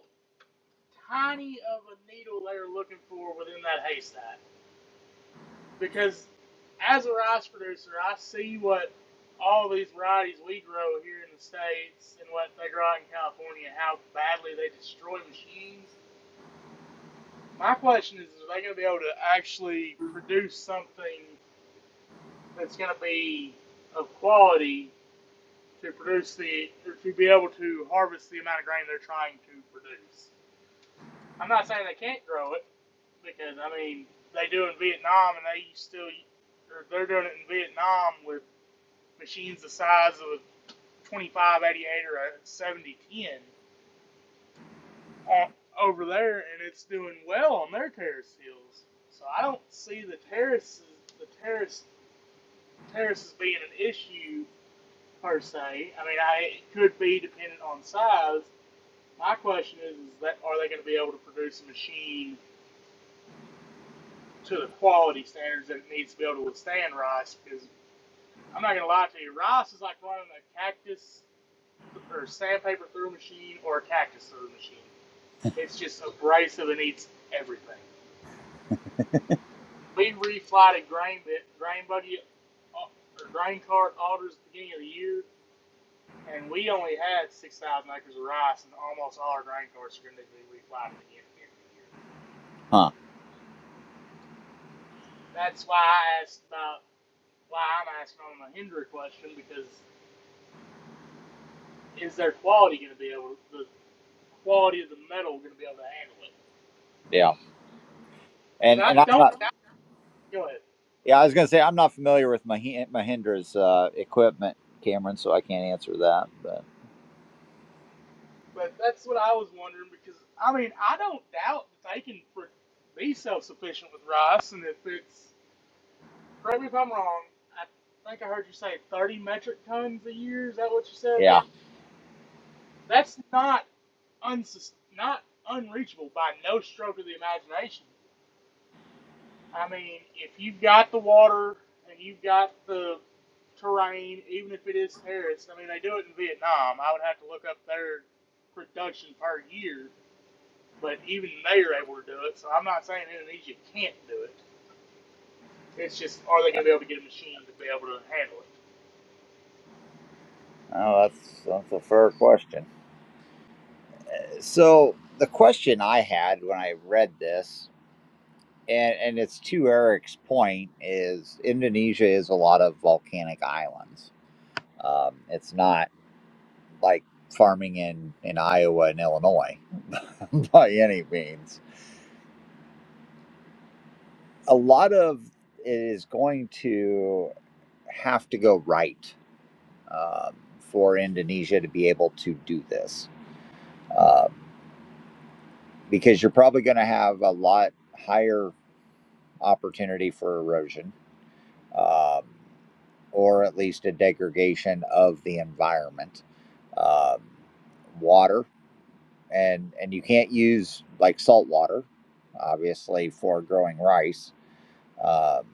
[SPEAKER 3] tiny of a needle they're looking for within that haystack. because as a rice producer, I see what all these varieties we grow here in the states and what they grow out in California, how badly they destroy machines. My question is, are they going to be able to actually produce something that's going to be of quality to produce the or to be able to harvest the amount of grain they're trying to produce? I'm not saying they can't grow it because I mean they do in Vietnam and they still or they're doing it in Vietnam with machines the size of a 2588 or a 7010 over there, and it's doing well on their terrace fields. So I don't see the terraces, the terrace, terraces being an issue per se. I mean, I, it could be dependent on size. My question is, is that are they going to be able to produce a machine to the quality standards that it needs to be able to withstand rice? Because I'm not going to lie to you, rice is like running a cactus or sandpaper through a machine or a cactus through a machine. It's just so abrasive and eats everything. Lee reflied a grain bit, grain buggy uh, or grain cart orders at the beginning of the year, and we only had 6,000 acres of rice, and almost all our grain carts are going to be reflied at the end of the year.
[SPEAKER 1] Huh.
[SPEAKER 3] That's why I asked about why I'm asking on the Hendra question because is their quality going to be able to, the quality of the metal going to be able to handle it?
[SPEAKER 1] Yeah.
[SPEAKER 3] Because
[SPEAKER 1] And and
[SPEAKER 3] I don't. I, go ahead.
[SPEAKER 1] yeah, I was gonna say I'm not familiar with Mahi- Mahindra's uh, equipment, Cameron, so I can't answer that. But
[SPEAKER 3] But that's what I was wondering because I mean I don't doubt that they can fr- be self-sufficient with rice, and if it's correct me if I'm wrong, I think I heard you say 30 metric tons a year. Is that what you said?
[SPEAKER 1] yeah,
[SPEAKER 3] That's not unsus- not unreachable by no stroke of the imagination. I mean, if you've got the water and you've got the terrain, even if it is terraced, I mean they do it in Vietnam. I would have to look up their production per year but even they are able to do it. So I'm not saying Indonesia can't do it. It's just are they going to be able to get a machine to be able to handle it?
[SPEAKER 1] oh, that's that's a fair question. So the question I had when I read this, and and it's to Eric's point, is Indonesia is a lot of volcanic islands. Um, it's not like farming in in Iowa and Illinois by any means. A lot of it is going to. have to go right um, for Indonesia to be able to do this, um, because you're probably going to have a lot higher opportunity for erosion, um, or at least a degradation of the environment, um, water, and and you can't use like salt water, obviously, for growing rice. Um,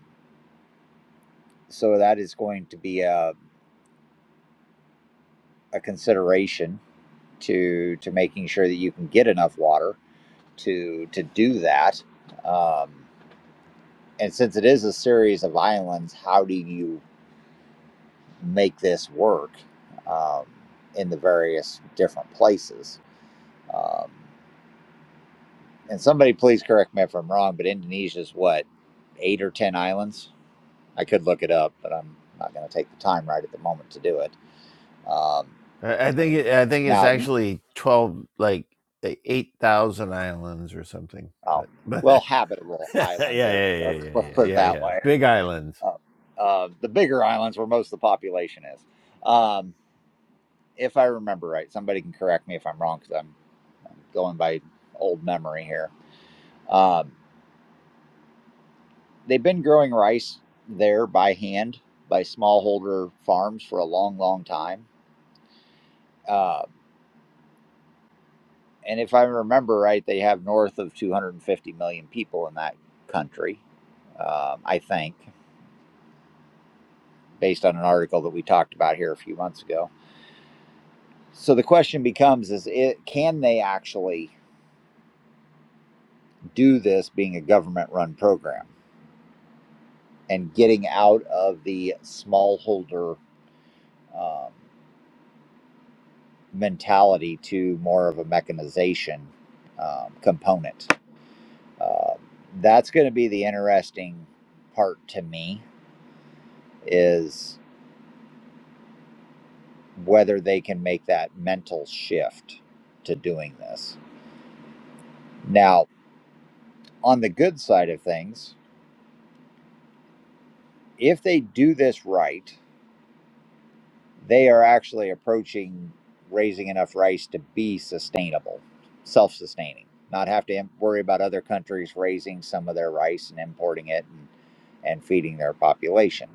[SPEAKER 1] so that is going to be a, a consideration to to making sure that you can get enough water to to do that. Um, and since it is a series of islands, how do you make this work um, in the various different places? Um, and somebody please correct me if I'm wrong, but Indonesia's what eight or ten islands? I could look it up, but I'm not going to take the time right at the moment to do it. Um,
[SPEAKER 6] I think it, I think it's
[SPEAKER 1] now,
[SPEAKER 6] actually twelve, like eight thousand islands or something.
[SPEAKER 1] oh,
[SPEAKER 6] But
[SPEAKER 1] well,
[SPEAKER 6] but
[SPEAKER 1] habitable
[SPEAKER 6] yeah
[SPEAKER 1] islands.
[SPEAKER 6] yeah
[SPEAKER 1] There,
[SPEAKER 6] yeah yeah
[SPEAKER 1] let's, let's
[SPEAKER 6] yeah
[SPEAKER 1] put it
[SPEAKER 6] yeah
[SPEAKER 1] that
[SPEAKER 6] yeah
[SPEAKER 1] way.
[SPEAKER 6] big islands.
[SPEAKER 1] Uh, uh, the bigger islands where most of the population is. Um, if I remember right. Somebody can correct me if I'm wrong because I'm, I'm going by old memory here. Um, they've been growing rice there by hand by smallholder farms for a long, long time. Uh, and if I remember right, they have north of 250 million people in that country, um, I think, based on an article that we talked about here a few months ago. So the question becomes: Is it can they actually do this being a government-run program? and getting out of the smallholder um, mentality to more of a mechanization um, component. Uh, that's going to be the interesting part to me is whether they can make that mental shift to doing this. Now, on the good side of things, if they do this right they are actually approaching raising enough rice to be sustainable, self sustaining, not have to im- worry about other countries raising some of their rice and importing it and, and feeding their population.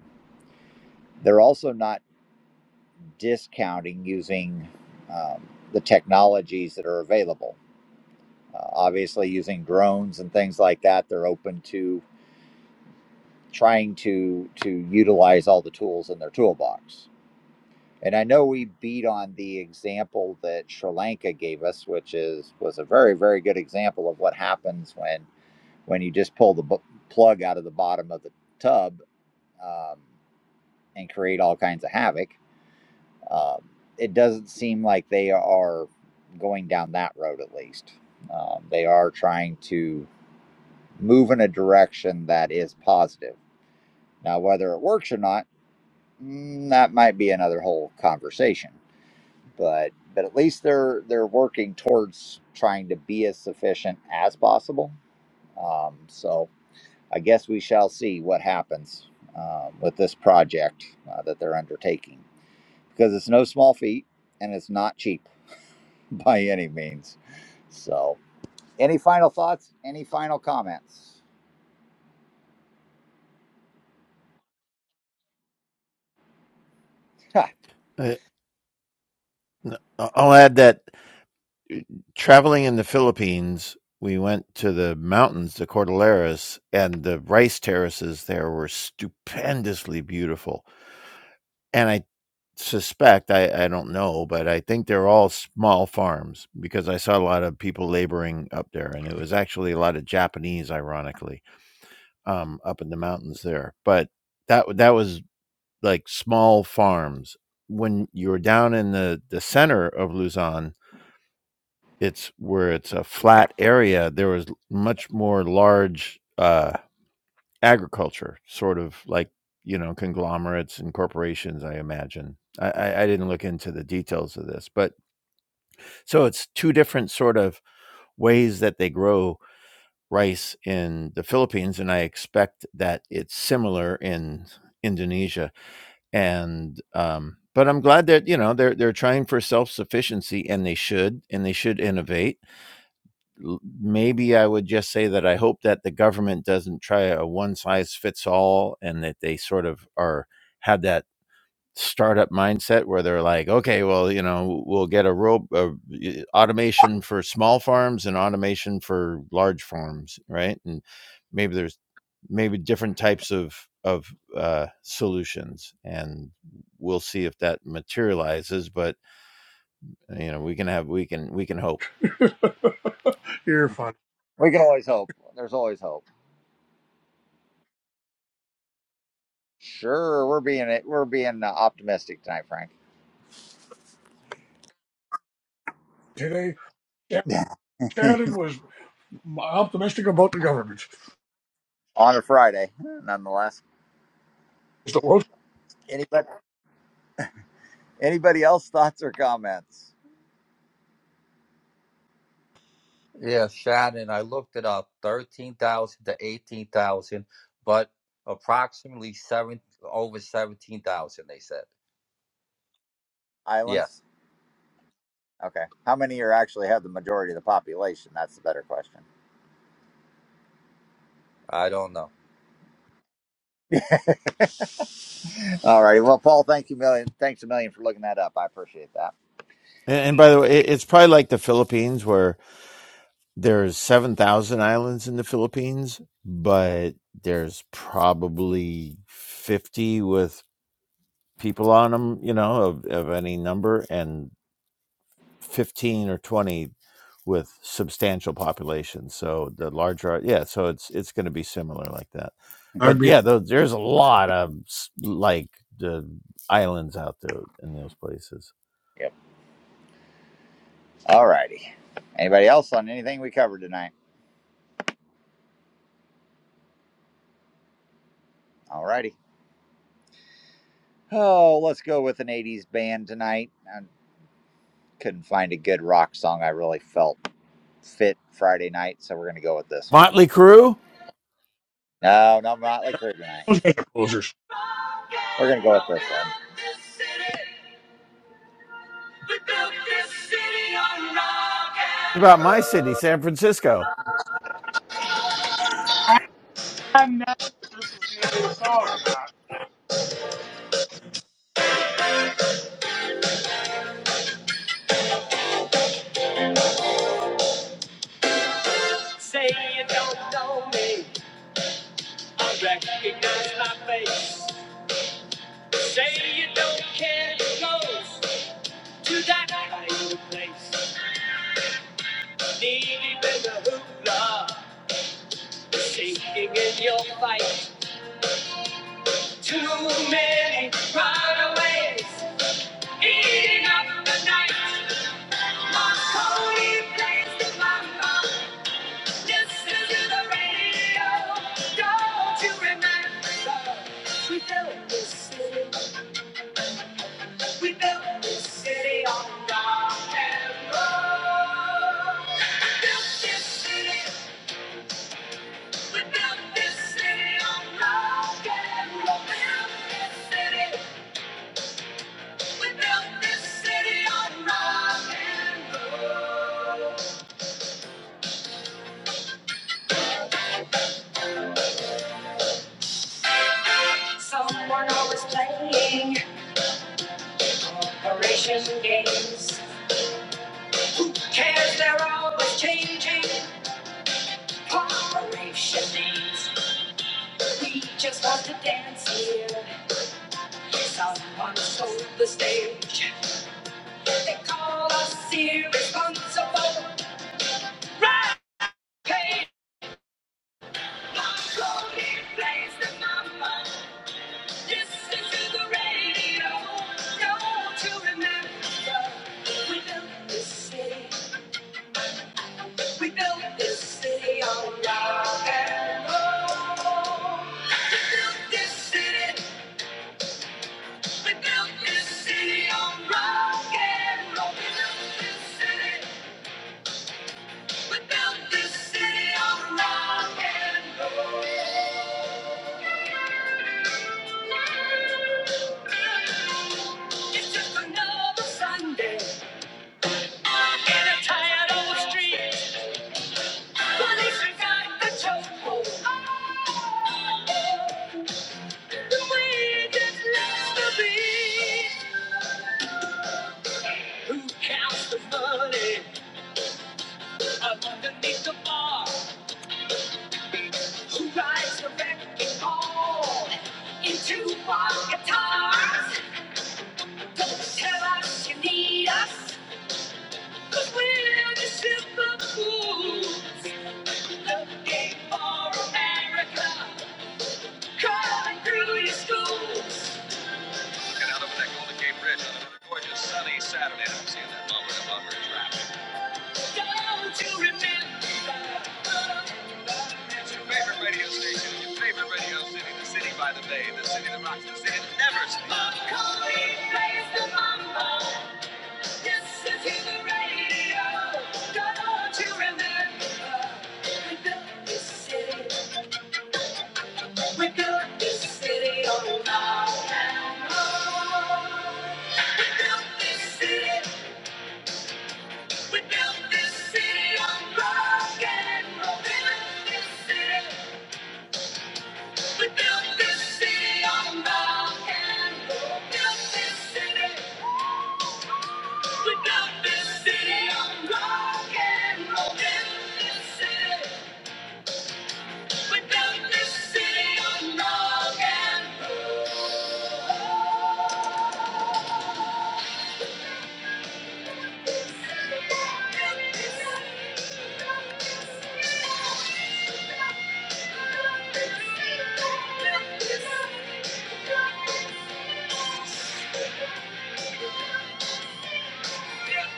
[SPEAKER 1] They're also not discounting using um, the technologies that are available. Uh, obviously, using drones and things like that, they're open to trying to to utilize all the tools in their toolbox And I know we beat on the example that Sri Lanka gave us, which is was a very, very good example of what happens when when you just pull the bu- plug out of the bottom of the tub um, and create all kinds of havoc. Um, it doesn't seem like they are going down that road, at least. Um, they are trying to move in a direction that is positive. Now, whether it works or not, mm, that might be another whole conversation. but but at least they're they're working towards trying to be as sufficient as possible. Um, so I guess we shall see what happens um, with this project uh, that they're undertaking because it's no small feat and it's not cheap by any means. So any final thoughts? Any final comments? Ha,
[SPEAKER 6] i n- I- i'll add that traveling in the Philippines, we went to the mountains, the Cordilleras, and the rice terraces there were stupendously beautiful. And I suspect, I, I don't know, but I think they're all small farms because I saw a lot of people laboring up there. And it was actually a lot of Japanese, ironically, um, up in the mountains there. But that, that was like small farms. When you were down in the, the center of Luzon, it's where it's a flat area, there was much more large uh, agriculture, sort of like you know conglomerates and corporations. I imagine. I, I, I didn't look into the details of this, but so it's two different sort of ways that they grow rice in the Philippines, and I expect that it's similar in Indonesia. And um, but I'm glad that you know they're they're trying for self sufficiency, and they should, and they should innovate maybe I would just say that I hope that the government doesn't try a one size fits all and that they sort of are have that startup mindset where they're like, okay, well, you know, we'll get a rope uh, y- automation for small farms and automation for large farms, right? And maybe there's maybe different types of of uh, solutions, and we'll see if that materializes. But you know, we can have we can we can hope.
[SPEAKER 2] you're fun.
[SPEAKER 1] we can always hope. There's always hope. Sure, we're being we're being uh, optimistic tonight, Frank.
[SPEAKER 2] Today Shannon was optimistic about the government.
[SPEAKER 1] On a Friday, nonetheless.
[SPEAKER 2] It's the worst
[SPEAKER 1] Anybody? Anybody else thoughts or comments?
[SPEAKER 10] Yeah, Shannon, I looked it up, 13,000 to 18,000, but approximately seven over 17,000 they said.
[SPEAKER 1] Islands?
[SPEAKER 10] Yes,
[SPEAKER 1] Okay. How many are actually have the majority of the population? That's the better question.
[SPEAKER 10] I don't know.
[SPEAKER 1] All righty. Well, Paul, thank you million. Thanks a million for looking that up. I appreciate that.
[SPEAKER 6] And, and by the way, it, it's probably like the Philippines where there's 7,000 islands in the Philippines, but there's probably 50 with people on them, you know, of, of any number, and 15 or 20 with substantial population. So the larger, yeah, so it's it's going to be similar like that.
[SPEAKER 2] I'd
[SPEAKER 6] But
[SPEAKER 2] be
[SPEAKER 6] yeah, tho- there's a lot of s- like the islands out there in those places.
[SPEAKER 1] Yep. All righty. Anybody else on anything we covered tonight? All righty. Oh, let's go with an 80s band tonight. I couldn't find a good rock song I really felt fit Friday night, so we're going to go with this one.
[SPEAKER 6] Motley Crue?
[SPEAKER 1] No, no Motley Crue tonight.
[SPEAKER 2] those guys are posers.
[SPEAKER 1] We're going to go with this one. We built this city on rock
[SPEAKER 6] What
[SPEAKER 1] and
[SPEAKER 6] about my city,
[SPEAKER 1] roll.
[SPEAKER 6] San Francisco?
[SPEAKER 3] I know this is going to be the song tonight.
[SPEAKER 1] Say you don't know me, I recognize my face. Say you don't care who goes to that kind of place. Needing in the hoopla, shaking in your fight. Too many runaways, eating up the night. Marconi plays the mambo. Listen to the radio. Don't you remember? We built this city. We built this city on rock and roll. We built this city. We built this city on rock and roll. We built this city. We built this city on rock and roll. Someone always playing operation games. Cares they're always changing. Corporation names. We just want to dance here. Someone stole the stage. They call us irresponsible. Rampage. Marconi plays the mama. Listen to the radio. No to remember. We built this city. We built this city on rock and roll. We built this city. We built this city on rock and roll. We built this city. We built this city on rock and roll. It's just another Sunday in a tired old street. Police got the chokehold. Oh, Who counts the money up underneath the bar? Who rides the wrecking ball into our guitars? Don't tell us you need us, we we're the silver fools. Looking for America, Calling three schools. Looking out over that Golden Gate Bridge on another gorgeous sunny Saturday. I'm seeing that bumper to bumper traffic. Don't you remember? It's your favorite radio station, your favorite radio city, the city by the bay, the city that rocks, the city that never sleeps. Macaulay plays the mambo. listen to the radio. Don't you remember? We built this city. We built this city on rock and roll. We built this city. We built this city on rock and roll. We built this city. We built this city on rock and roll. We Built this city. We built this city on rock and roll. We Built this city. We built this city on rock and roll.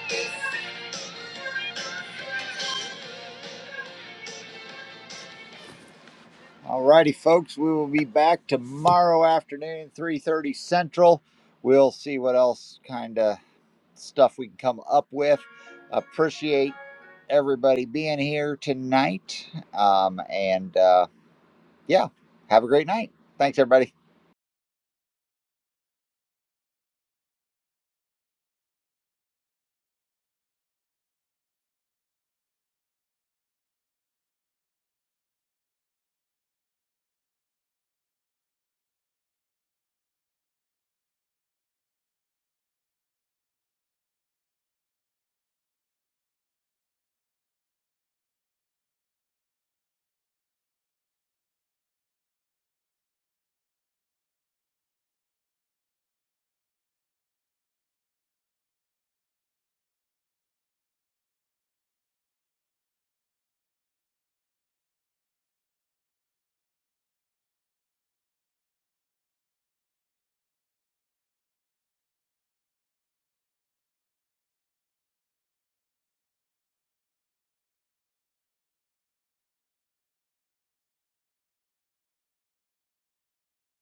[SPEAKER 1] Thank you. Alrighty, folks, we will be back tomorrow afternoon, 3:30 Central. We'll see what else kind of stuff we can come up with. Appreciate everybody being here tonight. Um, and uh, yeah, have a great night. Thanks, everybody.